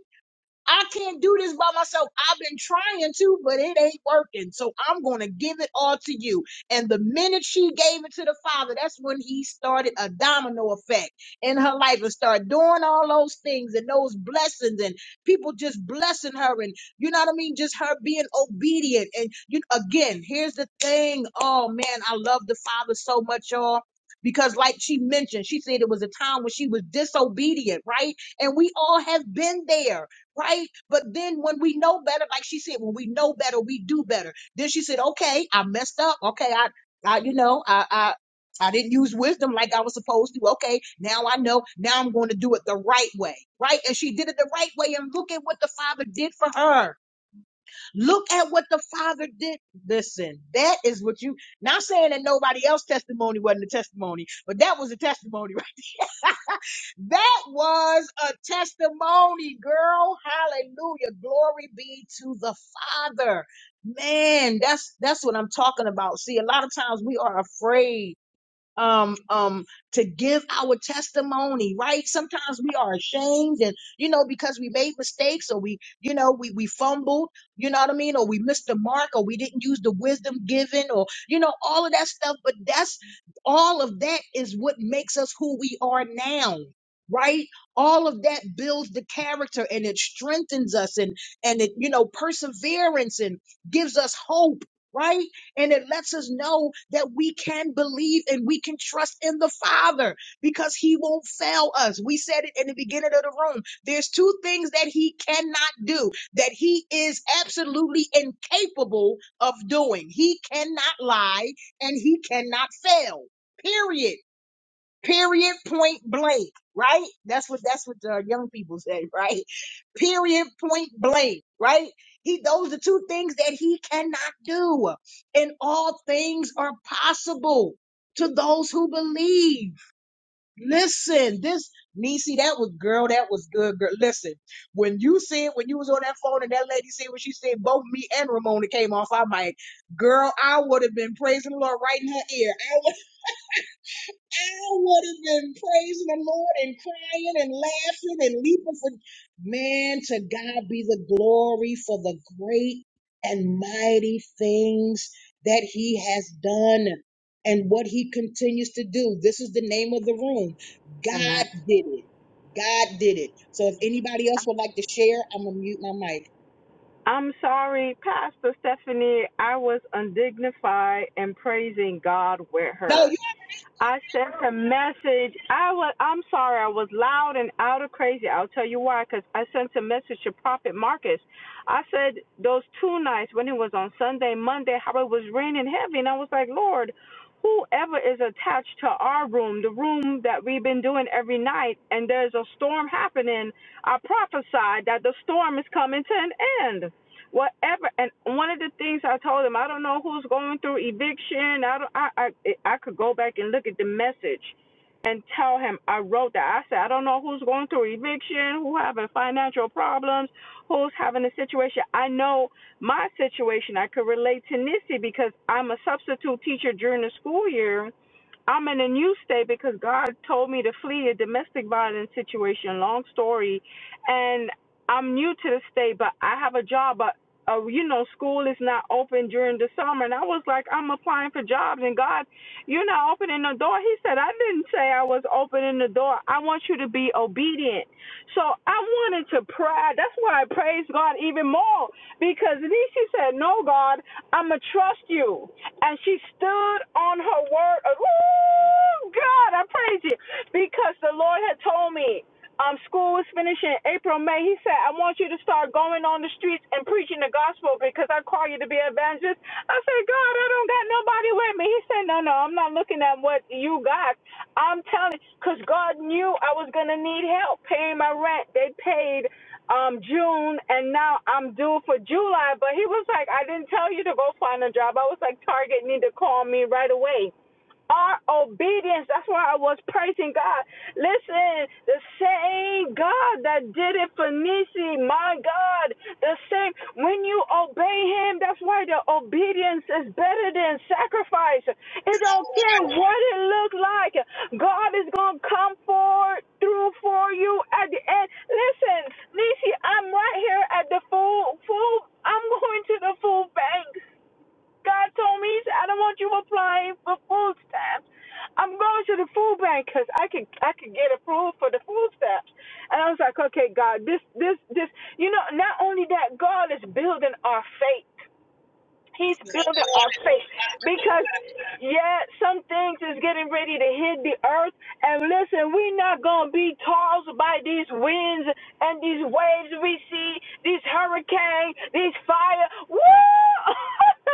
A: I can't do this by myself. I've been trying to, but it ain't working. So I'm going to give it all to you. And the minute she gave it to the father, that's when he started a domino effect in her life and started doing all those things and those blessings and people just blessing her. And you know what I mean? Just her being obedient. And you again, here's the thing. Oh man, I love the father so much, y'all. Because, like she mentioned, she said it was a time when she was disobedient, right? And we all have been there right? But then when we know better, like she said, when we know better, we do better. Then she said, okay, I messed up. Okay, I, I you know, I, I, I didn't use wisdom like I was supposed to. Okay, now I know. Now I'm going to do it the right way, right? And she did it the right way. And look at what the Father did for her. Look at what the Father did. Listen, that is what you. Not saying that nobody else's testimony wasn't a testimony, but that was a testimony, That was a testimony, girl. Hallelujah. Glory be to the Father. Man, that's that's what I'm talking about. See, a lot of times we are afraid um um to give our testimony right sometimes we are ashamed and you know because we made mistakes or we you know we we fumbled you know what i mean or we missed the mark or we didn't use the wisdom given or you know all of that stuff but that's all of that is what makes us who we are now right all of that builds the character and it strengthens us and and it you know perseverance and gives us hope right and it lets us know that we can believe and we can trust in the Father because He won't fail us. We said it in the beginning of the room. There's two things that He cannot do that He is absolutely incapable of doing. He cannot lie and He cannot fail. Period. Period. Point blank. Right. That's what that's what uh, young people say. Right. Period. Point blank. Right. He. Those are two things that he cannot do. And all things are possible to those who believe. Listen. This. niecy. that was girl. That was good, girl. Listen, when you said when you was on that phone and that lady said what she said, both me and Ramona came off our mic. Girl, I would have been praising the Lord right in her ear. I would have been praising the Lord and crying and laughing and leaping for man. To God be the glory for the great and mighty things that He has done and what He continues to do. This is the name of the room.
O: Amen.
A: God did it. God did it. So if anybody else would like to share, I'm gonna mute my mic.
O: I'm sorry, Pastor Stephanie, I was undignified in praising God with
A: No,
O: her.
A: you.
O: I sent a message. I was I'm sorry, I was loud and out of crazy. I'll tell you why, because I sent a message to Prophet Marcus. I said those two nights when it was on Sunday, Monday, how it was raining heavy, and I was like, Lord, whoever is attached to our room, the room that we've been doing every night, and there's a storm happening, I prophesied that the storm is coming to an end whatever. And one of the things I told him, I don't know who's going through eviction. I don't. I I, I could go back and look at the message, and tell him I wrote that. I said I don't know who's going through eviction, who having financial problems, who's having a situation. I know my situation. I could relate to Nisi because I'm a substitute teacher during the school year. I'm in a new state because God told me to flee a domestic violence situation. Long story, and I'm new to the state, but I have a job. but uh, you know, school is not open during the summer. And I was like, I'm applying for jobs. And God, you're not opening the door. He said, I didn't say I was opening the door. I want you to be obedient. So I wanted to pray. That's why I praised God even more because then she said, No, God, I'm going to trust you. And she stood on her word. Woo! God, I praise you because the Lord had told me um, school was finishing April, May, he said, I want you to start going on the streets and preaching the gospel because I call you to be an evangelist. I said, God, I don't got nobody with me. He said, No, no, I'm not looking at what you got. I'm telling you, because God knew I was going to need help paying my rent. They paid um June and now I'm due for July. But he was like, I didn't tell you to go find a job. I was like, Target need to call me right away our obedience. That's why I was praising God. Listen, the same God that did it for Nisi, my God, the same. When you obey Him, that's why the obedience is better than sacrifice. It don't care what it looks like. God is gonna come forward through for you at the end. Listen, Nisi, I'm right here at the food food. I'm going to the food bank. God told me, he said, I don't want you applying for food stamps. I'm going to the food bank because I can, I can get approved for the food stamps. And I was like, okay, God, this this this. You know, not only that, God is building our faith. He's building our
A: Yes,
O: faith because, yeah, some things is getting ready to hit the earth. And listen, we're not going to be tossed by these winds and these waves we see, these hurricanes, these fire. Woo!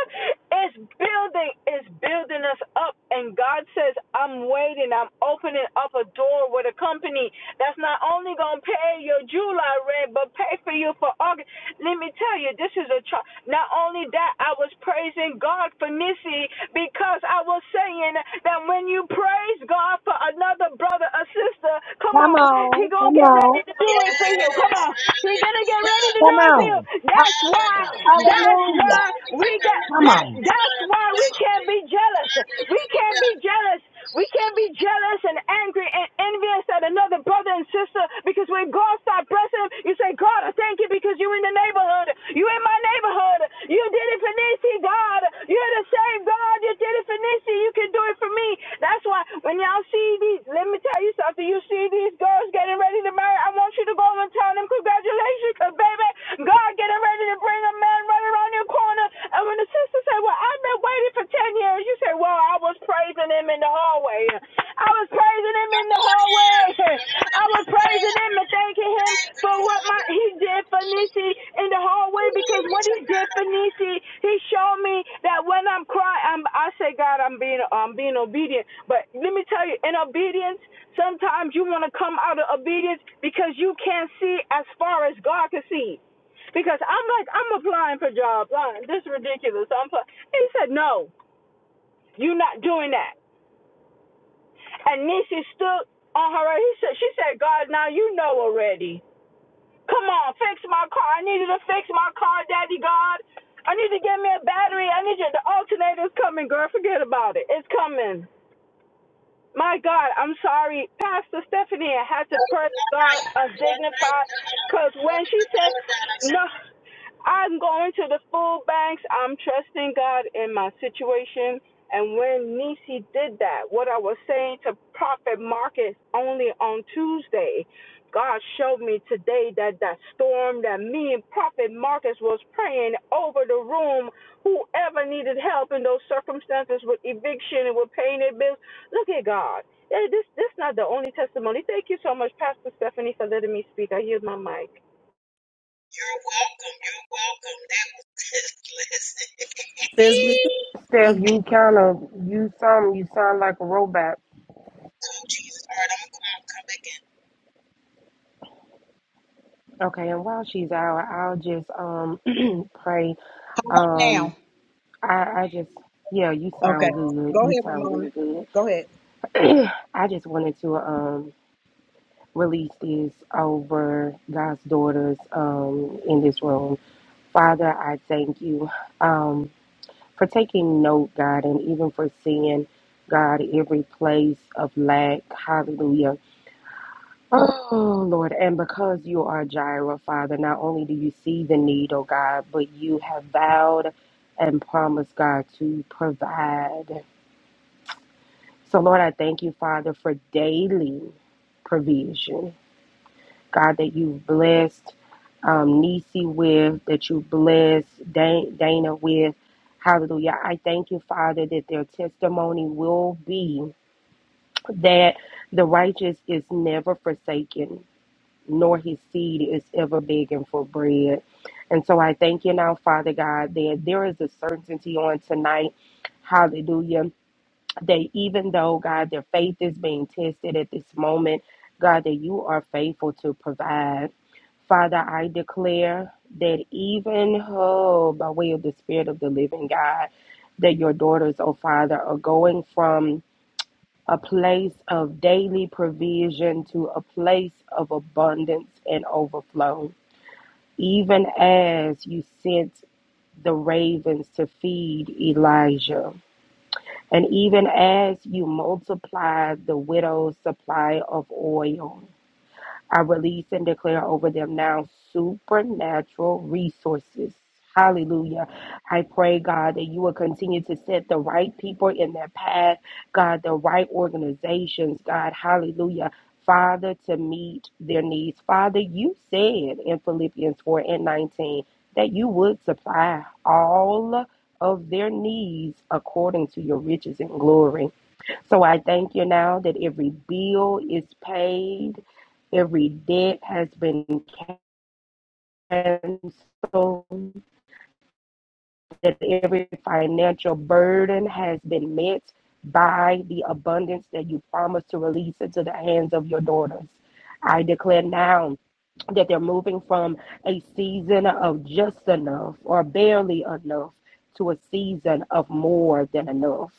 O: it's building, it's building us up. And God says, I'm waiting, I'm opening up a door with a company that's not only going to pay your July rent, but pay for you for August. Let me tell you, this is a tr- not only that I was praising God for Missy because I was saying that when you praise God for another brother or sister, come
P: come
O: on, he
P: on,
O: gonna
P: come
O: get
P: on,
O: ready to do it for you. Come on, he
A: hallelujah,
O: gonna get ready to do
P: come
O: it for you.
P: on.
O: That's why.
A: hallelujah.
O: That's
P: Hallelujah.
O: why
A: Glory to
O: we got
A: God.
P: Come
O: that.
A: Thank
P: on.
A: you,
O: That's
A: Father.
O: why we
A: Thank you,
O: can't be jealous. We
A: hallelujah.
O: can't be jealous we can't be jealous and angry and envious at another brother and sister because when God starts blessing them, you say, God, I thank you because you're in the neighborhood. You in my neighborhood. You did it for Nisi, God. You're the same God. You did it for Nisi. You can do it for me. That's why when y'all see these, let me tell you something. You see these girls getting ready to marry. I want you to go and tell them congratulations because, baby, God getting ready to and bring a man right around your corner. And when the sister said, Well, I've been waiting for 10 years, you say, Well, I was praising him in the hallway. I was praising him in the hallway. I was praising him and thanking him for what my he did for Nisi in the hallway because what he did for Nisi, he showed me that when I'm crying, I'm, I say, God, I'm being I'm being obedient. But let me tell you, in obedience, sometimes you want to come out of obedience because you can't see as far as God can see because I'm like I'm applying for jobs. Uh, This is ridiculous. So I'm applying. He said no, you're not doing that. And Nisi stood on her. right. He said she said God, now you know already. Come on, fix my car. I need you to fix my car, Daddy God. I need you to get me a battery. I need you. The alternator's coming, girl. Forget about it. It's coming. My God, I'm sorry. Pastor Stephanie had to press God a
A: You're
O: dignified because when she said no, I'm going to the food banks. I'm trusting God in my situation. And when Nisi did that, what I was saying to Prophet Marcus only on Tuesday, God showed me today that that storm that me and Prophet Marcus was praying over the room, whoever needed help in those circumstances with eviction and with paying their bills. Look at God. Eh, This this not the only testimony. Thank you so much, Pastor Stephanie, for letting me speak. I yield my mic.
A: welcome. You're welcome. That was good. listen.
K: Says we
B: Steph,
K: carry.
B: you kind of you some you sound like a robot.
A: oh Jesus! All right, I'm gonna
B: Okay, and while she's out, I'll just um pray.
A: call now.
B: Um, I I just yeah, you
A: Okay,
B: sound good.
A: go
B: You
A: ahead,
B: sound
A: Ramona.
B: really good.
A: Go ahead.
B: I just wanted to um release this over God's daughters um in this room. Father, I thank you um for taking note, God, and even for seeing God every place of lack. Hallelujah Oh, Lord. And because you are Jireh, Father, not only do you see the need, oh God, but you have vowed and promised, God, to provide. So, Lord, I thank you, Father, for daily provision. God, that you've blessed um, Nisi with, that you blessed Dan- Dana with. Hallelujah. I thank you, Father, that their testimony will be that the righteous is never forsaken nor his seed is ever begging for bread. And so I thank you now, Father God, that there is a certainty on tonight. Hallelujah. That even though, God, their faith is being tested at this moment, God, that you are faithful to provide. Father, I declare that even oh, by way of the Spirit of the living God, that your daughters, oh Father, are going from a place of daily provision to a place of abundance and overflow, even as you sent the ravens to feed Elijah, and even as you multiplied the widow's supply of oil. I release and declare over them now supernatural resources. Hallelujah. I pray, God, that you will continue to set the right people in their path, God, the right organizations, God. Hallelujah. Father, to meet their needs. Father, you said in Philippians 4 and 19 that you would supply all of their needs according to your riches and glory. So I thank you now that every bill is paid, every debt has been canceled, that every financial burden has been met by the abundance that you promised to release into the hands of your daughters. I declare now that they're moving from a season of just enough or barely enough to a season of more than enough.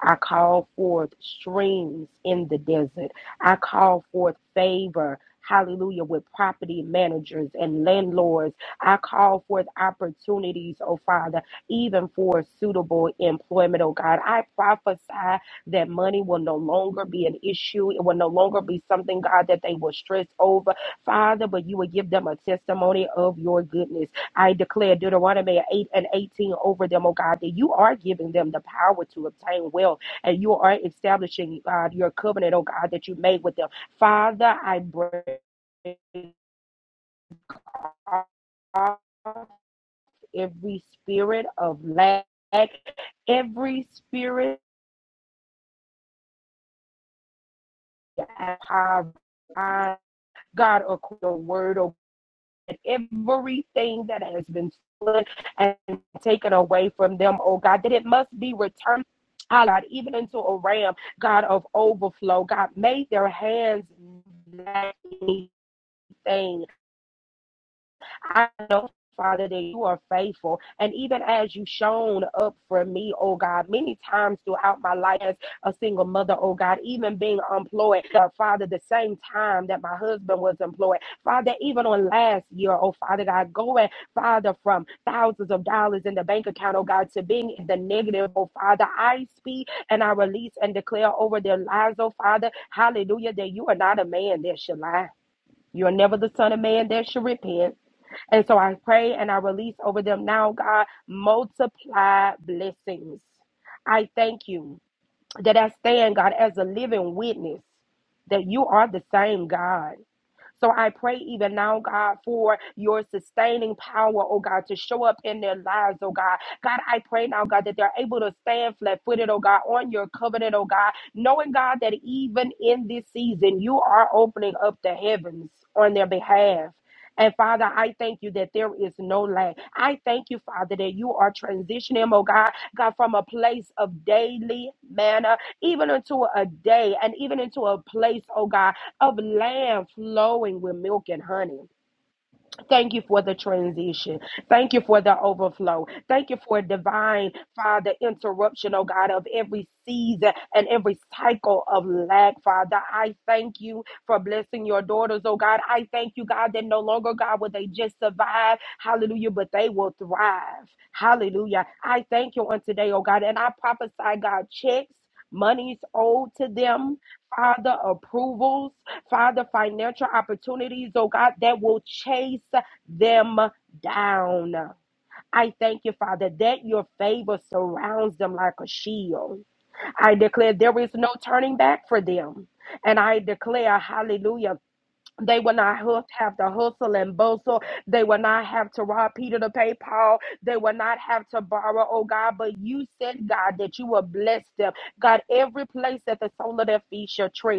B: I call forth streams in the desert. I call forth favor, hallelujah, with property managers and landlords. I call forth opportunities, oh Father, even for suitable employment, oh God. I prophesy that money will no longer be an issue. It will no longer be something, God, that they will stress over Father, but you will give them a testimony of your goodness. I declare Deuteronomy 8 and 18 over them, oh God, that you are giving them the power to obtain wealth and you are establishing, God, your covenant, oh God, that you made with them. Father, I break off every spirit of lack, every spirit of poverty. God, according to your word, oh everything that has been stolen and taken away from them, oh God, that it must be returned. ah, God, even into a ram, God of overflow, God, made their hands lack anything. I know, Father, that you are faithful. And even as you shown up for me, oh God, many times throughout my life as a single mother, oh God, even being employed, uh, Father, the same time that my husband was employed, Father, even on last year, oh Father God, going, Father, from thousands of dollars in the bank account, oh God, to being in the negative, oh Father, I speak and I release and declare over their lives, oh Father, hallelujah, that you are not a man that should lie. You're never the son of man that should repent. And so I pray and I release over them now, God, multiply blessings. I thank you that I stand, God, as a living witness that you are the same God. So I pray even now, God, for your sustaining power, oh God, to show up in their lives, oh God. God, I pray now, God, that they're able to stand flat footed, oh God, on your covenant, oh God, knowing, God, that even in this season, you are opening up the heavens on their behalf. And Father, I thank you that there is no lack. I thank you, Father, that you are transitioning, oh God, God, from a place of daily manna, even into a day, and even into a place, oh God, of land flowing with milk and honey. Thank you for the transition. Thank you for the overflow. Thank you for divine, Father, interruption, oh God, of every season and every cycle of lack, Father. I thank you for blessing your daughters, oh God. I thank you, God, that no longer, God, will they just survive, hallelujah, but they will thrive, hallelujah. I thank you on today, oh God, and I prophesy, God, checks, monies owed to them. Father, approvals, Father, financial opportunities, oh God, that will chase them down. I thank you, Father, that your favor surrounds them like a shield. I declare there is no turning back for them. And I declare, hallelujah, they will not hu- have to hustle and bustle. They will not have to rob Peter to pay Paul. They will not have to borrow, oh God. But you said, God, that you will bless them. God, every place that the sole of their feet shall tread.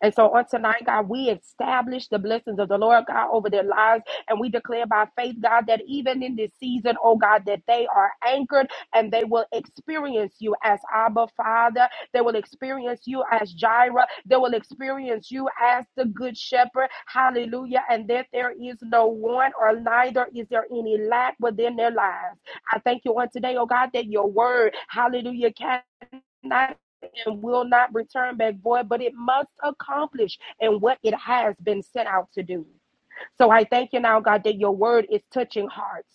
B: And so on tonight, God, we establish the blessings of the Lord God over their lives. And we declare by faith, God, that even in this season, oh God, that they are anchored and they will experience you as Abba Father they will experience you as Jireh. They will experience you as the good shepherd. Hallelujah. And that there is no want or neither is there any lack within their lives. I thank you on today, oh God, that your word, hallelujah, cannot and will not return back void, but it must accomplish in what it has been sent out to do. So I thank you now, God, that your word is touching hearts.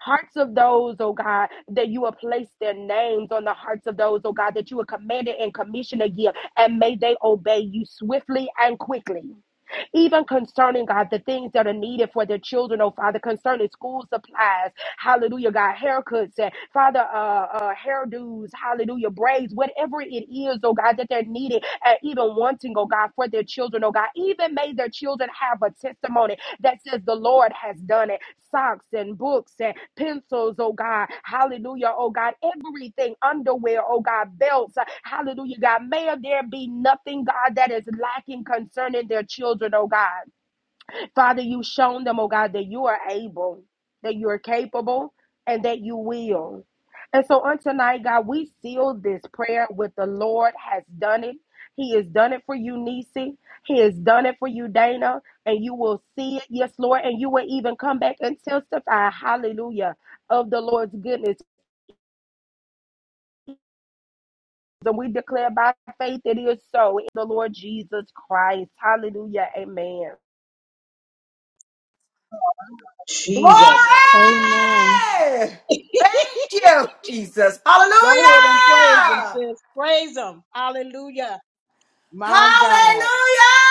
B: Hearts of those, oh God, that you have placed their names on the hearts of those, oh God, that you have commanded and commissioned to give, and may they obey you swiftly and quickly even concerning God, the things that are needed for their children, oh Father, concerning school supplies, hallelujah, God, haircuts, and Father, uh, uh, hairdos, hallelujah, braids, whatever it is, oh God, that they're needed and even wanting, oh God, for their children, oh God, even may their children have a testimony that says the Lord has done it. Socks and books and pencils, oh God. Hallelujah, oh God. Everything, underwear, oh God, belts. uh, Hallelujah, God. May there be nothing, God, that is lacking concerning their children, oh God. Father, you've shown them, oh God, that you are able, that you are capable, and that you will. And so on tonight, God, we seal this prayer with the Lord has done it. He has done it for you, Nisi. He has done it for you, Dana. And you will see it, yes, Lord. And you will even come back and testify, hallelujah, of the Lord's goodness. And we declare by faith it is so in the Lord Jesus Christ. Hallelujah. Amen.
N: Glory!
A: Jesus.
M: Amen.
N: Thank you, Jesus.
A: Go ahead and praise him,
N: Hallelujah!
A: sis. Praise him. Hallelujah. My God.
N: Hallelujah!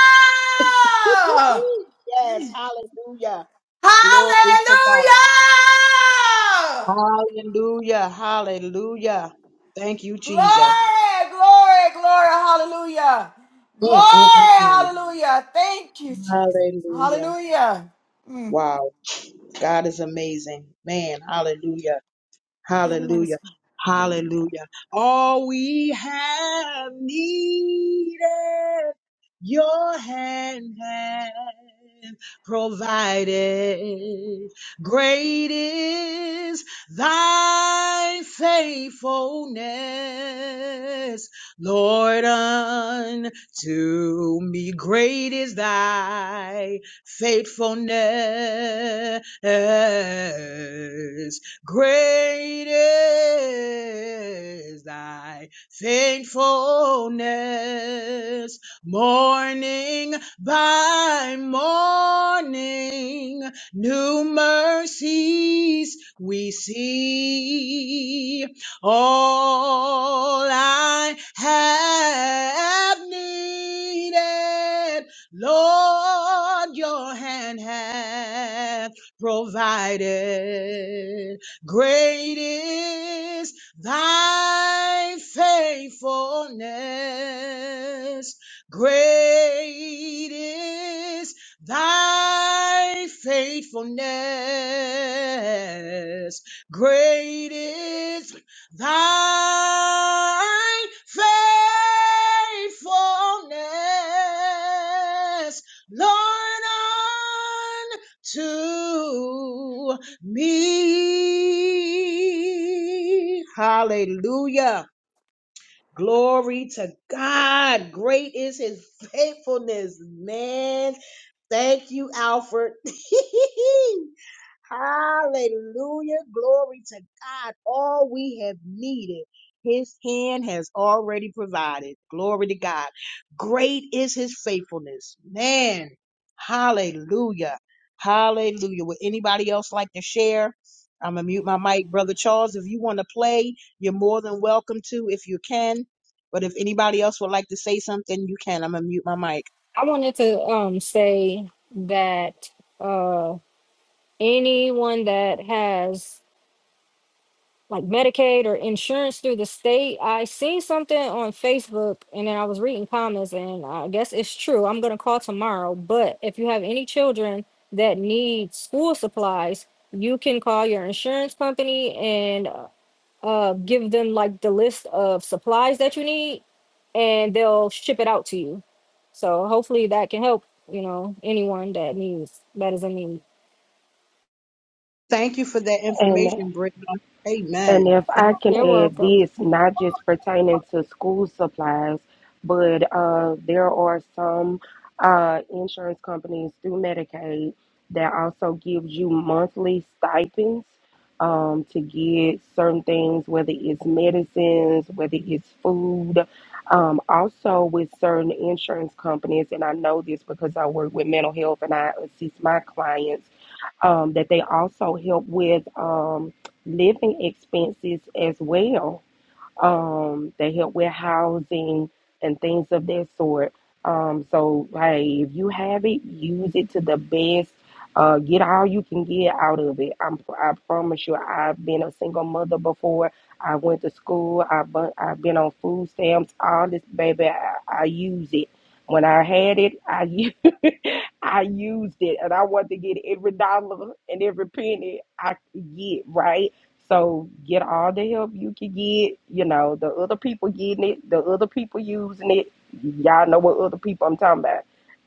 A: yes.
N: Mm.
A: Hallelujah. Glory to
N: Hallelujah!
A: God. Hallelujah. Hallelujah. Thank you, Jesus.
N: Glory, glory, glory, hallelujah.
A: Mm, mm, mm,
N: Glory,
A: mm.
N: hallelujah. Thank you, Jesus.
A: Hallelujah.
N: Hallelujah.
A: Wow. God is amazing. Man, hallelujah.
N: Yes,
A: Hallelujah.
N: hallelujah.
A: Hallelujah. All we have needed, your hand has provided. Great is thy faithfulness, Lord, unto me. Great is thy faithfulness. Great is thy faithfulness, morning by morning, new mercies we see. All I have needed, Lord, your hand hath provided. Great is thy faithfulness. Great is thy faithfulness. Great is thy faithfulness, Lord, unto me. Hallelujah. Glory to God. Great is his faithfulness, man. Thank you, Alfred. Hallelujah. Glory to God. All we have needed, his hand has already provided. Glory to God. Great is his faithfulness. Man, hallelujah. Hallelujah. Would anybody else like to share? I'm going to mute my mic. Brother Charles, if you want to play, you're more than welcome to if you can. But if anybody else would like to say something, you can. I'm going to mute my mic.
C: I wanted to um say that uh anyone that has like Medicaid or insurance through the state. I seen something on Facebook and then I was reading comments and I guess it's true. I'm gonna call tomorrow. But if you have any children that need school supplies, you can call your insurance company and uh, give them like the list of supplies that you need and they'll ship it out to you. So hopefully that can help, you know, anyone that needs that is in need.
A: Thank you for that
B: Amen.
A: information, Brittany.
B: And
A: Amen.
B: if
A: Thank
B: I
A: you.
B: can
C: You're
B: add
C: welcome.
B: this, not just pertaining to school supplies, but uh, there are some uh, insurance companies through Medicaid that also gives you monthly stipends um, to get certain things, whether it's medicines, whether it's food. Um, also, with certain insurance companies, and I know this because I work with mental health and I assist my clients um, that they also help with. Um, living expenses as well. Um, they help with housing and things of that sort. Um, so hey, if you have it, use it to the best. Uh, get all you can get out of it. I'm, I promise you, I've been a single mother before. I went to school. I've been, I've been on food stamps. All this, baby, I, I use it. When I had it, I u- I used, it, and I want to get every dollar and every penny I could get, right? So get all the help you can get. You know, the other people getting it, the other people using it. Y'all know what other people I'm talking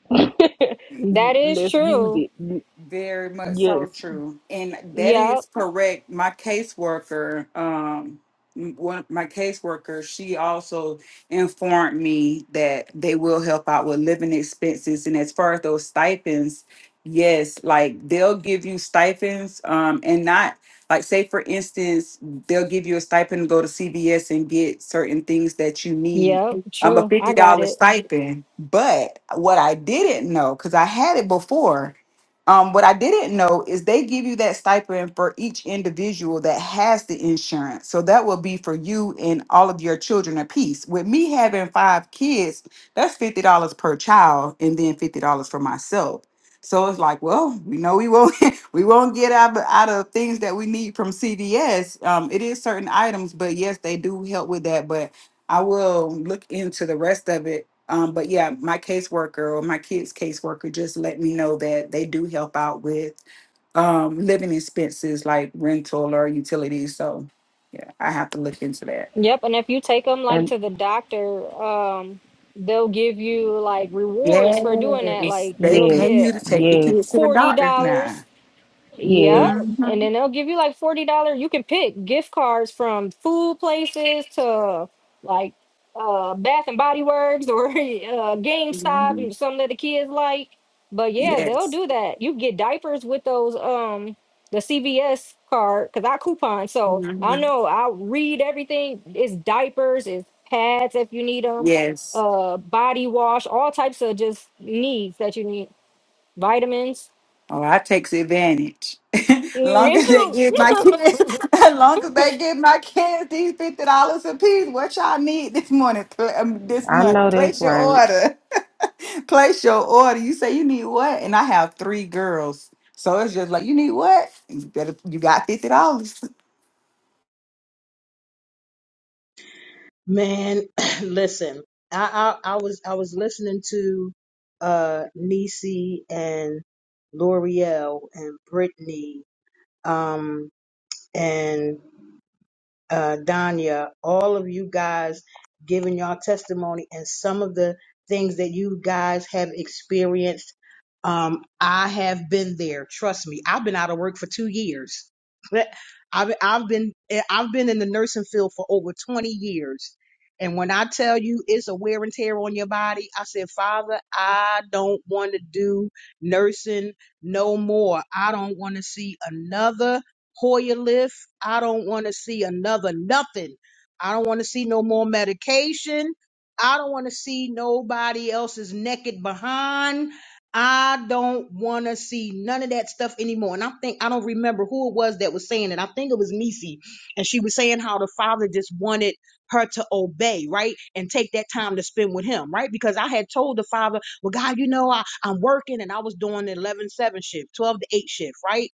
B: about.
C: That is
B: Let's use
C: true.
B: it.
N: Very much so
B: Yes.
N: true. And that is
C: Yep.
N: correct. My caseworker, um, m- one my caseworker, she also informed me that they will help out with living expenses. And as far as those stipends, yes, like they'll give you stipends, um, and not like say for instance, they'll give you a stipend to go to CVS and get certain things that you need.
C: Yep,
N: I'm a
C: true. I
N: fifty
C: got
N: dollar
C: it.
N: stipend. But what I didn't know, because I had it before um, what I didn't know is they give you that stipend for each individual that has the insurance. So that will be for you and all of your children apiece. With me having five kids, that's fifty dollars per child, and then fifty dollars for myself. So it's like, well, we know we won't we won't get out of, out of things that we need from CVS. Um, it is certain items, but yes, they do help with that. But I will look into the rest of it um, but yeah, my caseworker or my kids' caseworker just let me know that they do help out with um, living expenses like rental or utilities. So yeah, I have to look into that.
C: Yep, and if you take them like
B: And
C: to the doctor, um, they'll give you like rewards for doing that.
N: Yes,
C: Like
N: they
C: you'll
B: yes,
N: pay you to
C: get
N: take the
B: yes,
N: kids to the
C: $40
N: doctor now.
C: yeah,
B: yes.
C: and
N: hmm
C: then they'll give you like forty dollars. You can pick gift cards from food places to like uh Bath and Body Works or uh, GameStop, and something that the kids like. But yeah, they'll
N: Yes.
C: do that. You get diapers with those um the CVS card because I coupon, so I
N: Mhm.
C: know I read everything. It's diapers, it's pads if you need them,
N: Yes.
C: uh body wash, all types of just needs that you need, vitamins.
N: Oh, I takes advantage.
C: Mm,
N: long
C: Me
N: as they give my
C: too.
N: kids, long as they give my kids these fifty dollars a piece. What y'all need this morning? pl- um, This
B: I
N: month,
B: know that's
N: place your
B: right.
N: order. place your order. You say you need what, and I have three girls, so it's just like you need what. You better, you got fifty dollars.
A: Man, listen, I, I I was I was listening to uh Niecy and L'Oreal and Brittany um and uh, Danya, all of you guys giving your testimony and some of the things that you guys have experienced. Um, I have been there. Trust me, I've been out of work for two years. I've I've been I've been in the nursing field for over twenty years, and when I tell you it's a wear and tear on your body, I said, Father, I don't want to do nursing no more. I don't want to see another Hoyer list. I don't want to see another nothing. I don't want to see no more medication. I don't want to see nobody else's naked behind. I don't want to see none of that stuff anymore. And I think I don't remember who it was that was saying it. I think it was Nisi, and she was saying how the father just wanted her to obey, right, and take that time to spend with him, right? Because I had told the father, well, God, you know, I, I'm working and I was doing the 11 7 shift, 12 to 8 shift, right?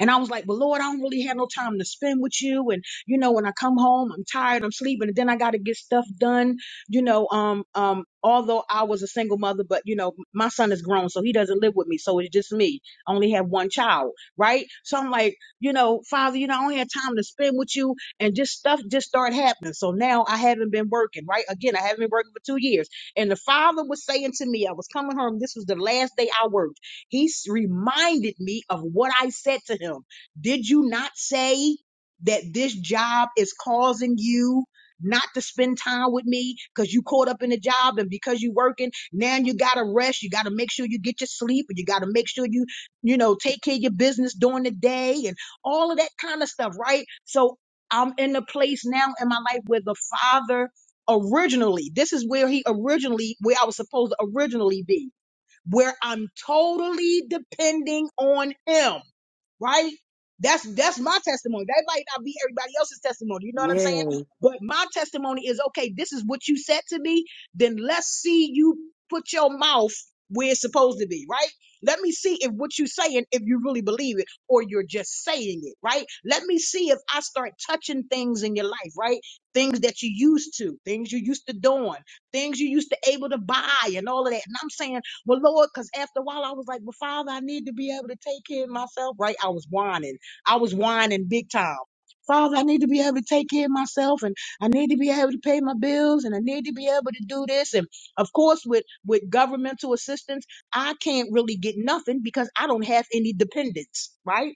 A: And I was like, But Lord, I don't really have no time to spend with you. And you know, when I come home, I'm tired, I'm sleeping, and then I gotta get stuff done. You know, um, um, although I was a single mother, but you know, my son is grown, so he doesn't live with me. So it's just me. I only have one child, right? So I'm like, you know, Father, you know, I don't have time to spend with you, and just stuff just started happening. So now I haven't been working, right? Again, I haven't been working for two years. And the father was saying to me, I was coming home, this was the last day I worked. He s- reminded me of what I said to him. Did you not say that this job is causing you not to spend time with me because you caught up in the job and because you working now you gotta rest you gotta make sure you get your sleep and you gotta make sure you you know take care of your business during the day and all of that kind of stuff right so i'm in a place now in my life where the father originally this is where he originally where i was supposed to originally be where I'm totally depending on him, right? That's that's my testimony. That might not be everybody else's testimony. You know what I'm saying?
N: Yeah,
A: But my testimony is okay, this is what you said to me, then let's see you put your mouth where it's supposed to be, right? Let me see if what you're saying, if you really believe it, or you're just saying it, right? Let me see if I start touching things in your life, right? Things that you used to, things you used to doing, things you used to able to buy and all of that. And I'm saying but Lord, because after a while I was like, well, Father, I need to be able to take care of myself, right? I was whining. I was whining big time. Father, I need to be able to take care of myself and I need to be able to pay my bills and I need to be able to do this. And of course, with, with governmental assistance, I can't really get nothing because I don't have any dependents, right?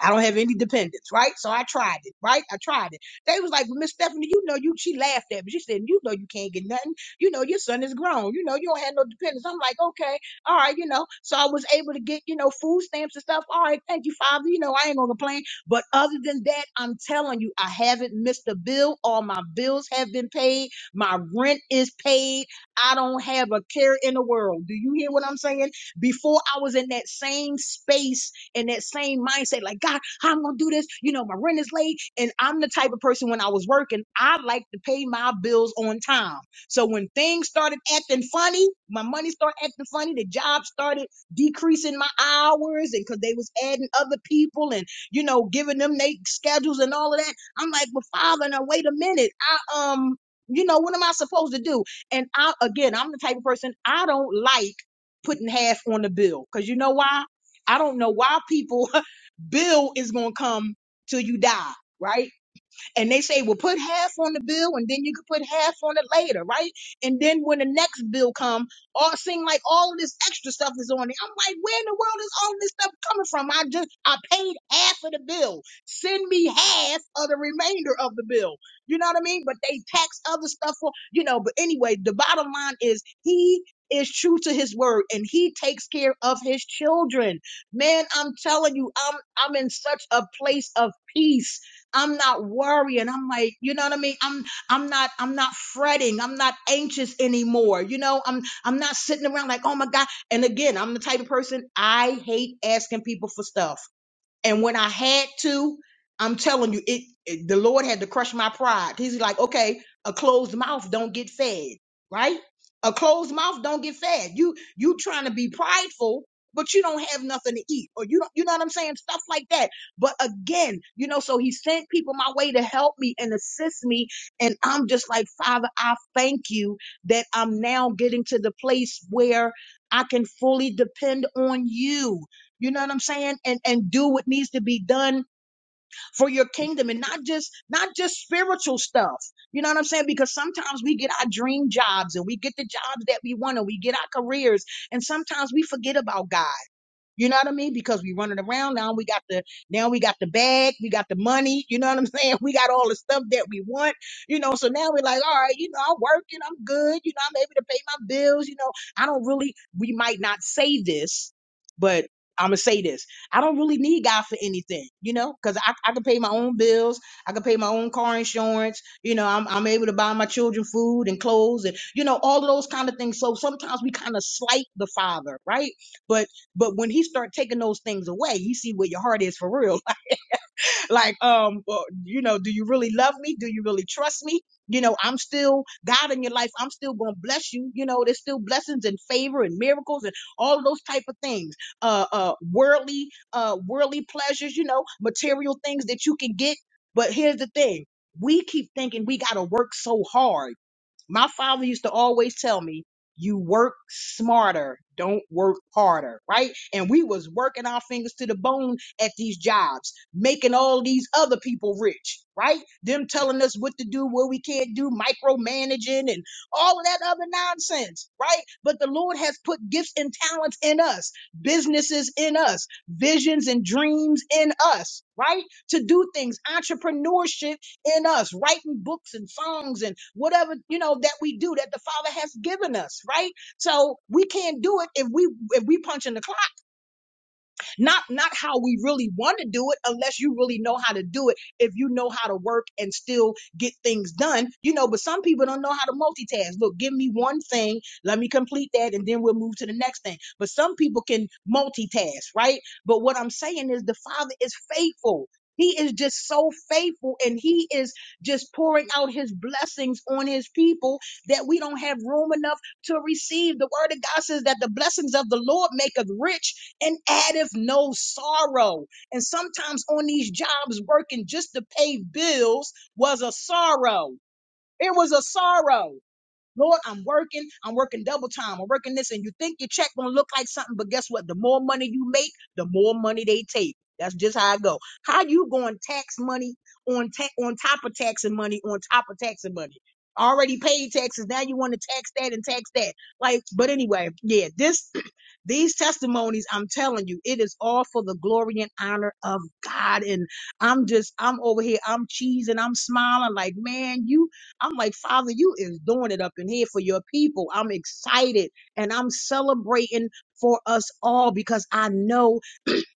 A: I don't have any dependents, right? So I tried it, right? I tried it. They was like, well, Miss Stephanie, you know you she laughed at me. She said, You know you can't get nothing. You know, your son is grown. You know, you don't have no dependents. I'm like, okay, all right, you know. So I was able to get, you know, food stamps and stuff. All right, thank you, Father. You know, I ain't gonna complain. But other than that, I'm telling you, I haven't missed a bill. All my bills have been paid. My rent is paid. I don't have a care in the world. Do you hear what I'm saying? Before I was in that same space in that same mindset, like, God, how I'm gonna do this. You know, my rent is late. And I'm the type of person when I was working, I like to pay my bills on time. So when things started acting funny, my money started acting funny, the job started decreasing my hours and cause they was adding other people and you know, giving them their schedules and all of that. I'm like, well, Father, now wait a minute. I um, you know, what am I supposed to do? And I again, I'm the type of person I don't like putting half on the bill. Cause you know why? I don't know why people bill is gonna come till you die, right? And they say, well, put half on the bill and then you can put half on it later, right? And then when the next bill come, all seem like all of this extra stuff is on it. I'm like, where in the world is all this stuff coming from? I just I paid half of the bill. Send me half of the remainder of the bill. You know what I mean? But they tax other stuff for, you know, but anyway, the bottom line is he is true to his word and he takes care of his children. Man, I'm telling you, I'm I'm in such a place of peace I'm not worrying. I'm like, you know what I mean? I'm I'm not I'm not fretting. I'm not anxious anymore. You know, I'm I'm not sitting around like, oh my God. And again, I'm the type of person I hate asking people for stuff. And when I had to, I'm telling you, it, it- the Lord had to crush my pride. He's like, okay, a closed mouth don't get fed, right? A closed mouth don't get fed. You you trying to be prideful, but you don't have nothing to eat, or you don't, you know what I'm saying? Stuff like that. But again, you know, so He sent people my way to help me and assist me, and I'm just like, Father, I thank you that I'm now getting to the place where I can fully depend on you you know what I'm saying? And and do what needs to be done for your kingdom and not just not just spiritual stuff. You know what I'm saying? Because sometimes we get our dream jobs and we get the jobs that we want and we get our careers and sometimes we forget about God. You know what I mean? Because we running around now. We got the now we got the bag. We got the money. You know what I'm saying? We got all the stuff that we want. You know, so now we're like, all right, you know, I'm working. I'm good. You know, I'm able to pay my bills. You know, I don't really. We might not say this, but I'm gonna say this. I don't really need God for anything. You know, because I I can pay my own bills. I can pay my own car insurance. You know, I'm I'm able to buy my children food and clothes and you know all of those kind of things. So sometimes we kind of slight the Father, right? But but when he start taking those things away, you see where your heart is for real. like, um, well, you know, do you really love me? Do you really trust me? You know, I'm still God in your life. I'm still gonna bless you. You know, there's still blessings and favor and miracles and all of those type of things. Uh, uh, worldly, uh, worldly pleasures. You know, material things that you can get. But here's the thing: we keep thinking we gotta work so hard. My father used to always tell me, you work smarter, don't work harder, right? And we was working our fingers to the bone at these jobs, making all these other people rich, right? Them telling us what to do, what we can't do, micromanaging and all of that other nonsense, right? But the Lord has put gifts and talents in us, businesses in us, visions and dreams in us, right? To do things, entrepreneurship in us, writing books and songs and whatever, you know, that we do that the Father has given us, right? So we can't do it if we if we punch in the clock. Not not how we really want to do it unless you really know how to do it. If you know how to work and still get things done, you know, but some people don't know how to multitask. Look, give me one thing, let me complete that and then we'll move to the next thing. But some people can multitask, right? But what I'm saying is the Father is faithful. He is just so faithful and he is just pouring out his blessings on his people that we don't have room enough to receive. The word of God says that the blessings of the Lord maketh rich and addeth no sorrow. And sometimes on these jobs, working just to pay bills was a sorrow. It was a sorrow. Lord, I'm working. I'm working double time. I'm working this, and you think your check gonna look like something, but guess what? The more money you make, the more money they take. That's just how it go. How you going to tax money on ta- on top of taxing money on top of taxing money? Already paid taxes. Now you want to tax that and tax that. Like, but anyway, yeah. This these testimonies, I'm telling you, it is all for the glory and honor of God. And I'm just, I'm over here, I'm cheesing, I'm smiling, like, man, you, I'm like, Father, you is doing it up in here for your people. I'm excited and I'm celebrating for us all because I know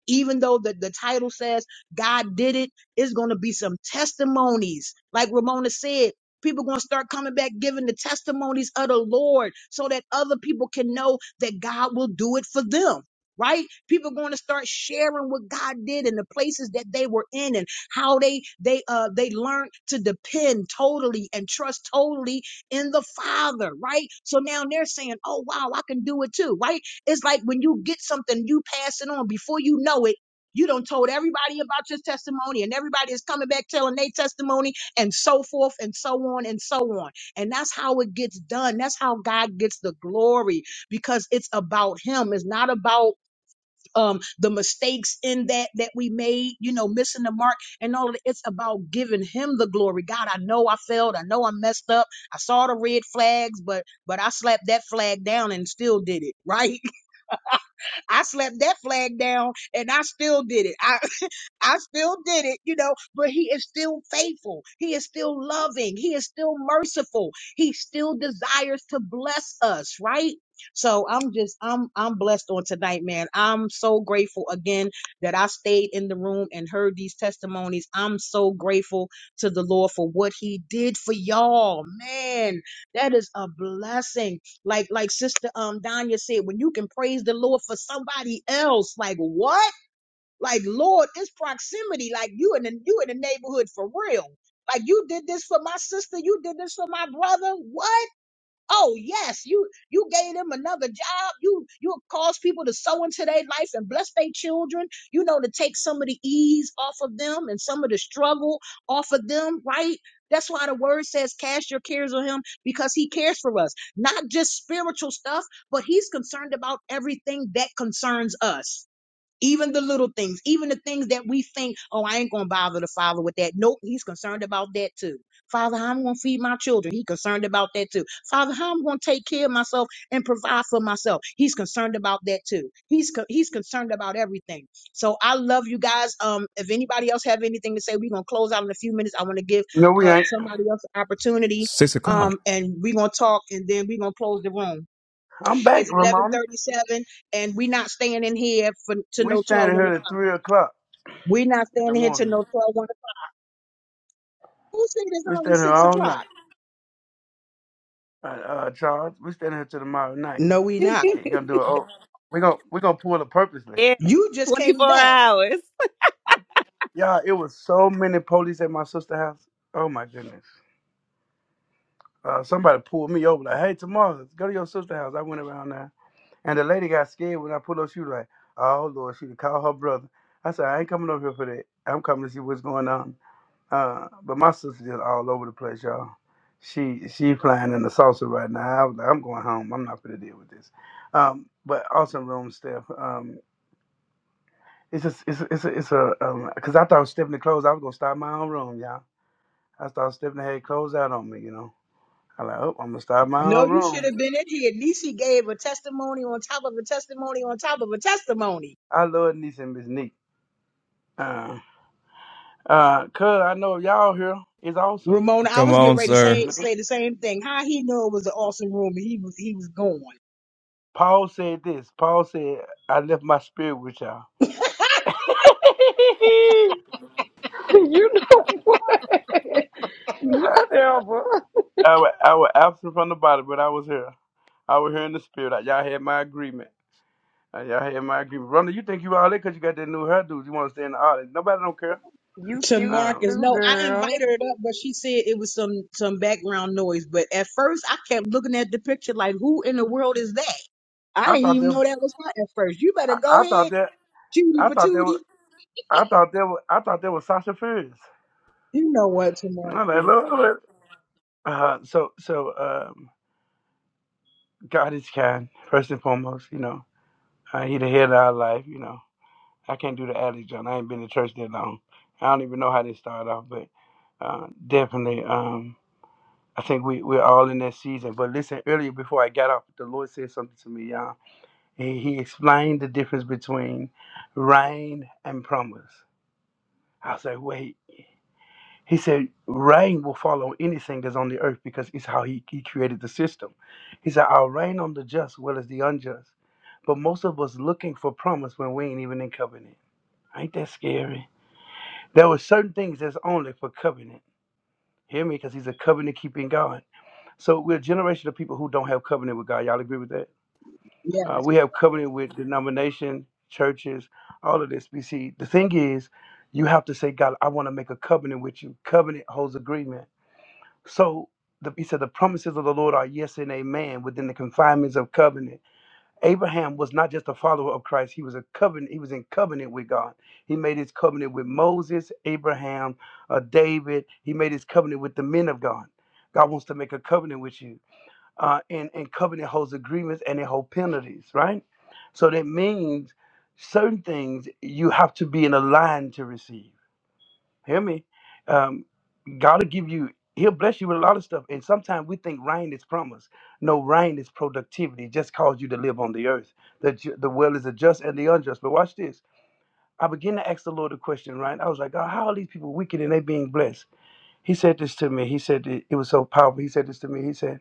A: even though the, the title says God did it, it's going to be some testimonies. Like Ramona said, people going to start coming back giving the testimonies of the Lord so that other people can know that God will do it for them. Right? People going to start sharing what God did and the places that they were in and how they they uh they learned to depend totally and trust totally in the Father, right? So now they're saying, "Oh wow, I can do it too," right? It's like when you get something, you pass it on before you know it. You don't told everybody about your testimony, and everybody is coming back telling their testimony, and so forth, and so on, and so on. And that's how it gets done. That's how God gets the glory because it's about Him. It's not about um the mistakes in that that we made, you know, missing the mark and all. Of it. It's about giving Him the glory. God, I know I failed. I know I messed up. I saw the red flags, but but I slapped that flag down and still did it, right? I slapped that flag down and I still did it. I I still did it, you know, but he is still faithful. He is still loving. He is still merciful. He still desires to bless us, right? So I'm just I'm I'm blessed on tonight, man. I'm so grateful again that I stayed in the room and heard these testimonies. I'm so grateful to the Lord for what he did for y'all. Man, that is a blessing. Like like sister um Danya said, when you can praise the Lord for somebody else, like what? Like, Lord, this proximity, like you in the you in the neighborhood for real. Like you did this for my sister, you did this for my brother. What? Oh yes, you you gave them another job. You you caused people to sow into their life and bless their children. You know to take some of the ease off of them and some of the struggle off of them, right? That's why the word says, "Cast your cares on Him, because He cares for us." Not just spiritual stuff, but He's concerned about everything that concerns us even the little things, even the things that we think, oh, I ain't gonna bother the father with that. Nope, he's concerned about that too. Father, how I'm gonna feed my children. He's concerned about that too. Father, how I'm gonna take care of myself and provide for myself. He's concerned about that too. He's co- he's concerned about everything. So I love you guys. Um, if anybody else have anything to say, we're gonna close out in a few minutes. I want to give
E: No, we
A: uh
E: ain't.
A: somebody else an opportunity.
Q: Six o'clock.
A: Um, and we're gonna talk and then we're gonna close the room.
E: I'm back,
A: It's eleven
E: Ramona.
A: thirty-seven, and we are not staying in here for to
E: We
A: no twelve
E: standing
A: one
E: here at
A: o'clock.
E: three o'clock
A: We are not
E: in
A: staying
E: the
A: in here to
E: morning.
A: no twelve one o'clock. Who said it's
E: We
A: only
E: standing here
A: six
E: all night.
A: o'clock?
E: All right, uh, Charles, we standing here till tomorrow night.
A: No, we not.
E: You gonna do it? Oh, we gonna we gonna pull it purposely.
K: Yeah,
A: You just came
K: 24
A: back.
K: hours.
E: Yeah, it was so many police at my sister's house. Oh my goodness! Uh, somebody pulled me over like, "Hey, tomorrow, go to your sister's house." I went around there, and the lady got scared when I pulled up. She was like, "Oh Lord, she called her brother." I said, "I ain't coming over here for that. I'm coming to see what's going on." Uh, but my sister's just all over the place, y'all. She she flying in the saucer right now. I was like, "I'm going home. I'm not gonna deal with this." Um, but awesome room, Steph. Um, It's a, it's a, it's a, it's a um 'cause I thought Stephanie closed. I was gonna start my own room, y'all. I thought Stephanie had closed out on me, you know. I like, oh, I'm gonna start my
A: No,
E: own
A: you should
E: room.
A: have been in here. Niecy gave a testimony on top of a testimony on top of a testimony.
E: I love niece and Miss Neat. Uh, uh, cause I know y'all here is awesome.
A: Ramona, I
Q: Come
A: was getting
Q: on,
A: ready to say
Q: sir.
E: You know,
A: say the same thing. How he knew it was an awesome room and he was he was going
E: Paul said this. Paul said, I left my spirit with y'all. I
B: you know what? Whatever.
E: was, I was absent from the body, but I was here. I was here in the spirit. Like, Y'all had my agreement. Uh, Y'all had my agreement. Ronda, you think you all there because you got that new hairdo. You want to stay in the audience. Nobody don't care.
B: You
A: to
B: cute
E: Um,
A: Marcus.
B: too,
A: No, I
B: girl.
A: invited her up, but she said it was some some background noise. But at first, I kept looking at the picture like, who in the world is that? I
E: I
A: didn't
E: thought
A: even
E: that.
A: know that was her at first. You better
E: I,
A: go
E: I thought
A: ahead,
E: that
A: Judy
E: I thought that was,
A: Patootie.
E: I thought that was, I thought that was Sasha Fierce.
A: You know what, Tamara?
E: I'm like, Lord. Uh, so so um, God is kind first and foremost. You know, uh, He the head of our life. You know, I can't do the alley John. I ain't been to church that long. I don't even know how this started off, but uh, definitely. Um, I think we, we're all in that season. But listen, earlier before I got off, the Lord said something to me, y'all. He, he explained the difference between rain and promise. I was like, wait, He said, rain will fall on anything that's on the earth because it's how he, he created the system. He said, I'll rain on the just as well as the unjust. But most of us looking for promise when we ain't even in covenant. Ain't that scary? There were certain things that's only for covenant. Hear me? Because he's a covenant keeping God. So we're a generation of people who don't have covenant with God. Y'all agree with that?
A: Yeah,
E: Uh, we have covenant with denomination, churches, all of this. We see, the thing is, you have to say, God, I want to make a covenant with you. Covenant holds agreement. So the, he said, the promises of the Lord are yes and amen within the confinements of covenant. Abraham was not just a follower of Christ; he was a covenant. He was in covenant with God. He made his covenant with Moses, Abraham, uh, David. He made his covenant with the men of God. God wants to make a covenant with you, uh, and and covenant holds agreements and it holds penalties, right? So that means certain things you have to be in a line to receive Hear me. Um, God will give you, He'll bless you with a lot of stuff. And sometimes we think rain is promise. No, rain is productivity. It just calls you to live on the earth. The, ju- the well is the just and the unjust. But watch this. I began to ask the Lord a question, right? I was like, God, how are these people wicked and they being blessed? He said this to me. He said it, it was so powerful. He said this to me. He said,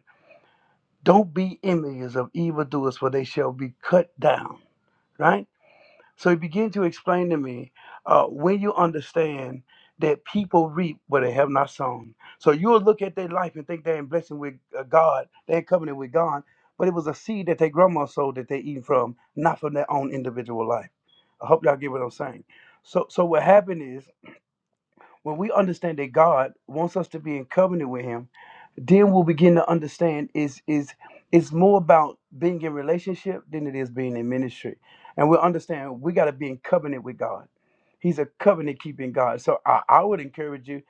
E: Don't be enemies of evildoers, for they shall be cut down, right? So he began to explain to me uh, when you understand that people reap what they have not sown. So you'll look at their life and think they're in blessing with uh, God, they're in covenant with God, but it was a seed that their grandma sowed that they eat from, not from their own individual life. I hope y'all get what I'm saying. So, so what happened is when we understand that God wants us to be in covenant with Him, then we'll begin to understand is is it's more about being in relationship than it is being in ministry and we'll understand we got to be in covenant with god he's a covenant keeping god so I, I would encourage you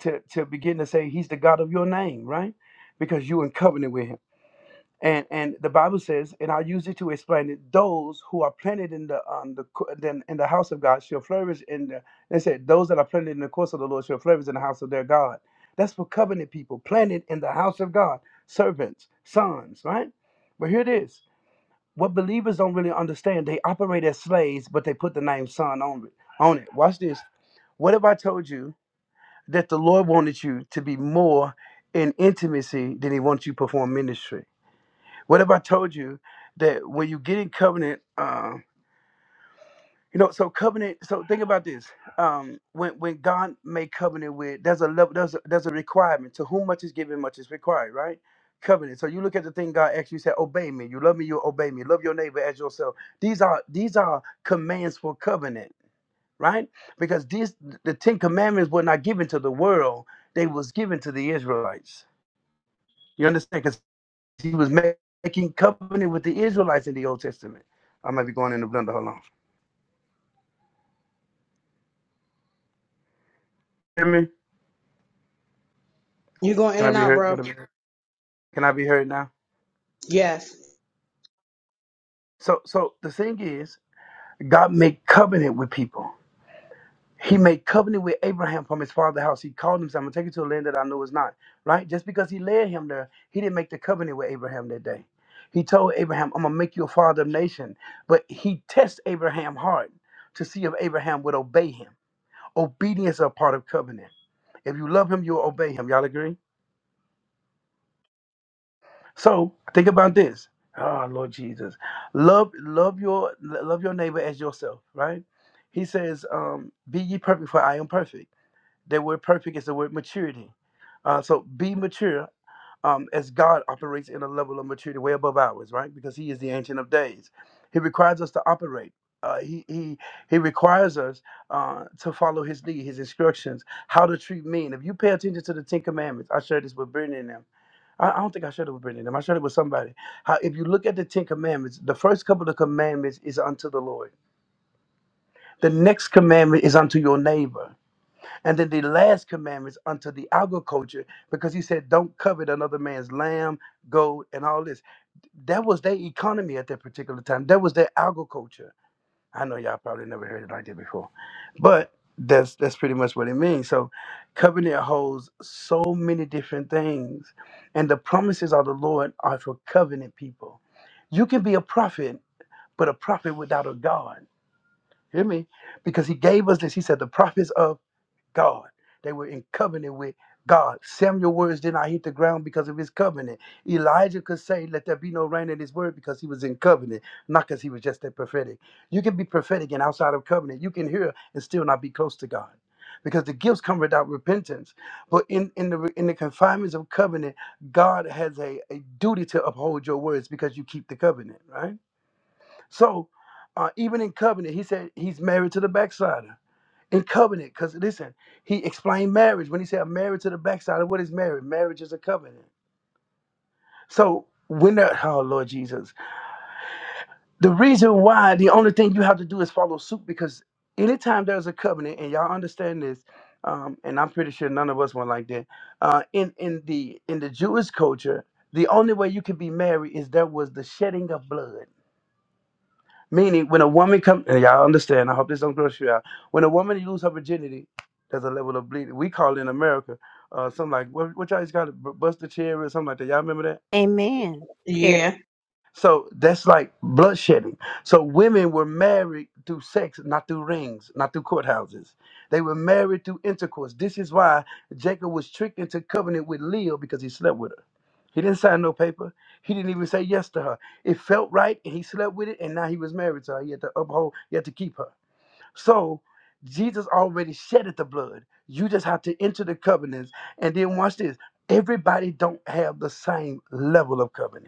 E: to to begin to say he's the god of your name right because you're in covenant with him and and the Bible says, and I'll use it to explain it. Those who are planted in the um the co- then in the house of God shall flourish in the. They said those that are planted in the course of the Lord shall flourish in the house of their God. That's for covenant people, planted in the house of God, servants, sons, right? But here it is: what believers don't really understand, they operate as slaves, but they put the name son on it. On it. Watch this. What if I told you that the Lord wanted you to be more in intimacy than He wants you to perform ministry? What if I told you that when you get in covenant, um, you know, so covenant. So think about this. Um, when when God made covenant with, there's a level, there's a, there's a requirement. To whom much is given, much is required, right? Covenant. So you look at the thing God actually said, "Obey me. You love me, you obey me. Love your neighbor as yourself." These are these are commands for covenant, right? Because these the Ten Commandments were not given to the world; they was given to the Israelites. You understand? 'Cause he was making covenant with the Israelites in the Old Testament. I might be going in the blender. Hold on. Hear me?
A: You going in
E: Can I
A: and
E: be
A: out,
E: heard?
A: bro?
E: Can I be, can I be heard now?
A: Yes.
E: So, so the thing is, God made covenant with people. He made covenant with Abraham from his father's house. He called him, said, I'm going to take you to a land that I know is not. Right? Just because he led him there, he didn't make the covenant with Abraham that day. He told Abraham, I'm going to make you a father of nation. But he tests Abraham hard to see if Abraham would obey him. Obedience are part of covenant. If you love him, you'll obey him. Y'all agree? So think about this. Ah, Lord Jesus, love love your love your neighbor as yourself. Right? He says, um, "Be ye perfect, for I am perfect." That word "perfect" is the word maturity. Uh, so be mature um, as God operates in a level of maturity way above ours, right? Because He is the Ancient of Days. He requires us to operate. Uh, he, he he requires us uh, to follow his lead, his instructions, how to treat men. If you pay attention to the Ten Commandments, I shared this with Brittany and them. I, I don't think I shared it with Brittany and them. I shared it with somebody. How if you look at the Ten Commandments, the first couple of commandments is unto the Lord. The next commandment is unto your neighbor. And then the last commandments unto the agriculture, because he said, Don't covet another man's lamb, gold, and all this. That was their economy at that particular time. That was their agriculture. I know y'all probably never heard it like that before. But that's that's pretty much what it means. So covenant holds so many different things. And the promises of the Lord are for covenant people. You can be a prophet, but a prophet without a God. Hear me? Because he gave us this. He said, the prophets of God. They were in covenant with God. Samuel's words did not hit the ground because of his covenant. Elijah could say, Let there be no rain in his word because he was in covenant, not because he was just that prophetic. You can be prophetic and outside of covenant. You can hear and still not be close to God. Because the gifts come without repentance. But in, in the in the confinements of covenant, God has a, a duty to uphold your words because you keep the covenant, right? So uh, even in covenant, he said he's married to the backslider in covenant. Because listen, he explained marriage when he said marriage to the backside. What is marriage? Marriage is a covenant. So when that, oh Lord Jesus, the reason why the only thing you have to do is follow suit because anytime there's a covenant, and y'all understand this, um, and I'm pretty sure none of us want like that. Uh, in in the in the Jewish culture, the only way you can be married is there was the shedding of blood. Meaning, when a woman come, and y'all understand. I hope this don't gross you out. When a woman lose her virginity, there's a level of bleeding. We call it in America uh, something like what, what y'all just got to bust the cherry or something like that. Y'all remember that?
K: Amen. Sherry.
A: Yeah.
E: So that's like bloodshedding. So women were married through sex, not through rings, not through courthouses. They were married through intercourse. This is why Jacob was tricked into covenant with Leah because he slept with her. He didn't sign no paper. He didn't even say yes to her. It felt right, and he slept with it, and now he was married to her. He had to uphold, he had to keep her. So Jesus already shedded the blood. You just have to enter the covenants. And then watch this. Everybody don't have the same level of covenant.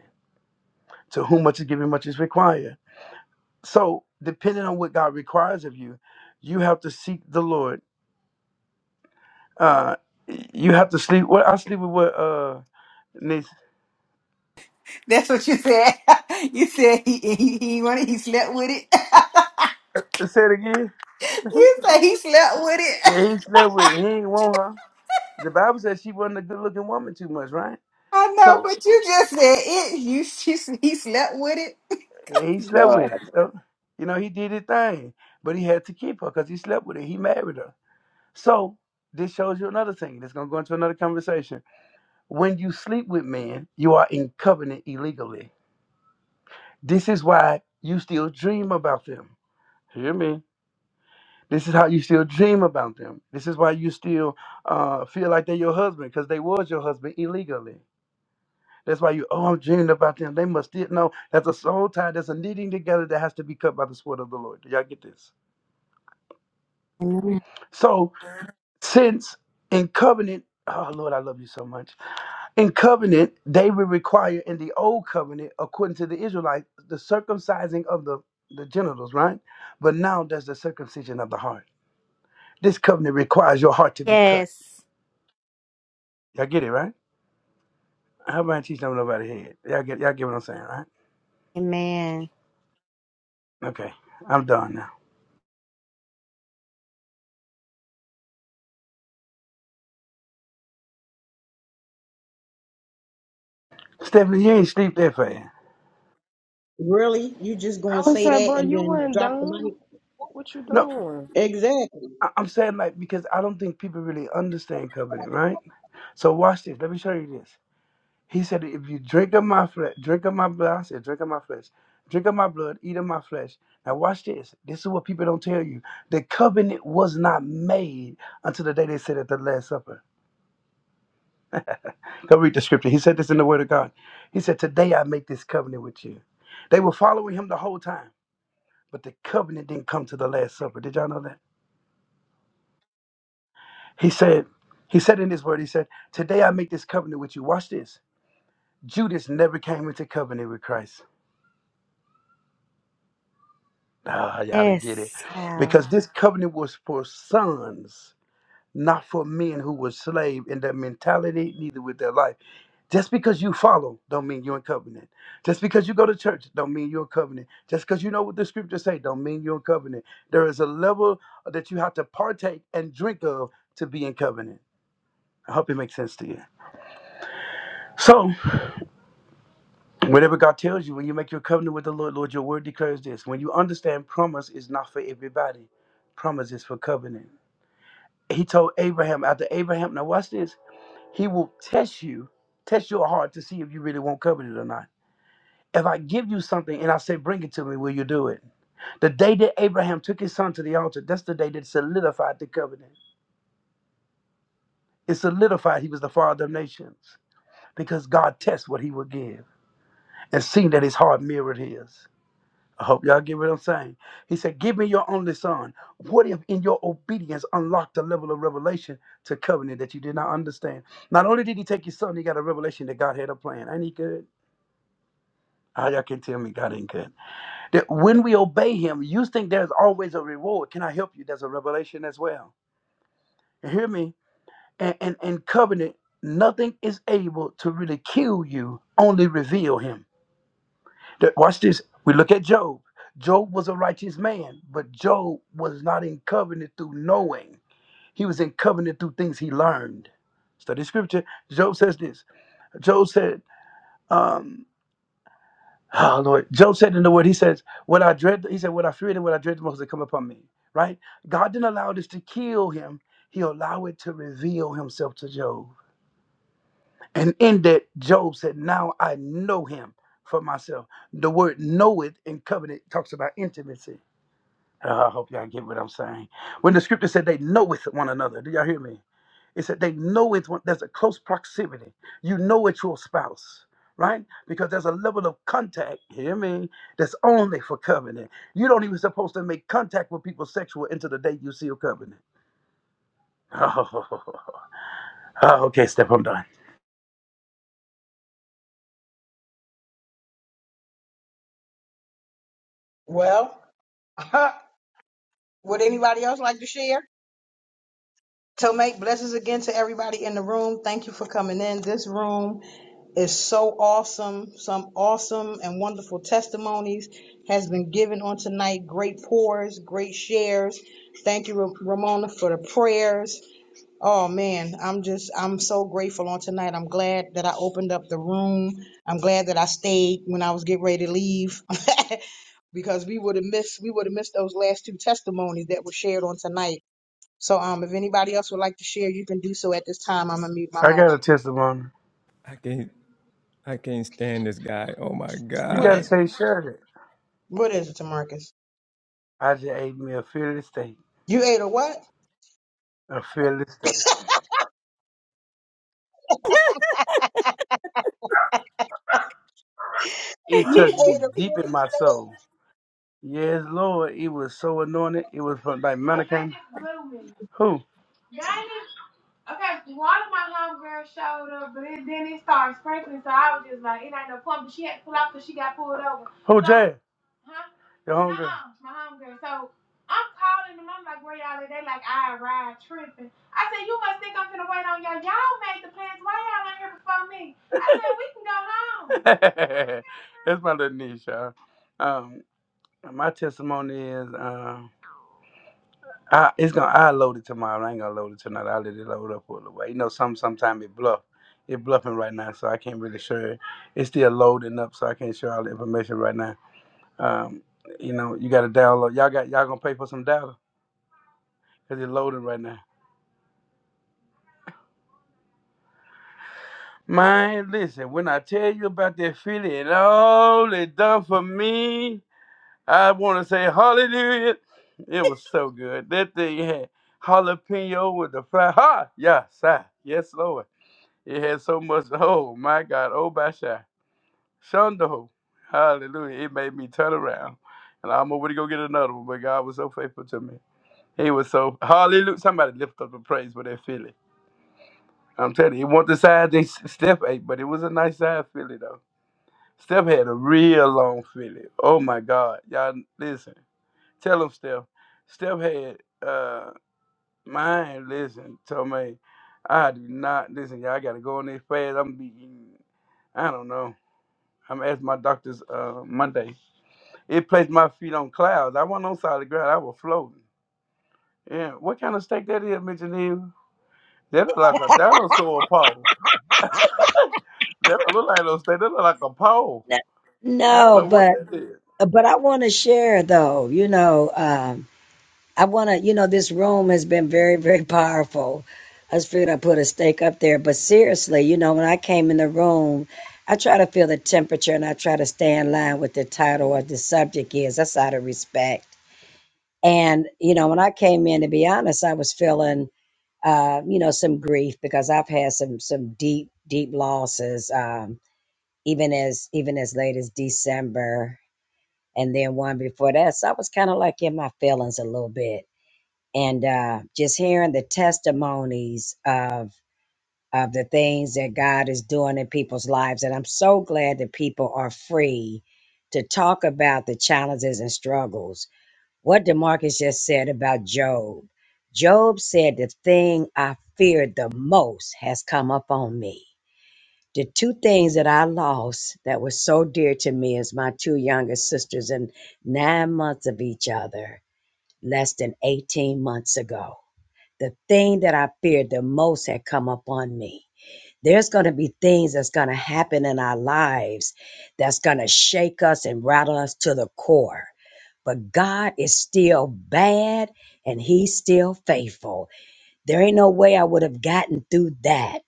E: To whom much is given, much is required. So, depending on what God requires of you, you have to seek the Lord. Uh, you have to sleep. What I sleep with what uh, Nathan.
N: that's what you said. you said he he he wanted he slept with it.
E: Say it again.
N: you said he slept with it.
E: Yeah, he slept with it. He ain't want her. The Bible says she wasn't a good looking woman too much, right?
N: I know,
E: So
N: but you just said it. You she, he slept with it.
E: he slept
N: Lord
E: with it. So, you know, he did his thing, but he had to keep her because he slept with her. He married her. So this shows you another thing. That's gonna go into another conversation. When you sleep with men, you are in covenant illegally. This is why you still dream about them. Hear me. This is how you still dream about them. This is why you still uh, feel like they're your husband because they was your husband illegally. That's why you, oh, I'm dreaming about them. They must still know that's a soul tie. That's a knitting together that has to be cut by the sword of the Lord. Do y'all get this?
K: Amen.
E: So, since in covenant, oh, Lord, I love you so much In covenant, they would require in the old covenant, according to the Israelites, the circumcising of the, the genitals, right? But now there's the circumcision of the heart. This covenant requires your heart to be cut.
K: Yes.
E: Y'all get it, right? How about I teach them over the head? Y'all get y'all get what I'm saying, right?
K: Amen.
E: Okay. I'm done now. Stephanie, you ain't sleep that fast.
A: Really? You just gonna
B: I was
A: say
B: saying,
A: that
B: bro,
A: and
B: you
A: then
B: weren't
A: drop the
B: done.
A: mic?
B: What you
E: No,
B: doing?
A: Exactly.
E: I- I'm saying like because I don't think people really understand covenant, right? So watch this. Let me show you this. He said, if you drink of my flesh, drink of my blood, I said, drink of my flesh, drink of my blood, eat of my flesh. Now watch this. This is what people don't tell you. The covenant was not made until the day they said at the Last Supper. Go read the scripture. He said this in the Word of God. He said, Today I make this covenant with you. They were following him the whole time, but the covenant didn't come to the Last Supper. Did y'all know that? He said, He said in his word, he said, Today I make this covenant with you. Watch this. Judas never came into covenant with Christ. Ah, y'all to get it.
K: Yes.
E: Because this covenant was for sons, not for men who were slave in their mentality, neither with their life. Just because you follow don't mean you're in covenant. Just because you go to church don't mean you're in covenant. Just because you know what the scriptures say don't mean you're in covenant. There is a level that you have to partake and drink of to be in covenant. I hope it makes sense to you. So, whatever God tells you, when you make your covenant with the Lord, Lord, your word declares this. When you understand promise is not for everybody, promise is for covenant. he told Abraham, after Abraham, now watch this, he will test you, test your heart to see if you really want covenant or not. If I give you something and I say, bring it to me, will you do it? The day that Abraham took his son to the altar, that's the day that solidified the covenant. It solidified he was the father of nations because God tests what he would give and seen that his heart mirrored his. I hope y'all get what I'm saying. He said, Give me your only son. What if in your obedience unlocked a level of revelation to covenant that you did not understand? Not only did he take his son, he got a revelation that God had a plan. Ain't he good? How y'all can tell me God ain't good? That when we obey him, you think there's always a reward. Can I help you? There's a revelation as well. You hear me? And and, and covenant, nothing is able to really kill you, only reveal him. Th- Watch this. We look at Job. Job was a righteous man, but Job was not in covenant through knowing. He was in covenant through things he learned. Study scripture. Job says this. Job said, um, oh Lord, Job said in the word, he says, What I dread, he said, What I feared and what I dread the most to come upon me. Right? God didn't allow this to kill him. He allowed it to reveal himself to Job. And in that, Job said, Now I know him for myself. The word know it in covenant talks about intimacy. Uh, I hope y'all get what I'm saying. When the scripture said they know with one another, do y'all hear me? It said they know it's one, there's a close proximity. You know it's your spouse, right? Because there's a level of contact, hear me, that's only for covenant. You don't even supposed to make contact with people sexual until the day you seal covenant. Oh, okay, step. I'm done.
A: Well, huh, what it's like to share? Tomei, blessings again to everybody in the room. Thank you for coming in. This room is so awesome. Some awesome and wonderful testimonies has been given on tonight. Great pours, great shares. Thank you, Ra- Ramona, for the prayers. Oh man, I'm just I'm so grateful on tonight. I'm glad that I opened up the room. I'm glad that I stayed when I was getting ready to leave. because we would have missed we would have missed those last two testimonies that were shared on tonight so um, if anybody else would like to share, you can do so at this time. I'm gonna mute my
E: I
A: mic.
E: got a testimony.
Q: I can't. I can't stand this guy. Oh my
E: You
A: What
E: got
A: is
E: to
Q: god.
A: it?
E: say, share it.
A: What is it, Tamarcus?
E: I just ate me a fearless steak.
A: You ate a what?
E: A fearless steak. It
A: You
E: touched me
A: ate a
E: deep in
A: Philly
E: my
A: steak.
E: soul. Yes, Lord. It was so anointed. It was from like Mannequin. Who? Okay, one of my homegirls showed up, but it, then it started sprinkling, so I was just like, it ain't no pump. But she had to pull out because she got pulled over. Who, so, Jay? Huh? Your homegirl? uh my homegirl. So I'm calling them. I'm like, where y'all at? They like, I ride tripping. I said, you must think I'm finna wait on y'all. Y'all made the plans. Why y'all ain't here before me? I said, we can go home. That's my little niche, y'all. Um. My testimony is uh, I it's gonna I load it tomorrow. I ain't gonna load it tonight. i let it load up for a little while. You know, some sometimes it bluff. It bluffing right now, so I can't really share it. It's still loading up, so I can't share all the information right now. Um, you know, you gotta download. Y'all got y'all gonna pay for some data because it's loading right now. Man, listen, when I tell you about that feeling and all it done for me, I want to say hallelujah. It was so good. That thing had jalapeno with the fry. Ha! Yes, sir. Yes, Lord. It had so much. Oh, my God. Oh, Basha. Shondo. Hallelujah. It made me turn around. And I'm over to go get another one. But God was so faithful to me. He was so, hallelujah. Somebody lift up a praise for that feeling. I'm telling you, it wasn't the size they Steph ate, but it was a nice size Philly, though. Steph had a real long Philly. Oh, my God. Y'all, listen. Tell him, Steph. Steph had uh mine. Listen, told me, I do not listen. Y'all got to go on this fast. I'm gonna be eating. I don't know. I'm at my doctor's uh Monday. It placed my feet on clouds. I wasn't on solid ground. I was floating. Yeah, what kind of steak that is, Mitchell? That look like a dinosaur paw. That don't look like no steak. That look like a paw.
P: No,
E: I don't
P: no,
E: know what
P: but
E: that is.
P: but I want to share though. You know, um, I want to. You know, this room has been very very powerful. I just figured I put a stake up there. But seriously, you know, when I came in the room, I try to feel the temperature and I try to stay in line with the title or the subject is. That's out of respect And, you know, when I came in, to be honest, I was feeling, uh, you know, some grief because I've had some, some deep, deep losses, um, even as, even as late as December and then one before that. So I was kind of like in my feelings a little bit and, uh, just hearing the testimonies of, of the things that God is doing in people's lives. And I'm so glad that people are free to talk about the challenges and struggles what Demarcus just said about Job. Job said, The thing I feared the most has come upon me. The two things that I lost that were so dear to me is my two youngest sisters and nine months of each other, less than 18 months ago. The thing that I feared the most had come upon me. There's going to be things that's going to happen in our lives that's going to shake us and rattle us to the core but God is still bad and he's still faithful. There ain't no way I would have gotten through that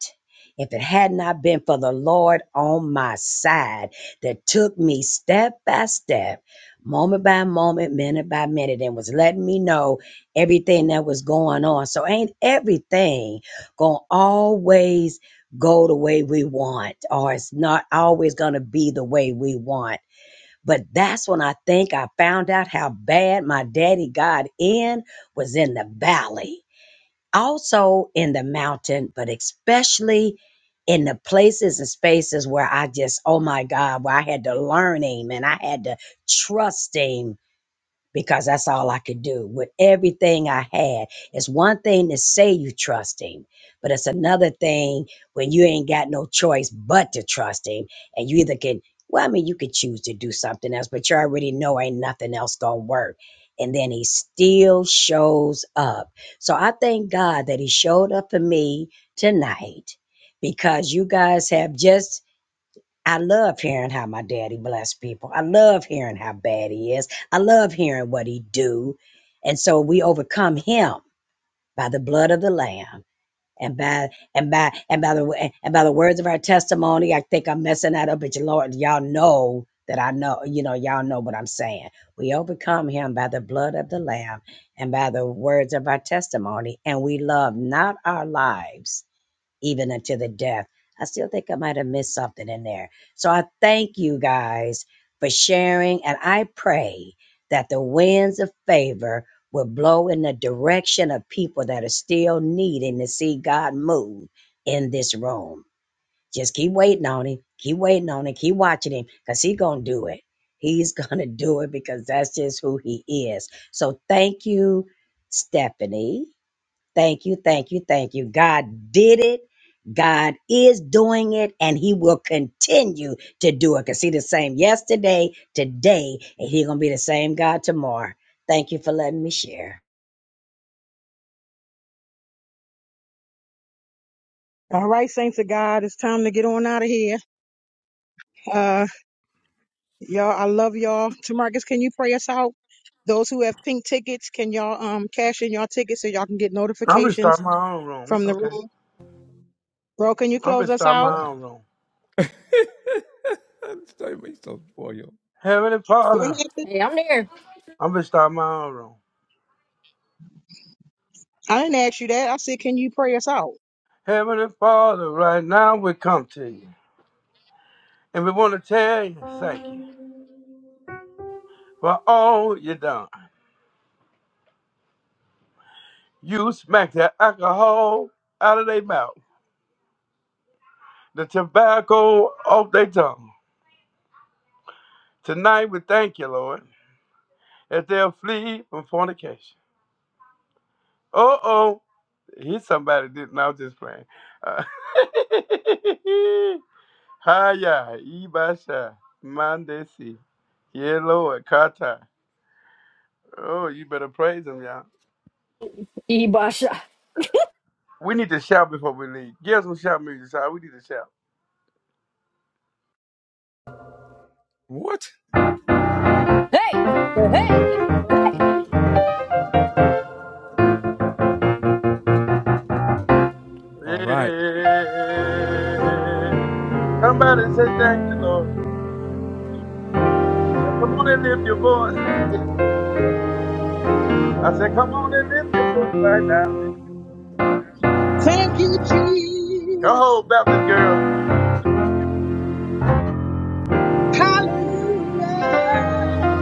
P: if it had not been for the Lord on my side that took me step by step, moment by moment, minute by minute, and was letting me know everything that was going on. So ain't everything gonna always go the way we want, or it's not always gonna be the way we want. But that's when I think I found out how bad my daddy got in was in the valley, also in the mountain, but especially in the places and spaces where I just, oh my God, where I had to learn him and I had to trust him because that's all I could do with everything I had. It's one thing to say you trust him, but it's another thing when you ain't got no choice but to trust him. And you either can, well, I mean, you could choose to do something else, but you already know ain't nothing else gonna work. And then he still shows up. So I thank God that he showed up for me tonight because you guys have just I love hearing how my daddy bless people. I love hearing how bad he is. I love hearing what he do. And so we overcome him by the blood of the lamb and by and by and by the and by the words of our testimony. I think I'm messing that up, but you Lord, y'all know that I know, you know, y'all know what I'm saying. We overcome him by the blood of the lamb and by the words of our testimony, and we love not our lives even unto the death. I still think I might have missed something in there. So I thank you guys for sharing, and I pray that the winds of favor will blow in the direction of people that are still needing to see God move in this room. Just keep waiting on him, keep waiting on him, keep watching him, because he's gonna do it. He's gonna do it because that's just who he is. So thank you, Stephanie. Thank you, thank you, thank you. God did it. God is doing it, and He will continue to do it. Cause He the same yesterday, today, and He gonna be the same God tomorrow. Thank you for letting me share.
A: All right, saints of God, it's time to get on out of here. Uh, y'all, I love y'all. Tamarcus, can you pray us out? Those who have pink tickets, can y'all um cash in y'all tickets so y'all can get
E: I'm gonna start
A: notifications
E: my own room. It's
A: from the
E: okay.
A: room? Bro, can you
E: I'm gonna
A: close us
E: start
A: out?
E: my
Q: Ah.
E: own room.
Q: Don't be so spoiled.
E: Heavenly
A: What
E: Father,
A: happened?
C: Hey, I'm there.
E: I'm gonna start my own room.
A: I didn't ask you that. I said, can you pray us out?
E: Heavenly Father, right now we come to you. And we want to tell you, thank you for all you done. You smacked the alcohol out of their mouth, the tobacco off their tongue. Tonight we thank you, Lord, that they'll flee from fornication. Uh oh. He's somebody didn't. I was just playing. Uh, Hiya, Ibasha, Mandesi. Yeah, Lord, Kata. Oh, you better praise him, y'all.
C: Ebasha.
E: We need to shout before we leave. Give us some shout music, so we need to shout.
Q: What?
C: Hey, hey, hey.
Q: All right.
E: Yeah. Somebody say thank you, Lord. Now, come on and lift your voice. I said, come on and lift your voice right now.
A: Thank you,
E: Go
A: Jesus.
E: home, Baptist girl.
A: Hallelujah.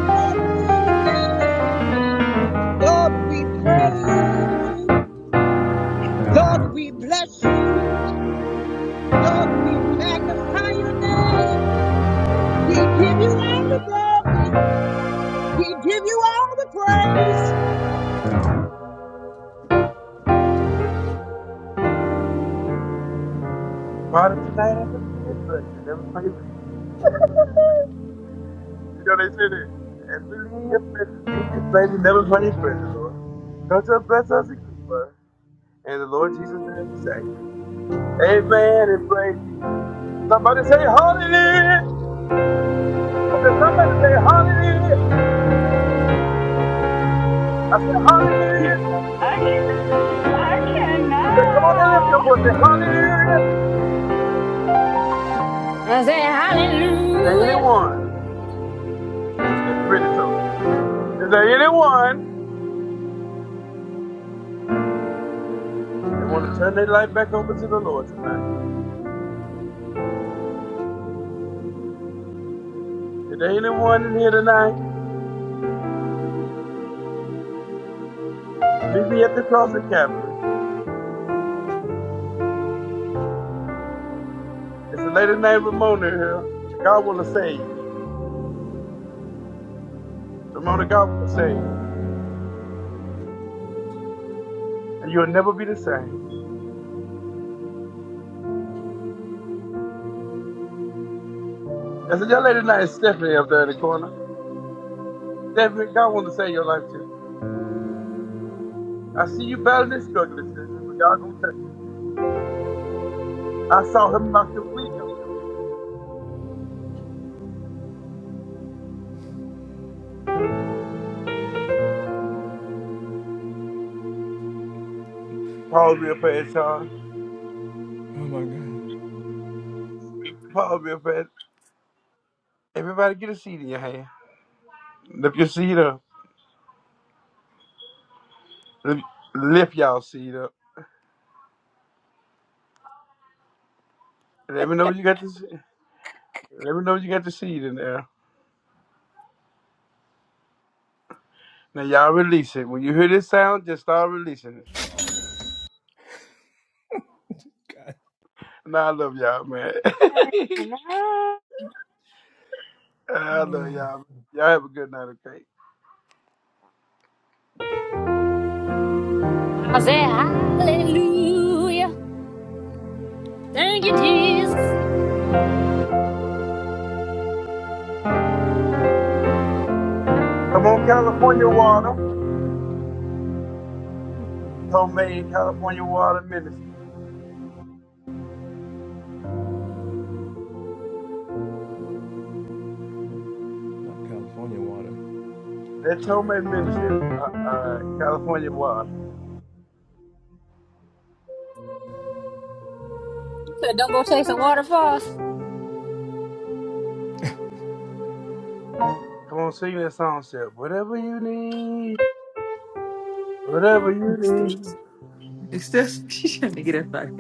A: Glory to your name. Lord, we praise you. Lord, we bless you. Lord, we magnify your name. We give you all the glory. We give you all the praise.
E: Father, tonight I believe this place and never find your You know they said it. As we leave your presence, leave this place and never find your presence, Lord. Touch us, bless us, and keep us. And the Lord Jesus name we thank you. Amen and praise Jesus. Somebody say hallelujah. I said, somebody say hallelujah. I said, hallelujah.
O: Okay.
E: I said, come on and lift your
O: I cannot.
E: voice. Say hallelujah.
C: I say
E: Is there
C: hallelujah.
E: anyone? Brittany's open. Is there anyone that want to turn their life back over to the Lord tonight? Is there anyone in here tonight? Meet me at the cross of Calvary. It's a lady named Ramona here. God will save you. Ramona, God will save you. And you'll never be the same. I said, young lady tonight is Stephanie up there in the corner. Stephanie, God want to save your life too. I see you battling and struggling, Stephanie, but God gonna touch you. I saw him knock the wig off your head. Pause real fast, Sean.
Q: Oh my god.
E: Pause real fast. Everybody get a seat in your hand. Lift your seat up. Lift, lift y'all seat up. Let me know you got the seat. Let me know you got the seat in there. Now y'all release it. When you hear this sound, just start releasing it.
Q: god.
E: Now I love y'all, man.
O: I
E: I love
Q: Ah,
E: y'all. Y'all have a good night, okay?
C: I say hallelujah. Thank you, Jesus.
E: Come on, California Water. Tomei and California Water Ministry.
Q: not California water.
E: That Tomei
Q: All
E: Ministry. Uh, uh, California Water.
C: You said don't go chasing waterfalls.
E: Come on, sing that song, Step. Whatever you need, whatever you need.
N: It's Steph, she trying to get up out of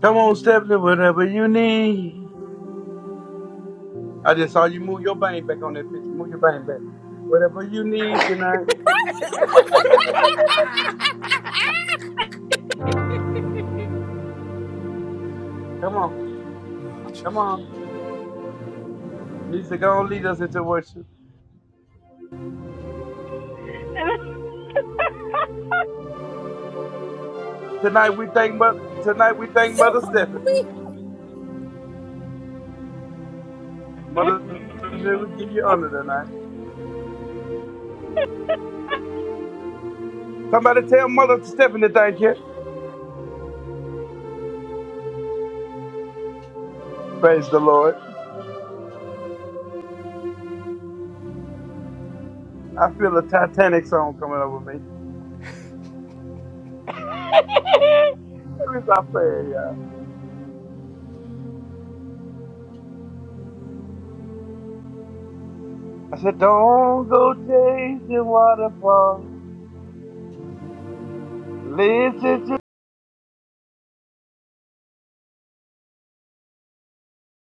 E: Come on, Stephanie, whatever you need. I just saw you move your bang back on that picture. Move your bang back. Whatever you need tonight. Come on,
Q: right.
E: come on. Lisa, go on, lead us into worship.
O: cannot.
E: Tonight we thank Mother. Tonight we thank Mother Stephanie. Mother Stephanie, we give you honor tonight. Somebody tell Mother Stephanie thank you. Praise the Lord. I feel a Titanic song coming over me. Let me stop praying, y'all. I said, don't go chasing waterfalls. Listen to.